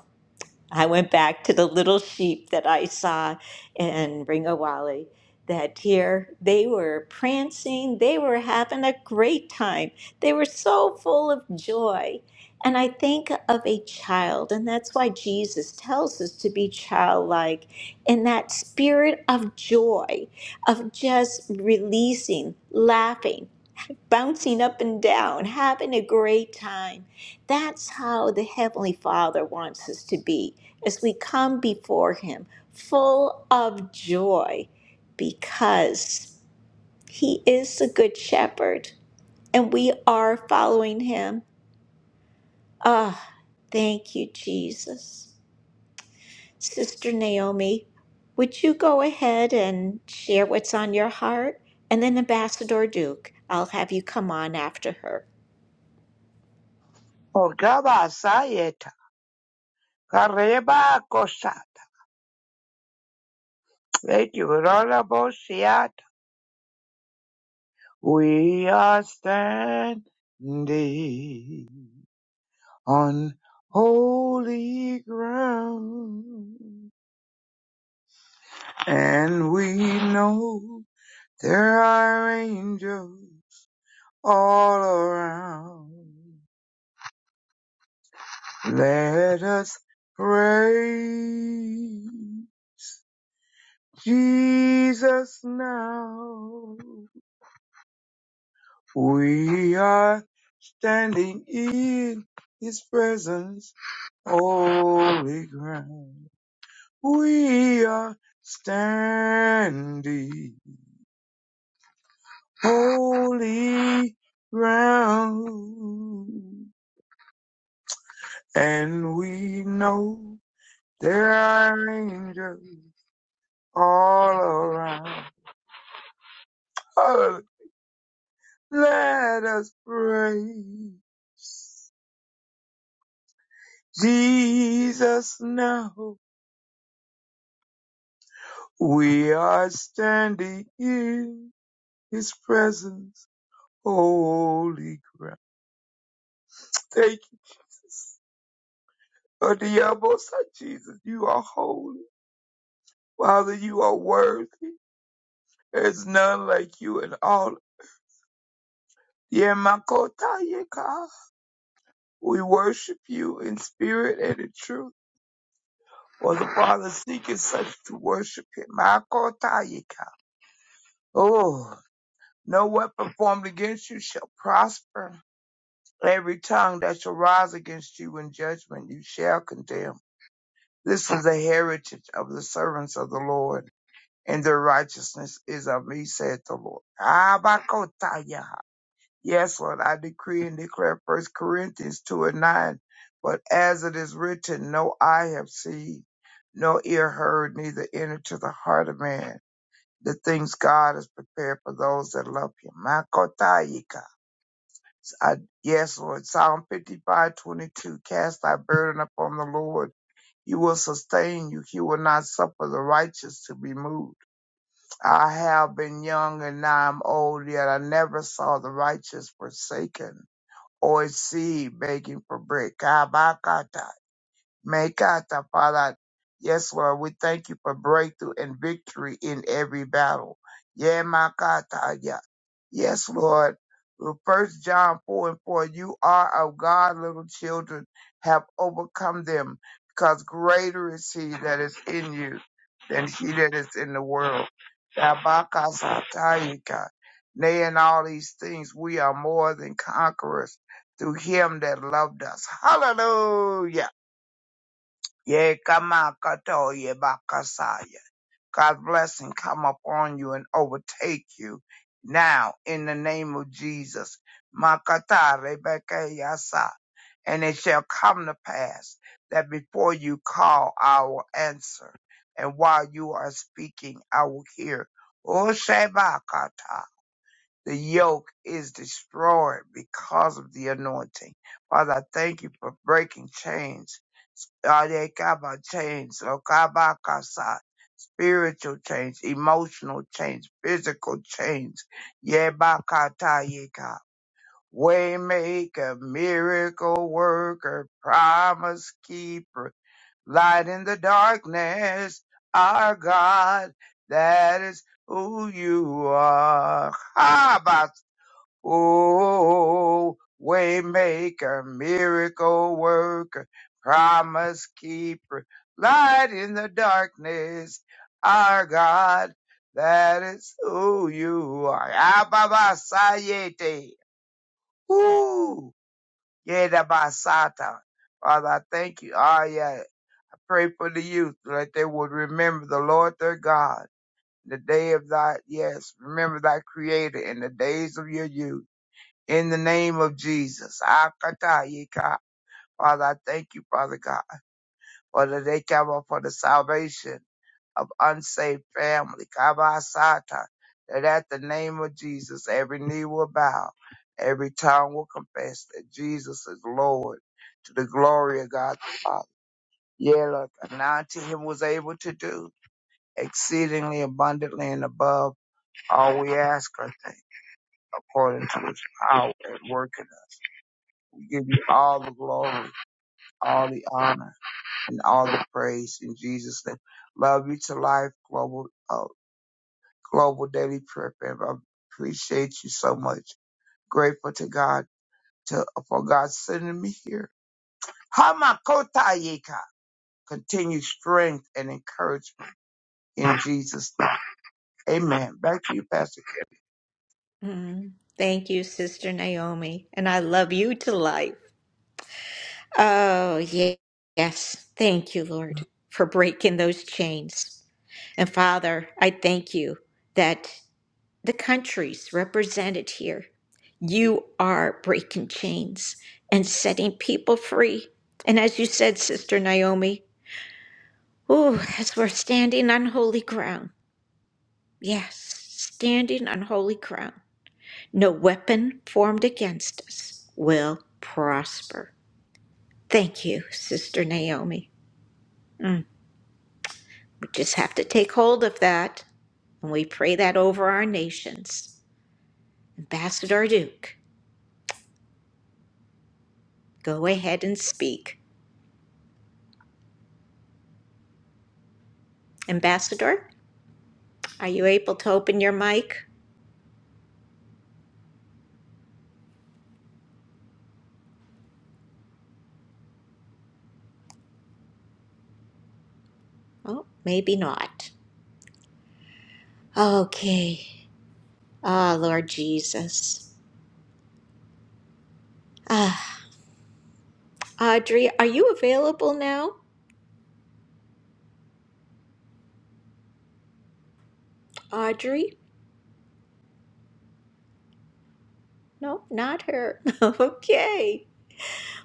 S3: I went back to the little sheep that I saw in Ringawali. That here they were prancing, they were having a great time, they were so full of joy. And I think of a child, and that's why Jesus tells us to be childlike in that spirit of joy, of just releasing, laughing, bouncing up and down, having a great time. That's how the Heavenly Father wants us to be as we come before Him full of joy because He is the Good Shepherd and we are following Him. Ah, thank you, Jesus. Sister Naomi, would you go ahead and share what's on your heart? And then Ambassador Duke, I'll have you come on after her.
S9: Ogaba Sayeta Kareba Kosa. Thank you, Honorable Siat. We are standing on holy ground, and we know there are angels all around. Let us praise Jesus now. We are standing in His presence, holy ground. We are standing holy ground, and we know there are angels all around. Hallelujah. Let us praise Jesus now We are standing in His presence, holy ground. Thank you, Jesus. Lord, the most high Jesus, you are holy. Father, you are worthy. There's none like you in all. Yemakotayeka. We worship you in spirit and in truth. For the Father seeketh such to worship him. Makotayeka. Oh, no weapon formed against you shall prosper. And Every tongue that shall rise against you in judgment you shall condemn. This is the heritage of the servants of the Lord, and their righteousness is of me, saith the Lord. Abakotaya. Yes, Lord, I decree and declare First Corinthians 2 and 9. But as it is written, no eye have seen, no ear heard, neither entered to the heart of man. The things God has prepared for those that love him. Makotayika. I, yes, Lord. Psalm 55:22. Cast thy burden upon the Lord. He will sustain you. He will not suffer the righteous to be moved. I have been young and now I'm old, yet I never saw the righteous forsaken or his seed begging for bread. Kabakata, Mekata, Father. Yes, Lord, we thank you for breakthrough and victory in every battle. Yeah, Yes, Lord. Well, First John 4 and 4, you are of God, little children, have overcome them, because greater is he that is in you than he that is in the world. Rabakasatayika. Nay, in all these things, we are more than conquerors through him that loved us. Hallelujah. Yekamakatoyebakasaya. God's blessing come upon you and overtake you now in the name of Jesus. Makata Rebeke Yasa. And it shall come to pass that before you call, I will answer. And while you are speaking, I will hear. O Shebakata. The yoke is destroyed because of the anointing. Father, I thank you for breaking chains. Adekaba chains, Okabakasa, spiritual chains, emotional chains, physical chains, Yebakata Yeka, waymaker, miracle worker, promise keeper, light in the darkness, our God, that is who you are. Ooh, waymaker, miracle worker, promise keeper, light in the darkness, our God, that is who you are. Ababasayete. Ooh, yedabasata. Father, I thank you. Ah, yeah. I pray for the youth so that they would remember the Lord their God, the day of thy, yes, remember thy creator in the days of your youth in the name of Jesus. Akatayika. Father, I thank you, Father God, for the day cover for the salvation of unsaved family. Kabasata. That at the name of Jesus, every knee will bow, every tongue will confess that Jesus is Lord to the glory of God the Father. Yeah, look, now to him was able to do exceedingly abundantly and above all we ask or think, according to his power at work in us. We give you all the glory, all the honor and all the praise in Jesus' name. Love you to life, global, uh, global daily prayer family. I appreciate you so much. Grateful to God to, for God sending me here. Hamakotayeka. Continue strength and encouragement in Jesus' name. Amen. Back to you, Pastor. K.
S3: Mm, thank you, Sister Naomi, and I love you to life. Oh, ye- yes. Thank you, Lord, for breaking those chains. And Father, I thank you that the countries represented here, you are breaking chains and setting people free. And as you said, Sister Naomi, ooh, as we're standing on holy ground, yes, standing on holy ground, no weapon formed against us will prosper. Thank you, Sister Naomi. Mm. Just have to take hold of that, and we pray that over our nations. Ambassador Duke, go ahead and speak. Ambassador, are you able to open your mic? Oh, maybe not. Okay. Ah, Lord Jesus. Ah, Audrey, are you available now? Audrey? No, not her. okay.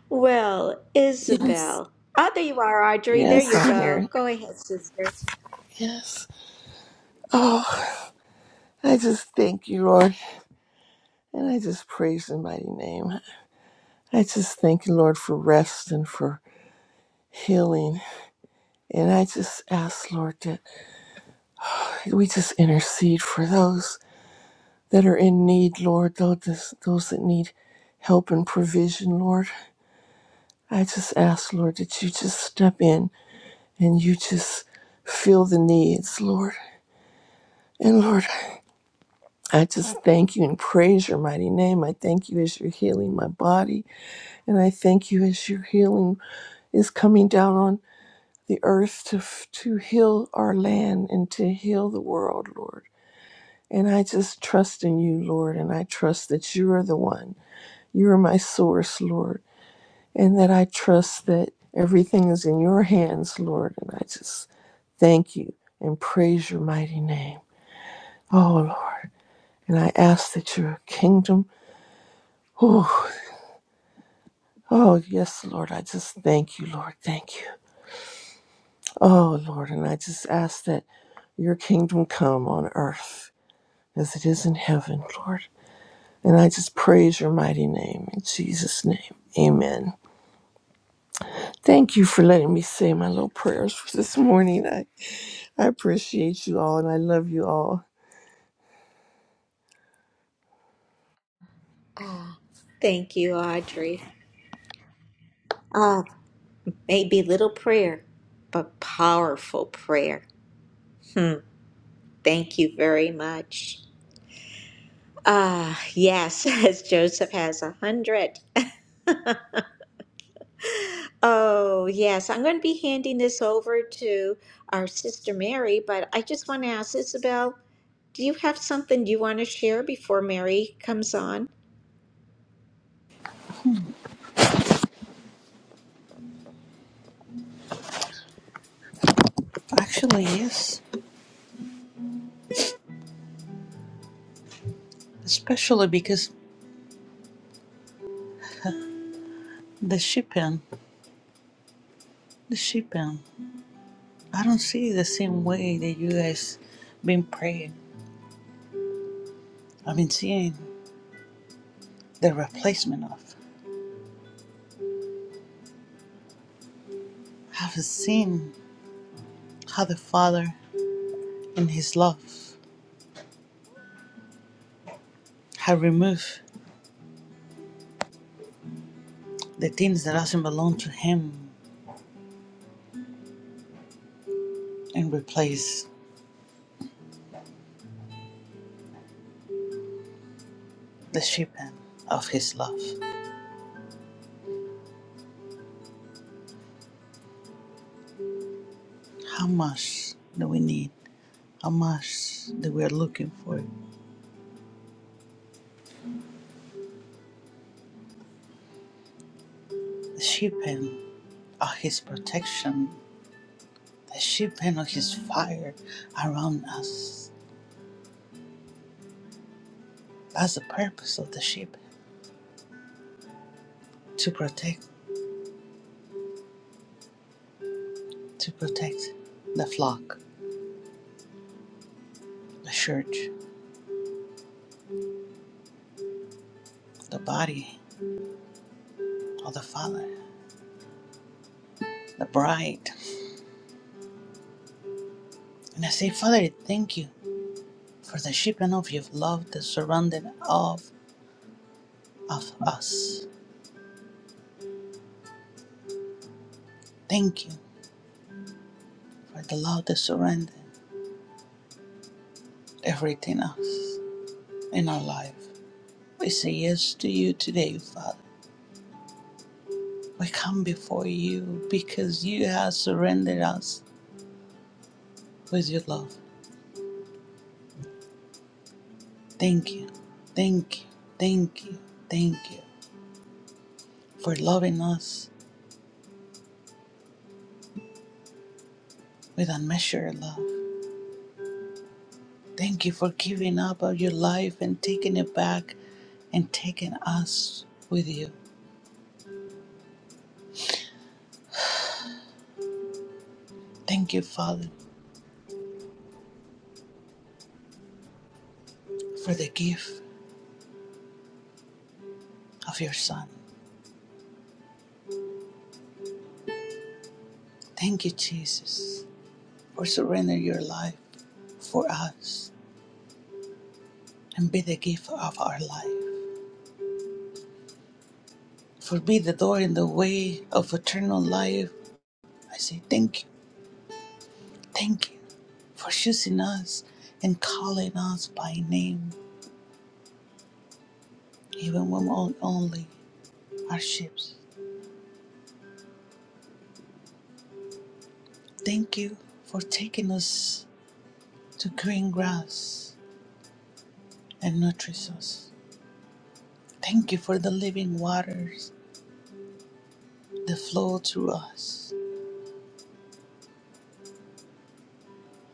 S3: Well,
S10: Yes.
S3: Isabel. Oh, there you are, Audrey. There
S10: Yes,
S3: you
S10: I'm
S3: go.
S10: here.
S3: Go ahead, sister.
S10: Yes. Oh, I just thank you, Lord. And I just praise your mighty name. I just thank you, Lord, for rest and for healing. And I just ask, Lord, that we just intercede for those that are in need, Lord, those, those that need help and provision, Lord. I just ask, Lord, that you just step in and you just feel the needs, Lord. And Lord, I just thank you and praise your mighty name. I thank you as you're healing my body, and I thank you as your healing is coming down on the earth to to heal our land and to heal the world, Lord. And I just trust in you, Lord, and I trust that you are the one. You are my source, Lord, and that I trust that everything is in your hands, Lord. And I just thank you and praise your mighty name. Oh, Lord. And I ask that your kingdom. Oh, yes, Lord. I just thank you, Lord. Thank you. Oh, Lord. And I just ask that your kingdom come on earth as it is in heaven, Lord. And I just praise your mighty name in Jesus' name. Amen. Thank you for letting me say my little prayers for this morning. I, I appreciate you all and I love you all.
S3: Ah, thank you, Audrey. Ah, Maybe little prayer, but powerful prayer. Hmm. Thank you very much. Ah, yes, as Joseph has a hundred. Oh, yes, I'm going to be handing this over to our sister Mary, but I just want to ask Isabel, do you have something you want to share before Mary comes on?
S5: Actually, yes, especially because the shipping, the shipping. I don't see the same way that you guys been praying. I've been seeing the replacement of. I've seen how the Father, in His love, have removed the things that doesn't belong to Him and replaced the shipping of His love. How much do we need? Amas that we are looking for. The shipping of his protection, the shipping of his fire around us. That's the purpose of the ship to protect, to protect the flock, the church, the body of the Father, the bride. And I say, Father, thank you for the shipping of your love that surrounded of of us. Thank you for the love that surrounded everything else in our life. We say yes to you today, Father. We come before you because you have surrendered us with your love. Thank you. Thank you. Thank you. Thank you for loving us with unmeasured love. Thank you for giving up of your life and taking it back and taking us with you. Thank you, Father, for the gift of your Son. Thank you, Jesus, for surrendering your life for us and be the gift of our life. for me the door in the way of eternal life. I say thank you, thank you for choosing us and calling us by name, even when on- only our ships. Thank you for taking us to green grass and nourish us. Thank you for the living waters that flow through us.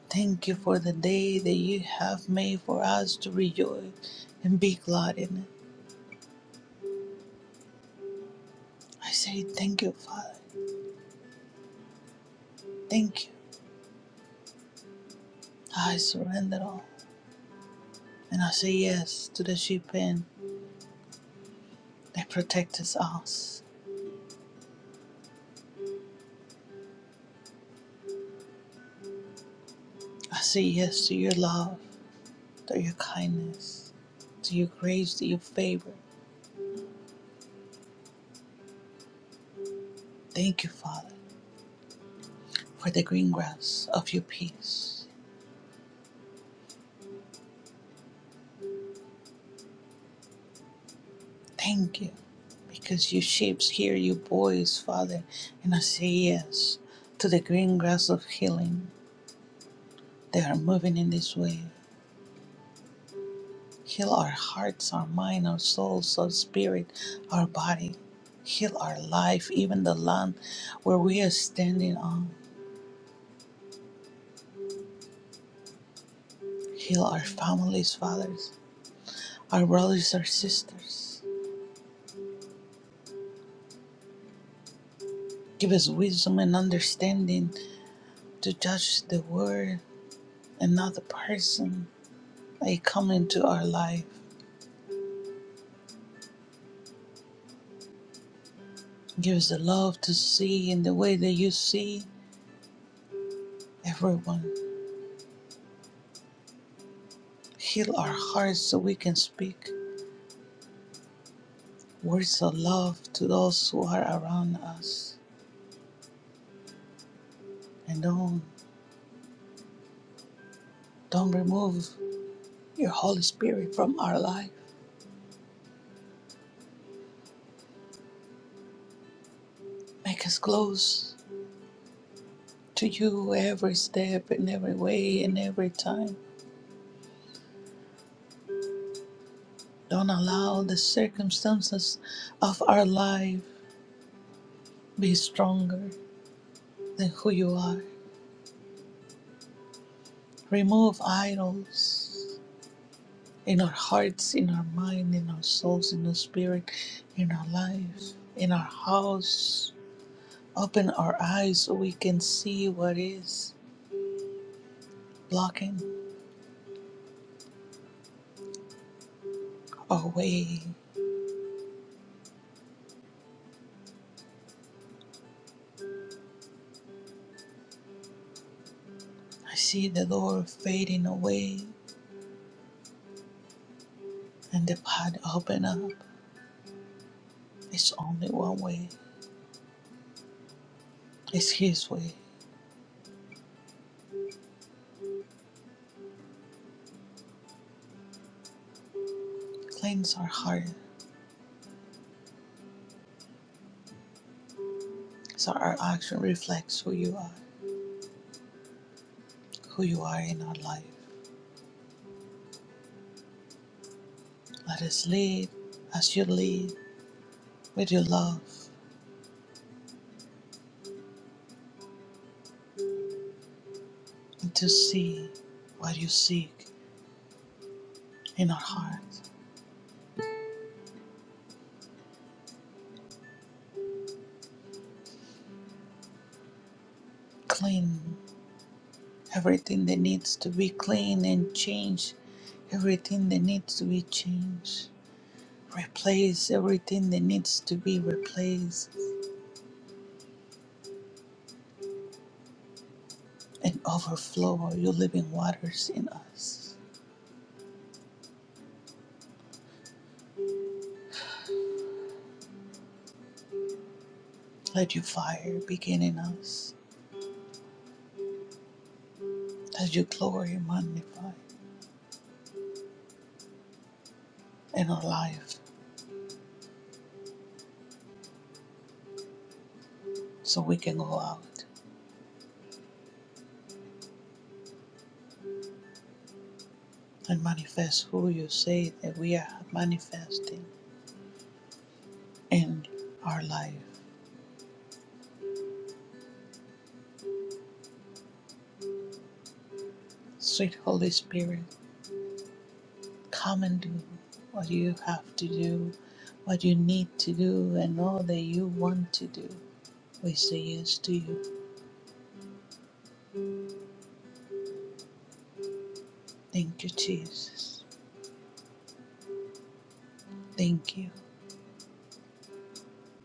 S5: Thank you for the day that you have made for us to rejoice and be glad in it. I say thank you, Father. Thank you I surrender all. And I say yes to the sheep pen that protects us. I say yes to your love, to your kindness, to your grace, to your favor. Thank you, Father, for the green grass of your peace. Thank you, because your sheep hear your voice, Father. And I say yes to the green grass of healing. They are moving in this way. Heal our hearts, our mind, our souls, our spirit, our body. Heal our life, even the land where we are standing on. Heal our families, fathers, our brothers, our sisters. Give us wisdom and understanding to judge the word and not the person that come into our life. Give us the love to see in the way that you see everyone. Heal our hearts so we can speak. Words of love to those who are around us. And don't, don't remove your Holy Spirit from our life. Make us close to you every step and every way and every time. Don't allow the circumstances of our life be stronger than who you are. Remove idols in our hearts, in our mind, in our souls, in our spirit, in our life, in our house. Open our eyes so we can see what is blocking our way. I see the door fading away and the path open up. It's only one way. It's His way. Cleanse our heart so our action reflects who you are, who you are in our life. Let us lead as you lead with your love and to see what you seek in our heart. Clean everything that needs to be cleaned and changed, everything that needs to be changed. Replace everything that needs to be replaced and overflow your living waters in us. Let your fire begin in us. Let your glory magnify in our life so we can go out and manifest who you say that we are manifesting in our life. Sweet Holy Spirit. Come and do what you have to do, what you need to do, and all that you want to do. We say yes to you. Thank you, Jesus. Thank you.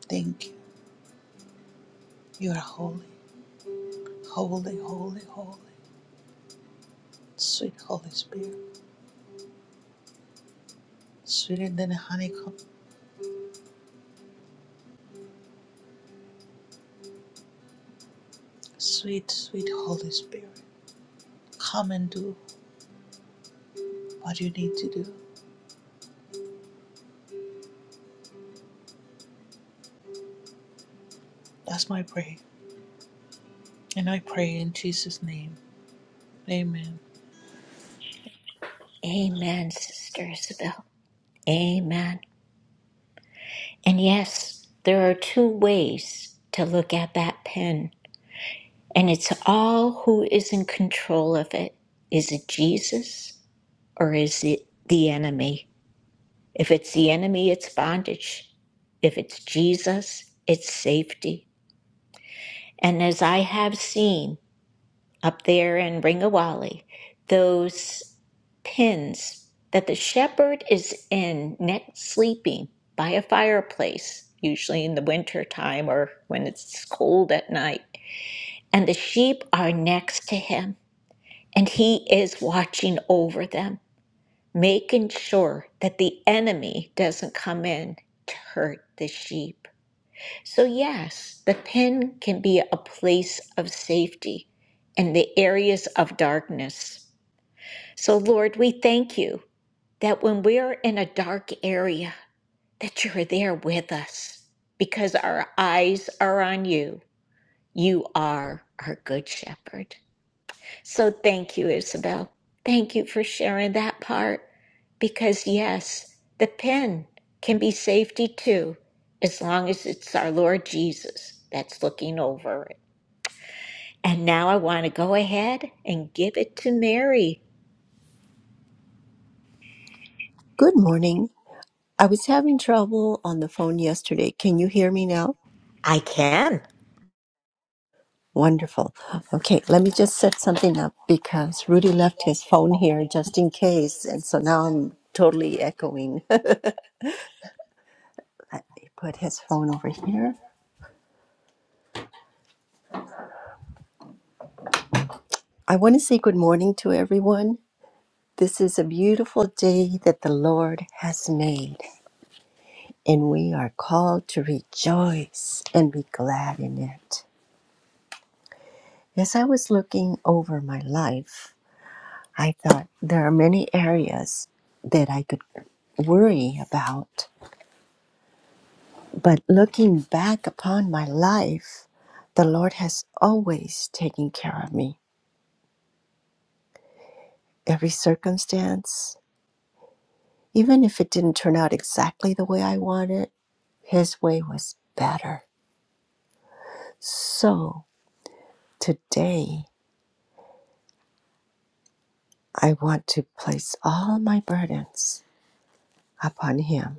S5: Thank you. You are holy, holy, holy, holy. Sweet Holy Spirit, sweeter than a honeycomb. Sweet, sweet Holy Spirit. Come and do what you need to do. That's my prayer. And I pray in Jesus' name. Amen.
S3: Amen, Sister Isabel. Amen. And yes, there are two ways to look at that pen. And it's all who is in control of it. Is it Jesus or is it the enemy? If it's the enemy, it's bondage. If it's Jesus, it's safety. And as I have seen up there in Ringawali, those pins that the shepherd is in neck sleeping by a fireplace, usually in the winter time or when it's cold at night, and the sheep are next to him And He is watching over them, making sure that the enemy doesn't come in to hurt the sheep. So, yes, the pen can be a place of safety in the areas of darkness. So, Lord, we thank you that when we're in a dark area, that you're there with us because our eyes are on you. You are our good shepherd. So thank you, Isabel. Thank you for sharing that part because, yes, the pen can be safety too, as long as it's our Lord Jesus that's looking over it. And now I want to go ahead and give it to Mary.
S11: Good morning. I was having trouble on the phone yesterday. Can you hear me now?
S3: I can.
S11: Wonderful. Okay, let me just set something up because Rudy left his phone here just in case. And so now I'm totally echoing. let me put his phone over here. I want to say good morning to everyone. This is a beautiful day that the Lord has made, and we are called to rejoice and be glad in it. As I was looking over my life, I thought there are many areas that I could worry about. But looking back upon my life, the Lord has always taken care of me. Every circumstance, even if it didn't turn out exactly the way I wanted, His way was better. So today, I want to place all my burdens upon Him.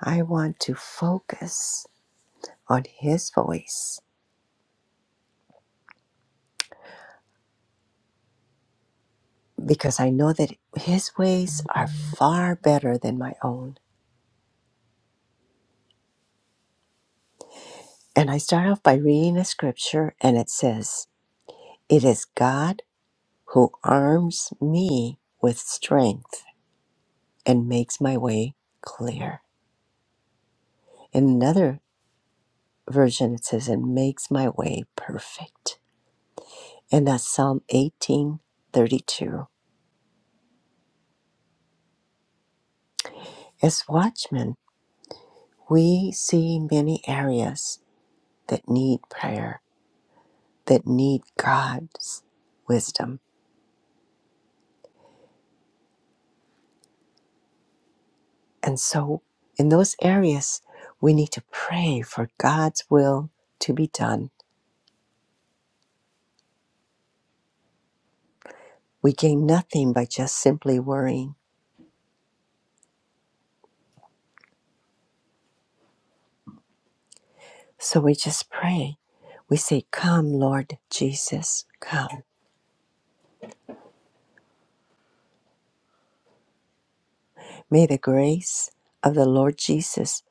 S11: I want to focus on His voice because I know that his ways are far better than my own. And I start off by reading a scripture, and it says, It is God who arms me with strength and makes my way clear. In another version, it says, And makes my way perfect. And that's Psalm eighteen thirty-two, As watchmen, we see many areas that need prayer, that need God's wisdom And so, in those areas, we need to pray for God's will to be done. We gain nothing by just simply worrying. So, we just pray. We say, Come, Lord Jesus, come. May the grace of the Lord Jesus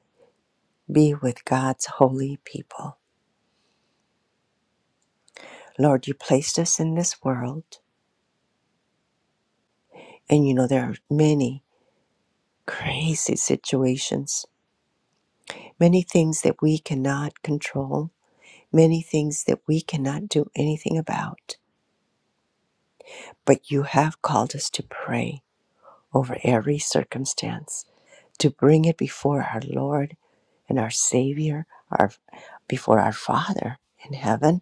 S11: be with God's holy people. Lord, you placed us in this world, and you know there are many crazy situations, many things that we cannot control, many things that we cannot do anything about. But you have called us to pray over every circumstance, to bring it before our Lord and our Savior, our before our Father in heaven,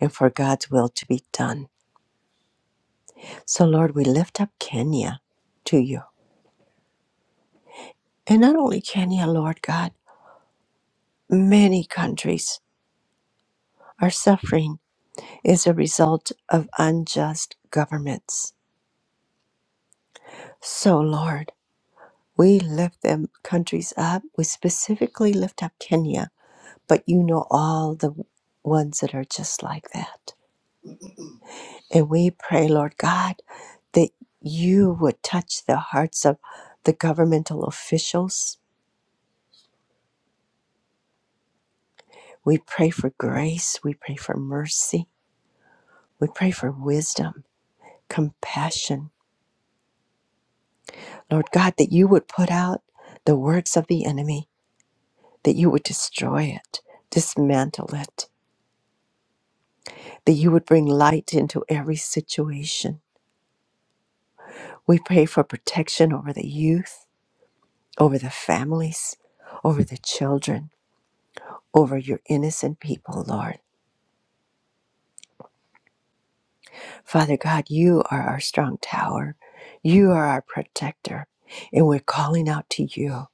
S11: and for God's will to be done. So, Lord, we lift up Kenya to you. And not only Kenya, Lord God, many countries are suffering as a result of unjust governments. So, Lord, we lift them countries up. We specifically lift up Kenya but you know all the ones that are just like that. And we pray, Lord God, that you would touch the hearts of the governmental officials. We pray for grace. We pray for mercy. We pray for wisdom, compassion. Lord God, that you would put out the works of the enemy, that you would destroy it, dismantle it, that you would bring light into every situation. We pray for protection over the youth. over the families, over the children, over your innocent people, Lord. Father God, you are our strong tower. You are our protector. And we're calling out to you.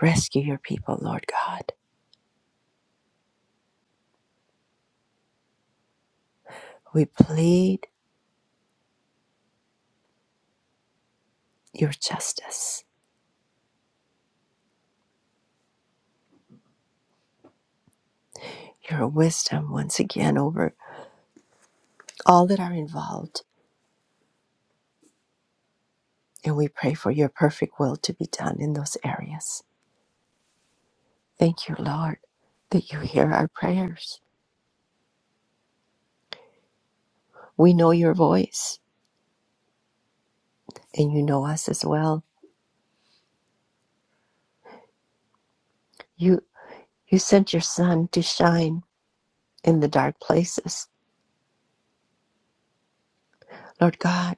S11: Rescue your people, Lord God. We plead your justice, your wisdom once again over all that are involved. And we pray for your perfect will to be done in those areas. Thank you, Lord, that you hear our prayers. We know your voice and you know us as well. You You sent your son to shine in the dark places. Lord God,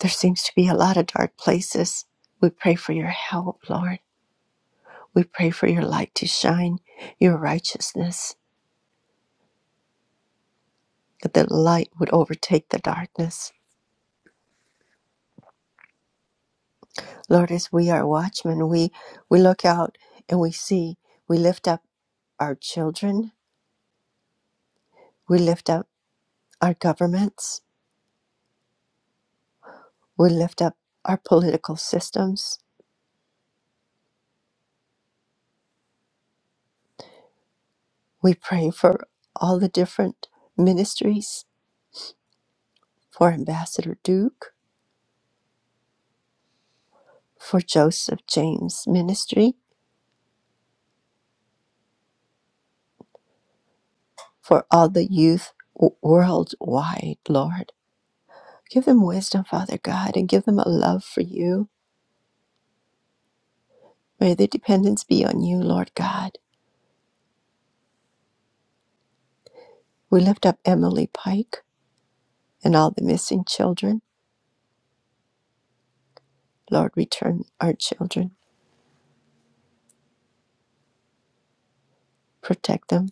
S11: there seems to be a lot of dark places. We pray for your help, Lord. We pray for your light to shine, your righteousness, that the light would overtake the darkness. Lord, as we are watchmen, we, we look out and we see, we lift up our children, we lift up our governments, we lift up our political systems. We pray for all the different ministries for Ambassador Duke, for Joseph James Ministry, for all the youth worldwide, Lord. Give them wisdom, Father God, and give them a love for you. May their dependence be on you, Lord God. We lift up Emily Pike and all the missing children. Lord, return our children, protect them.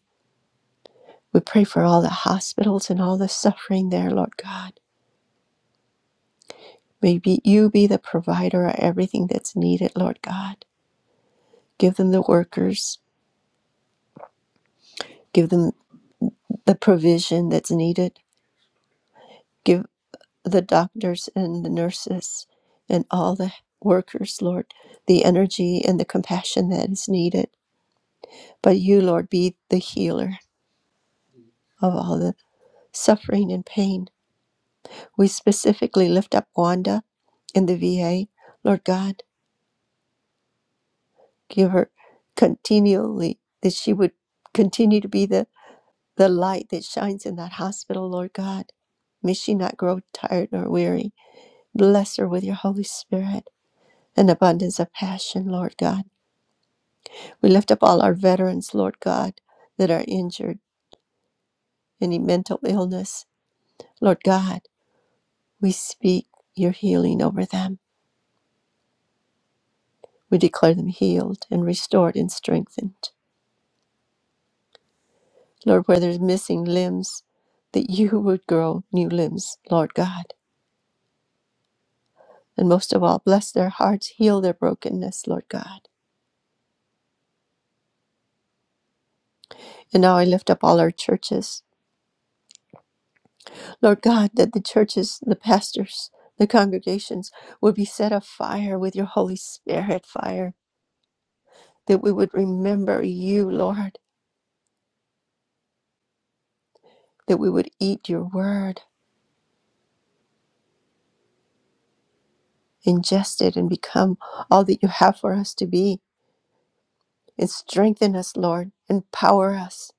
S11: We pray for all the hospitals and all the suffering there, Lord God. May be, you be the provider of everything that's needed, Lord God. Give them the workers, give them. the provision that's needed. Give the doctors and the nurses and all the workers, Lord, the energy and the compassion that is needed. But you, Lord, be the healer of all the suffering and pain. We specifically lift up Wanda in the VA. Lord God, give her continually that she would continue to be the, the light that shines in that hospital, Lord God. May she not grow tired nor weary. Bless her with your Holy Spirit an abundance of passion, Lord God. We lift up all our veterans, Lord God, that are injured, any mental illness. Lord God, we speak your healing over them. We declare them healed and restored and strengthened. Lord, where there's missing limbs, that you would grow new limbs, Lord God. And most of all, bless their hearts, heal their brokenness, Lord God. And now I lift up all our churches Lord God, that the churches, the pastors, the congregations would be set afire with your Holy Spirit fire, that we would remember you, Lord, that we would eat your word, ingest it, and become all that you have for us to be. And strengthen us, Lord, empower us.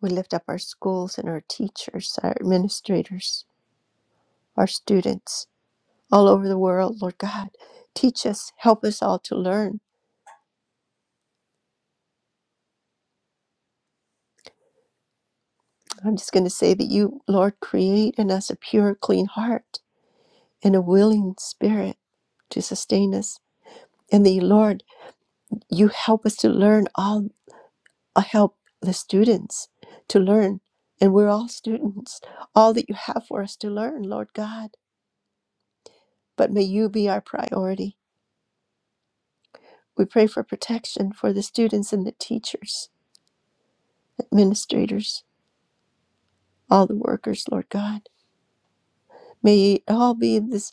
S11: We lift up our schools and our teachers, our administrators, our students all over the world, Lord God. Teach us, help us all to learn I'm just going to say that you, Lord, create in us a pure, clean heart and a willing spirit to sustain us. And the Lord, you help us to learn all, uh, help the students to learn. And we're all students, all that you have for us to learn, Lord God. But may you be our priority. We pray for protection for the students and the teachers, administrators, all the workers, Lord God. May it all be this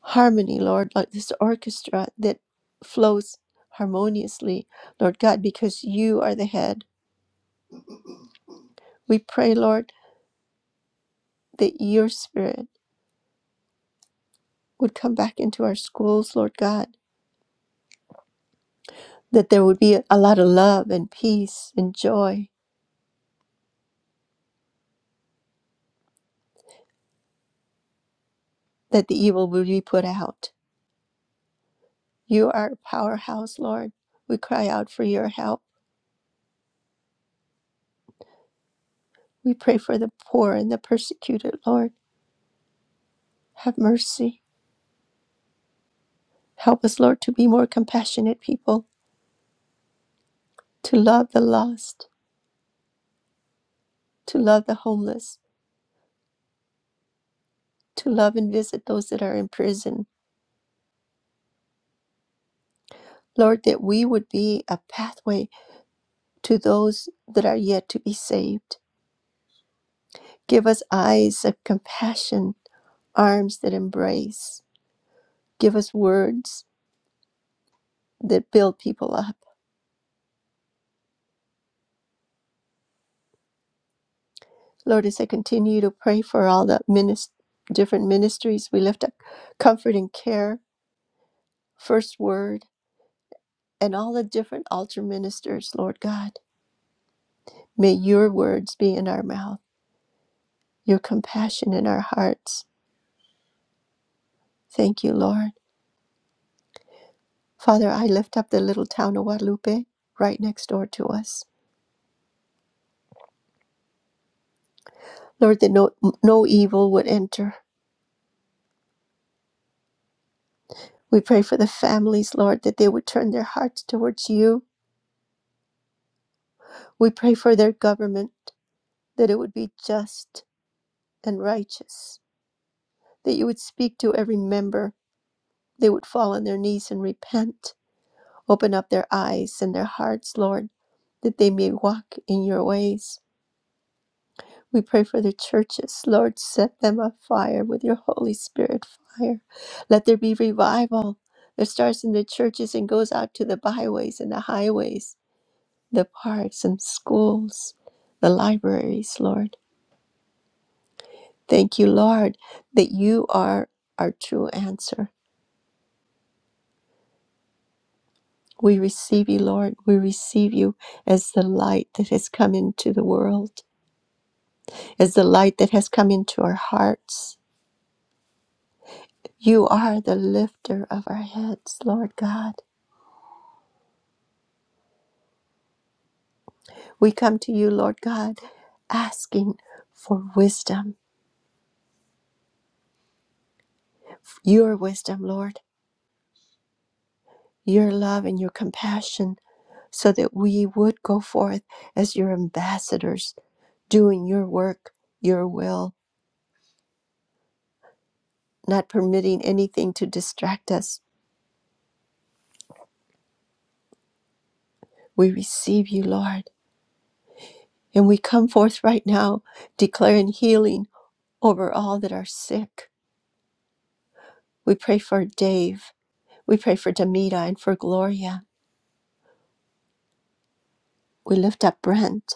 S11: harmony, Lord, like this orchestra that flows harmoniously, Lord God, because you are the head. We pray, Lord, that your spirit would come back into our schools, Lord God, that there would be a lot of love and peace and joy, that the evil would be put out. You are a powerhouse, Lord. We cry out for your help. We pray for the poor and the persecuted, Lord. Have mercy. Help us, Lord, to be more compassionate people, to love the lost, to love the homeless, to love and visit those that are in prison. Lord, that we would be a pathway to those that are yet to be saved. Give us eyes of compassion, arms that embrace. Give us words that build people up. Lord, as I continue to pray for all the minis- different ministries, we lift up comfort and care, first word, and all the different altar ministers, Lord God. May your words be in our mouth. your compassion in our hearts. Thank you, Lord. Father, I lift up the little town of Guadalupe right next door to us. Lord, that no, no evil would enter. We pray for the families, Lord, that they would turn their hearts towards you. We pray for their government, that it would be just and righteous, that you would speak to every member. They would fall on their knees and repent. Open up their eyes and their hearts, Lord, that they may walk in your ways. We pray for the churches. Lord, set them on fire with your Holy Spirit fire. Let there be revival that starts in the churches and goes out to the byways and the highways, the parks and schools, the libraries, Lord. Thank you, Lord, that you are our true answer. We receive you, Lord. We receive you as the light that has come into the world, as the light that has come into our hearts. You are the lifter of our heads, Lord God. We come to you, Lord God, asking for wisdom, your wisdom, Lord, your love and your compassion, so that we would go forth as your ambassadors, doing your work, your will, not permitting anything to distract us. We receive you, Lord, and we come forth right now declaring healing over all that are sick. We pray for Dave. We pray for Demita and for Gloria. We lift up Brent.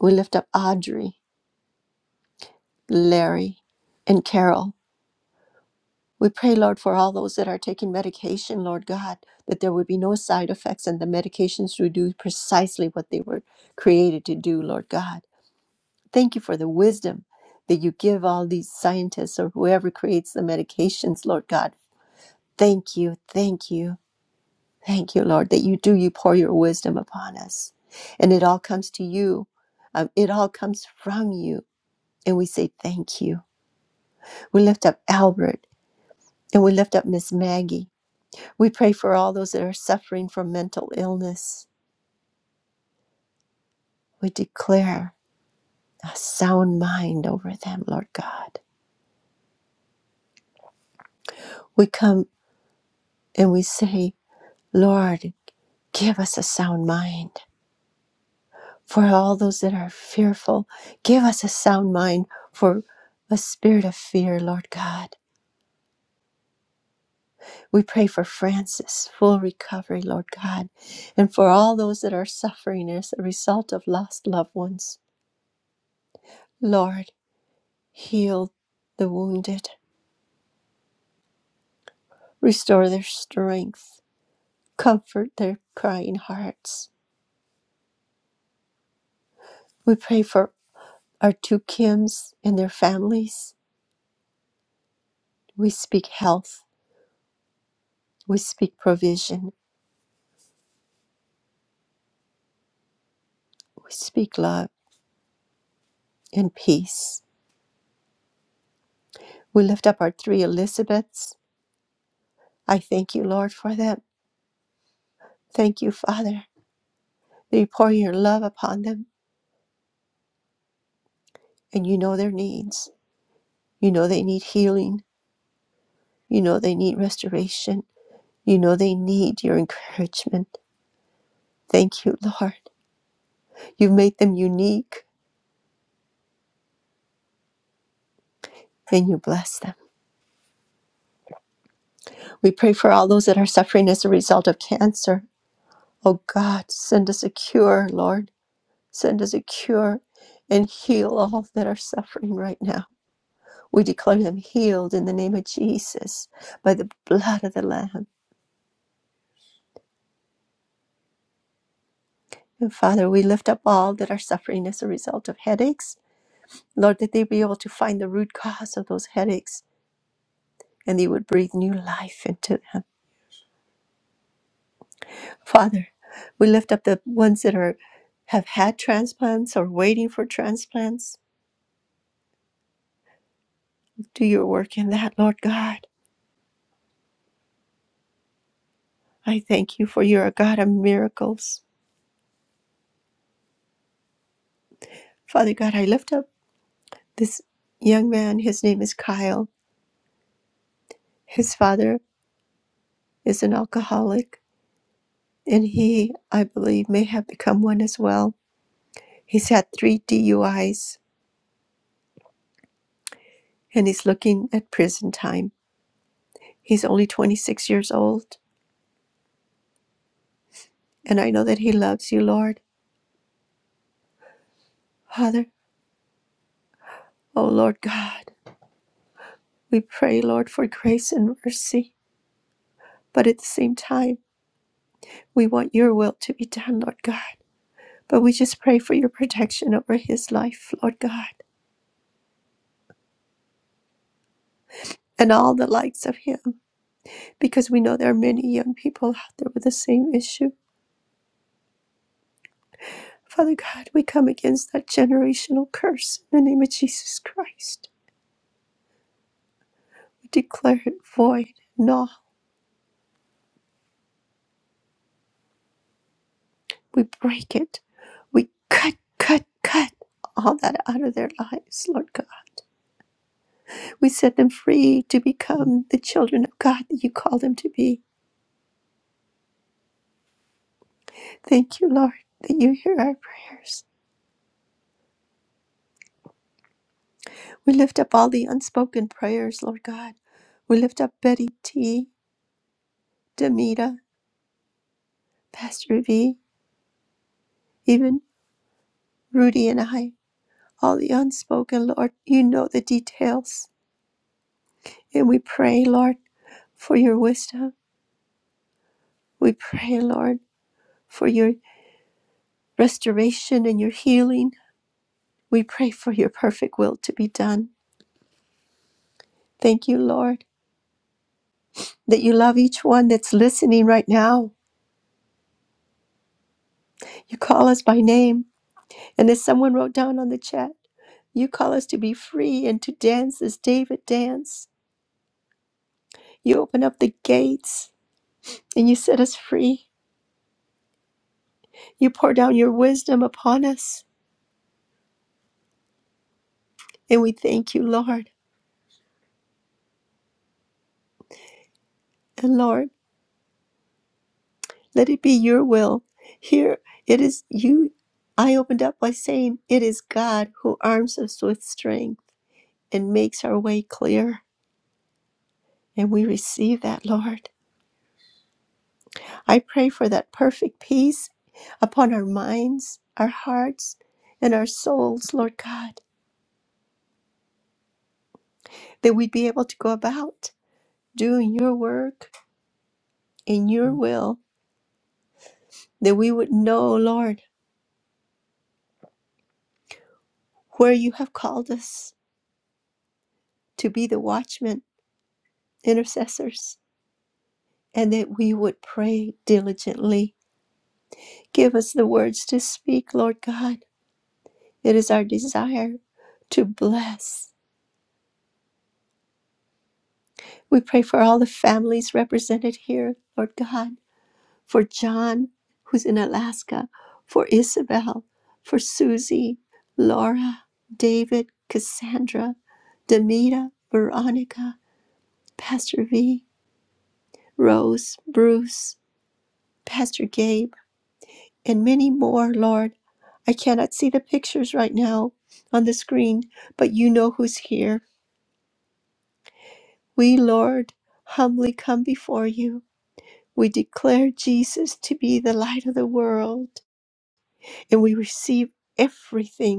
S11: We lift up Audrey, Larry, and Carol. We pray, Lord, for all those that are taking medication, Lord God, that there would be no side effects and the medications would do precisely what they were created to do, Lord God. Thank you for the wisdom that you give all these scientists or whoever creates the medications, Lord God. Thank you, thank you, thank you, Lord, that you do, you pour your wisdom upon us. And it all comes to you, Um, it all comes from you. And we say, thank you. We lift up Albert and we lift up Miss Maggie. We pray for all those that are suffering from mental illness. We declare a sound mind over them, Lord God. We come and we say, Lord, give us a sound mind. For all those that are fearful, give us a sound mind for a spirit of fear, Lord God. We pray for Francis, full recovery, Lord God, and for all those that are suffering as a result of lost loved ones. Lord, heal the wounded, restore their strength, comfort their crying hearts. We pray for our two Kims and their families. We speak health, we speak provision, we speak love and peace. We lift up our three Elizabeths. I thank you, Lord, for them. Thank you, Father, that you pour your love upon them and you know their needs. You know they need healing, you know they need restoration. You know they need your encouragement. Thank you, Lord. You've made them unique and you bless them. We pray for all those that are suffering as a result of cancer. Oh God, send us a cure, Lord. Send us a cure and heal all that are suffering right now. We declare them healed in the name of Jesus by the blood of the Lamb. And Father, we lift up all that are suffering as a result of headaches. Lord, that they be able to find the root cause of those headaches and they would breathe new life into them. Father, we lift up the ones that are have had transplants or waiting for transplants. Do your work in that, Lord God. I thank you for you're a God of miracles. Father God, I lift up this young man. His name is Kyle. His father is an alcoholic, and he, I believe, may have become one as well. He's had three DUIs, and he's looking at prison time. He's only 26 years old, and I know that he loves you, Lord. Father, O Lord God, we pray, Lord, for grace and mercy. But at the same time, we want your will to be done, Lord God. But we just pray for your protection over his life, Lord God, and all the likes of him, because we know there are many young people out there with the same issue. Father God, we come against that generational curse in the name of Jesus Christ. We declare it void, null. We break it. We cut, cut, cut all that out of their lives, Lord God. We set them free to become the children of God that you call them to be. Thank you, Lord, that you hear our prayers. We lift up all the unspoken prayers, Lord God. We lift up Betty T, Demita, Pastor V, even Rudy and I. All the unspoken, Lord, you know the details. And we pray, Lord, for your wisdom. We pray, Lord, for your restoration and your healing. We pray for your perfect will to be done. Thank you, Lord that you love each one that's listening right now. You call us by name. And as someone wrote down on the chat, you call us to be free and to dance as David danced. You open up the gates and you set us free. You pour down your wisdom upon us. And we thank you, Lord. And Lord, let it be your will. Here it is you. I opened up by saying, It is God who arms us with strength and makes our way clear. And we receive that, Lord. I pray for that perfect peace upon our minds, our hearts, and our souls, Lord God, that we'd be able to go about doing your work in your will, that we would know, Lord, where you have called us to be the watchmen, intercessors, and that we would pray diligently. Give us the words to speak, Lord God. It is our desire to bless. We pray for all the families represented here, Lord God for John, who's in Alaska, for Isabel, for Susie, Laura, David, Cassandra, Demita, Veronica, Pastor V, Rose, Bruce, Pastor Gabe, and many more, Lord. I cannot see the pictures right now on the screen, but you know who's here. We, Lord, humbly come before you. We declare Jesus to be the light of the world, and we receive everything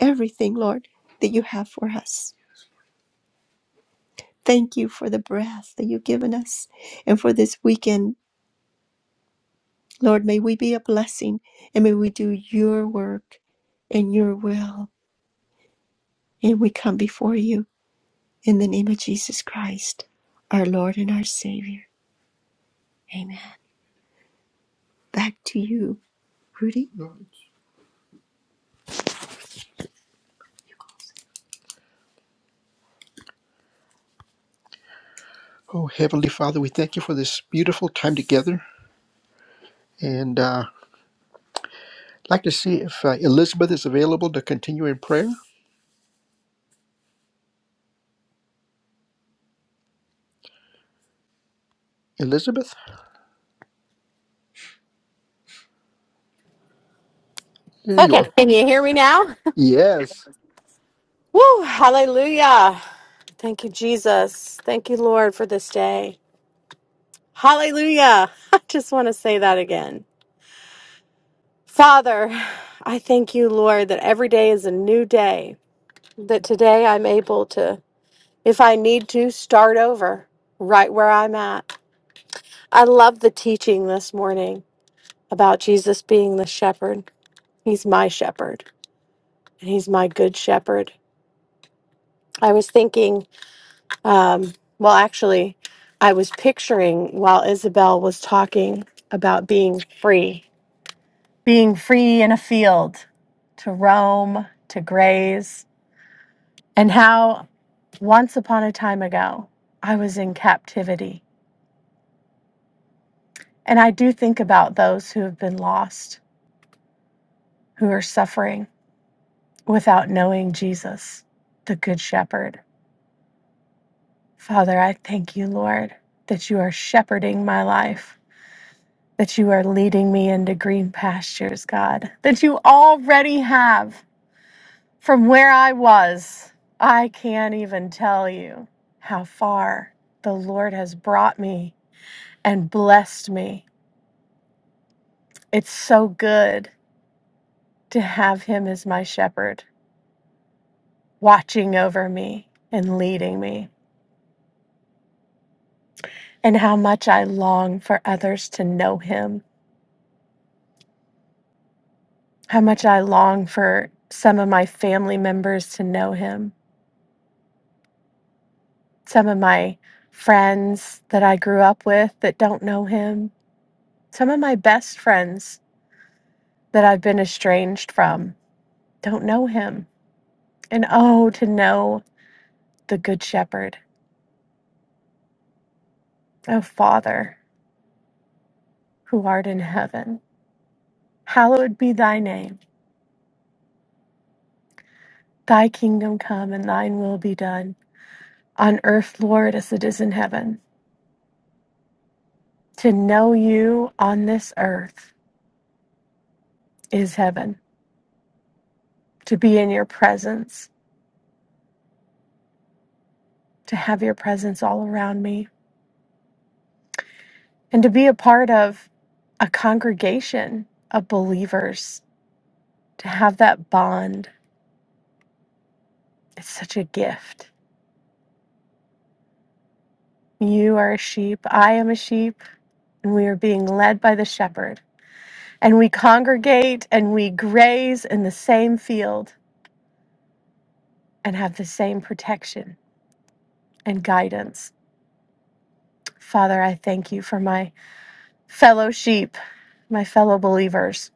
S11: everything, Lord, that you have for us. Thank you for the breath that you've given us and for this weekend. Lord, may we be a blessing and may we do your work and your will. And we come before you in the name of Jesus Christ, our Lord and our Savior. Amen. Back to you, Rudy. Oh, Heavenly Father, we thank you for this beautiful time together. And uh, I'd like to see if uh, Elizabeth is available to continue in prayer. Elizabeth, there you
S12: Okay.
S11: are.
S12: Can you hear me now?
S11: Yes.
S12: Woo! Hallelujah. Thank you, Jesus. Thank you, Lord, for this day. Hallelujah. I just want to say that again. Father, I thank you, Lord, that every day is a new day, that today I'm able to, if I need to, start over right where I'm at. I love the teaching this morning about Jesus being the shepherd. He's my shepherd, and he's my good shepherd. I was thinking Um, well, actually, I was picturing while Isabel was talking about being free, being free in a field to roam, to graze, and how once upon a time ago I was in captivity. And I do think about those who have been lost, who are suffering without knowing Jesus, the Good Shepherd. Father, I thank you, Lord, that you are shepherding my life that you are leading me into green pastures, God, that you already have from where I was. I can't even tell you how far the Lord has brought me and blessed me. It's so good to have Him as my shepherd, watching over me and leading me, and how much I long for others to know Him, how much I long for some of my family members to know Him some of my friends that I grew up with that don't know him, some of my best friends that I've been estranged from don't know him. And oh, to know the Good Shepherd, O Father, who art in heaven, hallowed be thy name. Thy kingdom come and thine will be done on earth, Lord, as it is in heaven. To know you on this earth is heaven. To be in your presence, to have your presence all around me, and to be a part of a congregation of believers, to have that bond, it's such a gift. You are a sheep, I am a sheep, and we are being led by the shepherd. And we congregate and we graze in the same field and have the same protection and guidance. Father, I thank you for my fellow sheep, my fellow believers.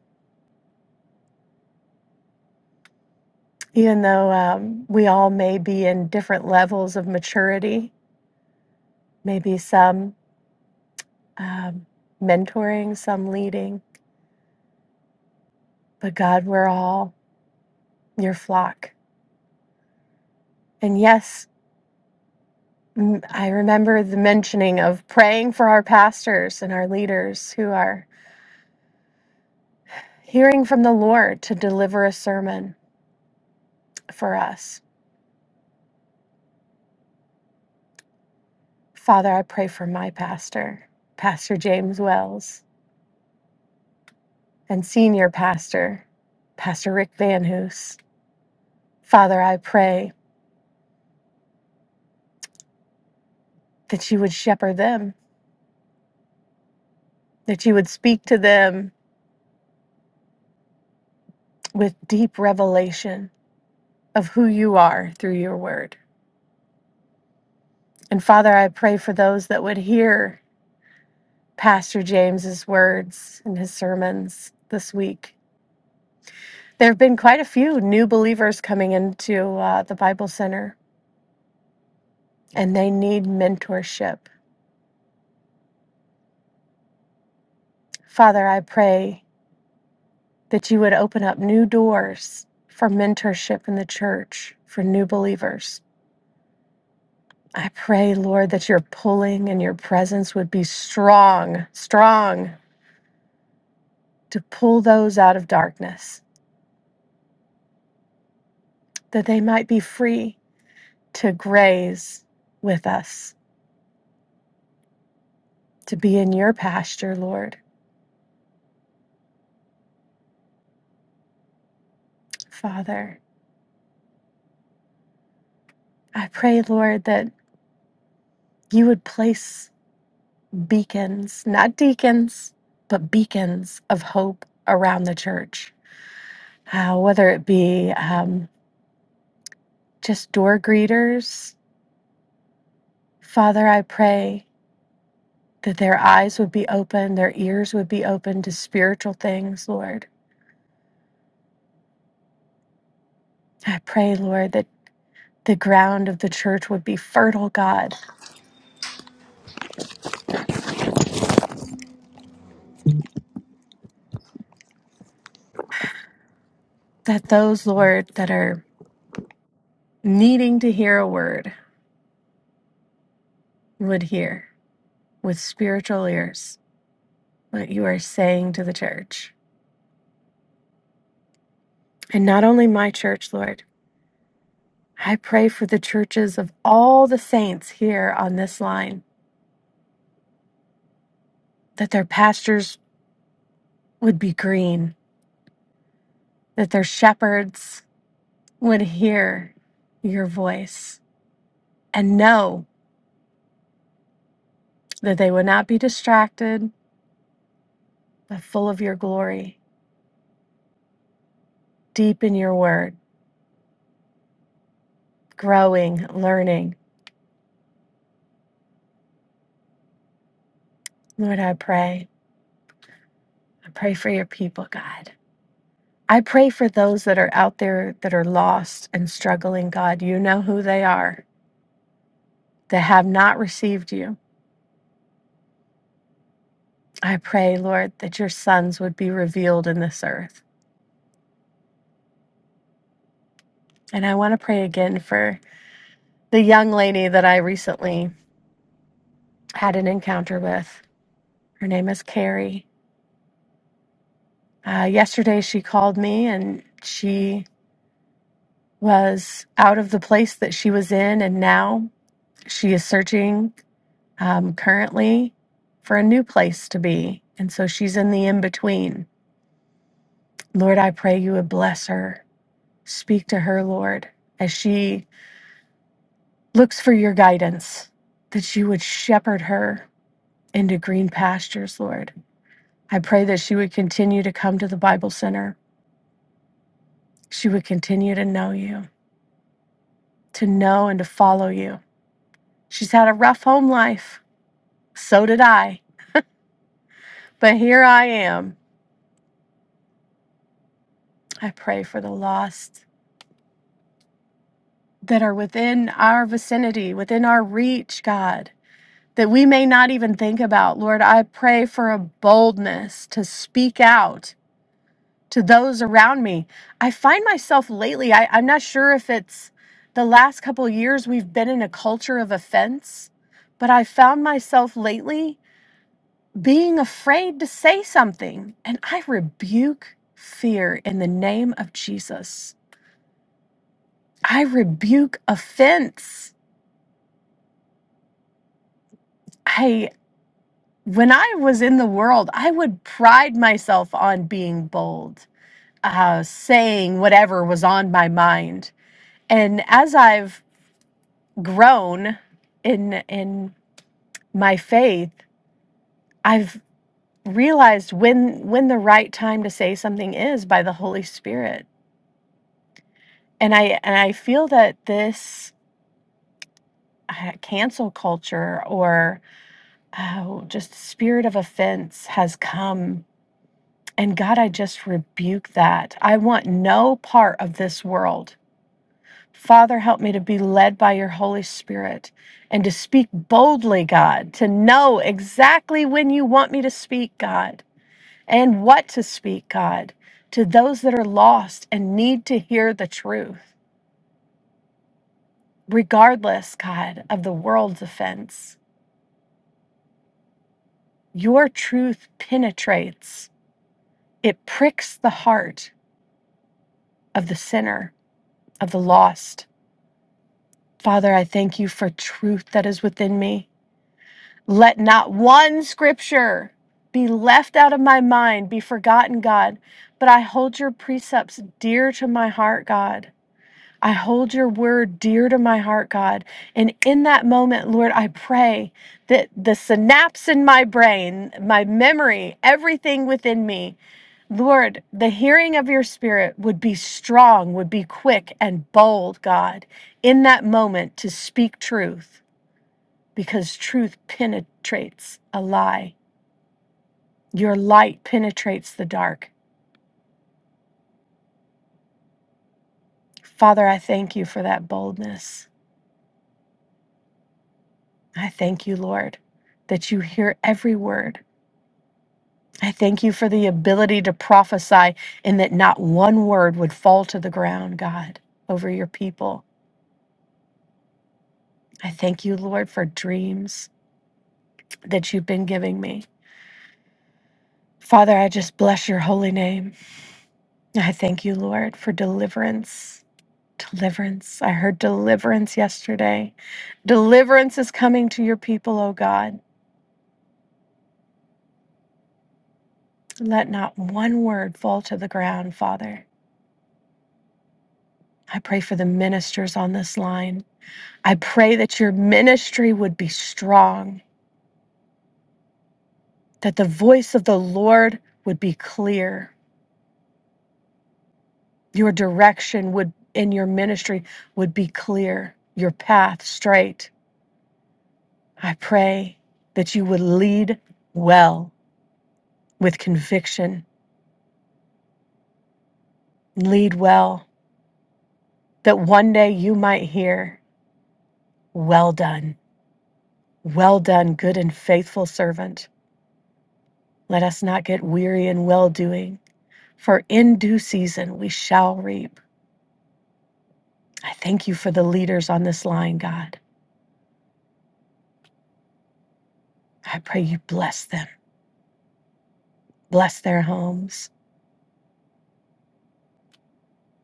S12: Even though um, we all may be in different levels of maturity, maybe some um, mentoring, some leading. But God, we're all your flock. And yes, m- I remember the mentioning of praying for our pastors and our leaders who are hearing from the Lord to deliver a sermon for us. Father, I pray for my pastor, Pastor James Wells, and senior pastor, Pastor Rick Van Hoos. Father, I pray that you would shepherd them, that you would speak to them with deep revelation of who you are through your word. And Father, I pray for those that would hear Pastor James's words and his sermons this week. There have been quite a few new believers coming into uh, the Bible Center, and they need mentorship. Father, I pray that you would open up new doors for mentorship in the church for new believers. I pray, Lord, that your pulling and your presence would be strong, strong to pull those out of darkness that they might be free to graze with us, to be in your pasture, Lord. Father, I pray, Lord, that you would place beacons, not deacons, but beacons of hope around the church, uh, whether it be um, just door greeters. Father, I pray that their eyes would be open, their ears would be open to spiritual things, Lord. I pray, Lord, that the ground of the church would be fertile, God that those, Lord, that are needing to hear a word would hear with spiritual ears what you are saying to the church. And not only my church, Lord, I pray for the churches of all the saints here on this line that their pastures would be green, that their shepherds would hear your voice and know that they would not be distracted, but full of your glory, deep in your word, growing, learning Lord, I pray. I pray for your people, God. I pray for those that are out there that are lost and struggling, God. You know who they are that have not received you. I pray, Lord, that your sons would be revealed in this earth. And I want to pray again for the young lady that I recently had an encounter with. Her name is Carrie. Uh, yesterday, she called me and she was out of the place that she was in, and now she is searching um, currently for a new place to be. And so she's in the in between. Lord, I pray you would bless her. Speak to her, Lord, as she looks for your guidance, that you would shepherd her into green pastures, Lord. I pray that she would continue to come to the Bible Center. She would continue to know you, to know and to follow you. She's had a rough home life. So did I. But here I am. I pray for the lost. that are within our vicinity, within our reach, God, that we may not even think about. Lord, I pray for a boldness to speak out to those around me. I find myself lately, I, I'm not sure if it's the last couple of years we've been in a culture of offense, but I found myself lately being afraid to say something. And I rebuke fear in the name of Jesus. I rebuke offense. I. when I was in the world, I would pride myself on being bold, uh, saying whatever was on my mind. And as I've grown in in my faith, I've realized when when the right time to say something is by the Holy Spirit. And I and I feel that this uh, cancel culture or uh, just spirit of offense has come And God, I just rebuke that. I want no part of this world. Father, help me to be led by your Holy Spirit and to speak boldly, God, to know exactly when you want me to speak, God, and what to speak, God, to those that are lost and need to hear the truth, regardless, God, of the world's offense. Your truth penetrates, it pricks the heart of the sinner, of the lost Father, I thank you for truth that is within me. Let not one scripture be left out of my mind, be forgotten, God, but I hold your precepts dear to my heart, God. I hold your word dear to my heart, God. And in that moment, Lord, I pray that the synapse in my brain, my memory, everything within me Lord, the hearing of your spirit would be strong, would be quick and bold, God, in that moment to speak truth, because truth penetrates a lie. Your light penetrates the dark. Father, I thank you for that boldness. I thank you, Lord, that you hear every word. I thank you for the ability to prophesy and that not one word would fall to the ground, God, over your people. I thank you, Lord, for dreams that you've been giving me. Father, I just bless your holy name. I thank you, Lord, for deliverance. Deliverance. I heard deliverance yesterday. Deliverance is coming to your people, O God. Let not one word fall to the ground, Father. I pray for the ministers on this line. I pray that your ministry would be strong, that the voice of the Lord would be clear, your direction would in your ministry would be clear, your path straight. I pray that you would lead well with conviction, lead well, that one day you might hear, Well done, well done, good and faithful servant. Let us not get weary in well doing, for in due season we shall reap. I thank you for the leaders on this line, God. I pray you bless them, bless their homes,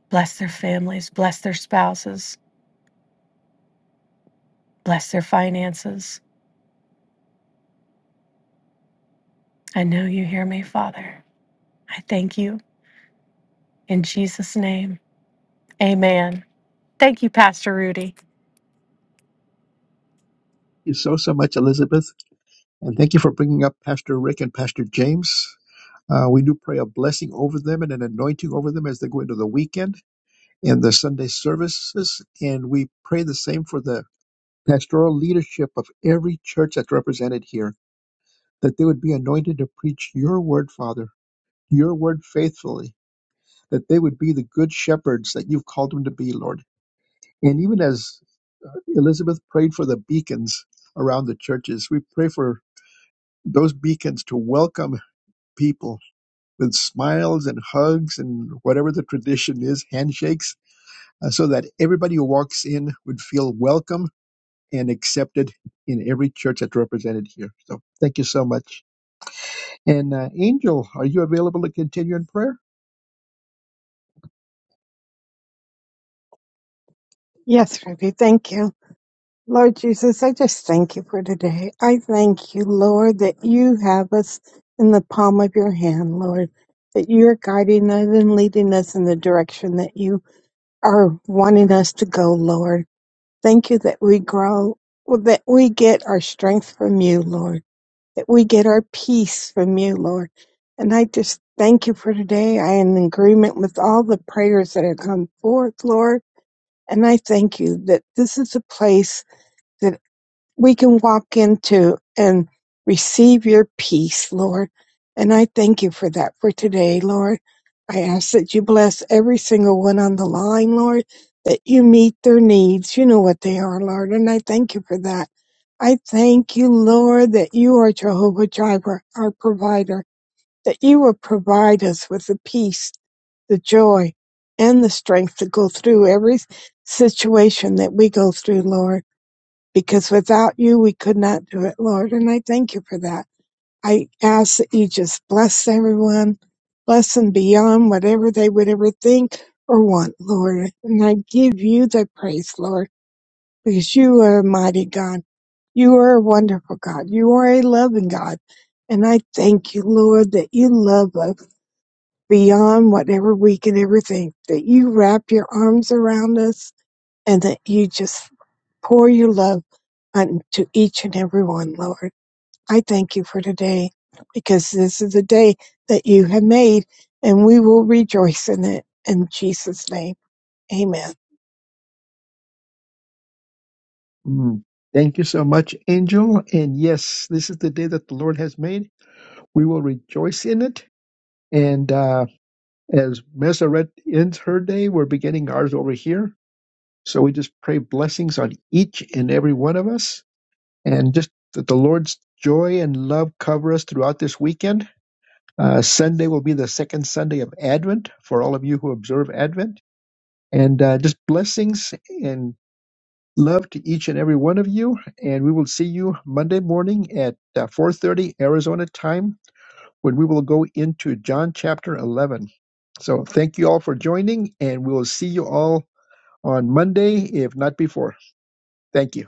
S12: bless their families, bless their spouses, bless their finances. I know you hear me, Father. I thank you In Jesus' name, amen. Thank you, Pastor Rudy.
S2: Thank you so, so much, Elizabeth. And thank you for bringing up Pastor Rick and Pastor James. Uh, we do pray a blessing over them and an anointing over them as they go into the weekend and the Sunday services. And we pray the same for the pastoral leadership of every church that's represented here that they would be anointed to preach your word, Father, your word faithfully, that they would be the good shepherds that you've called them to be, Lord. And even as Elizabeth prayed for the beacons around the churches, we pray for those beacons to welcome people with smiles and hugs and whatever the tradition is, handshakes, uh, so that everybody who walks in would feel welcome and accepted in every church that's represented here. So thank you so much. And uh, Angel, are you available to continue in prayer?
S13: Yes, Ruby, thank you. Lord Jesus, I just thank you for today. I thank you, Lord, that you have us in the palm of your hand, Lord, that you're guiding us and leading us in the direction that you are wanting us to go, Lord. Thank you that we grow, that we get our strength from you, Lord, that we get our peace from you, Lord. And I just thank you for today. I am in agreement with all the prayers that have come forth, Lord. And I thank you that this is a place that we can walk into and receive your peace, Lord. And I thank you for that for today, Lord. I ask that you bless every single one on the line, Lord, that you meet their needs. You know what they are, Lord. And I thank you for that. I thank you, Lord, that you are Jehovah Jireh, our provider that you will provide us with the peace, the joy, and the strength to go through every situation that we go through, Lord, because without you, we could not do it, Lord. And I thank you for that. I ask that you just bless everyone, bless them beyond whatever they would ever think or want, Lord. And I give you the praise, Lord, because you are a mighty God. You are a wonderful God. You are a loving God. And I thank you, Lord, that you love us beyond whatever we can ever think, that you wrap your arms around us and that you just pour your love unto each and every one, Lord. I thank you for today because this is a day that you have made and we will rejoice in it. In Jesus' name, amen.
S2: Mm. Thank you so much, Angel. And yes, this is the day that the Lord has made. We will rejoice in it. And uh, as Meseret ends her day, we're beginning ours over here. So we just pray blessings on each and every one of us, and just that the Lord's joy and love cover us throughout this weekend. Uh, Sunday will be the second Sunday of Advent for all of you who observe Advent. And uh, just blessings and love to each and every one of you. And we will see you Monday morning at uh, 4.30 Arizona time when we will go into John chapter 11. So thank you all for joining, and we will see you all on Monday, if not before. Thank you.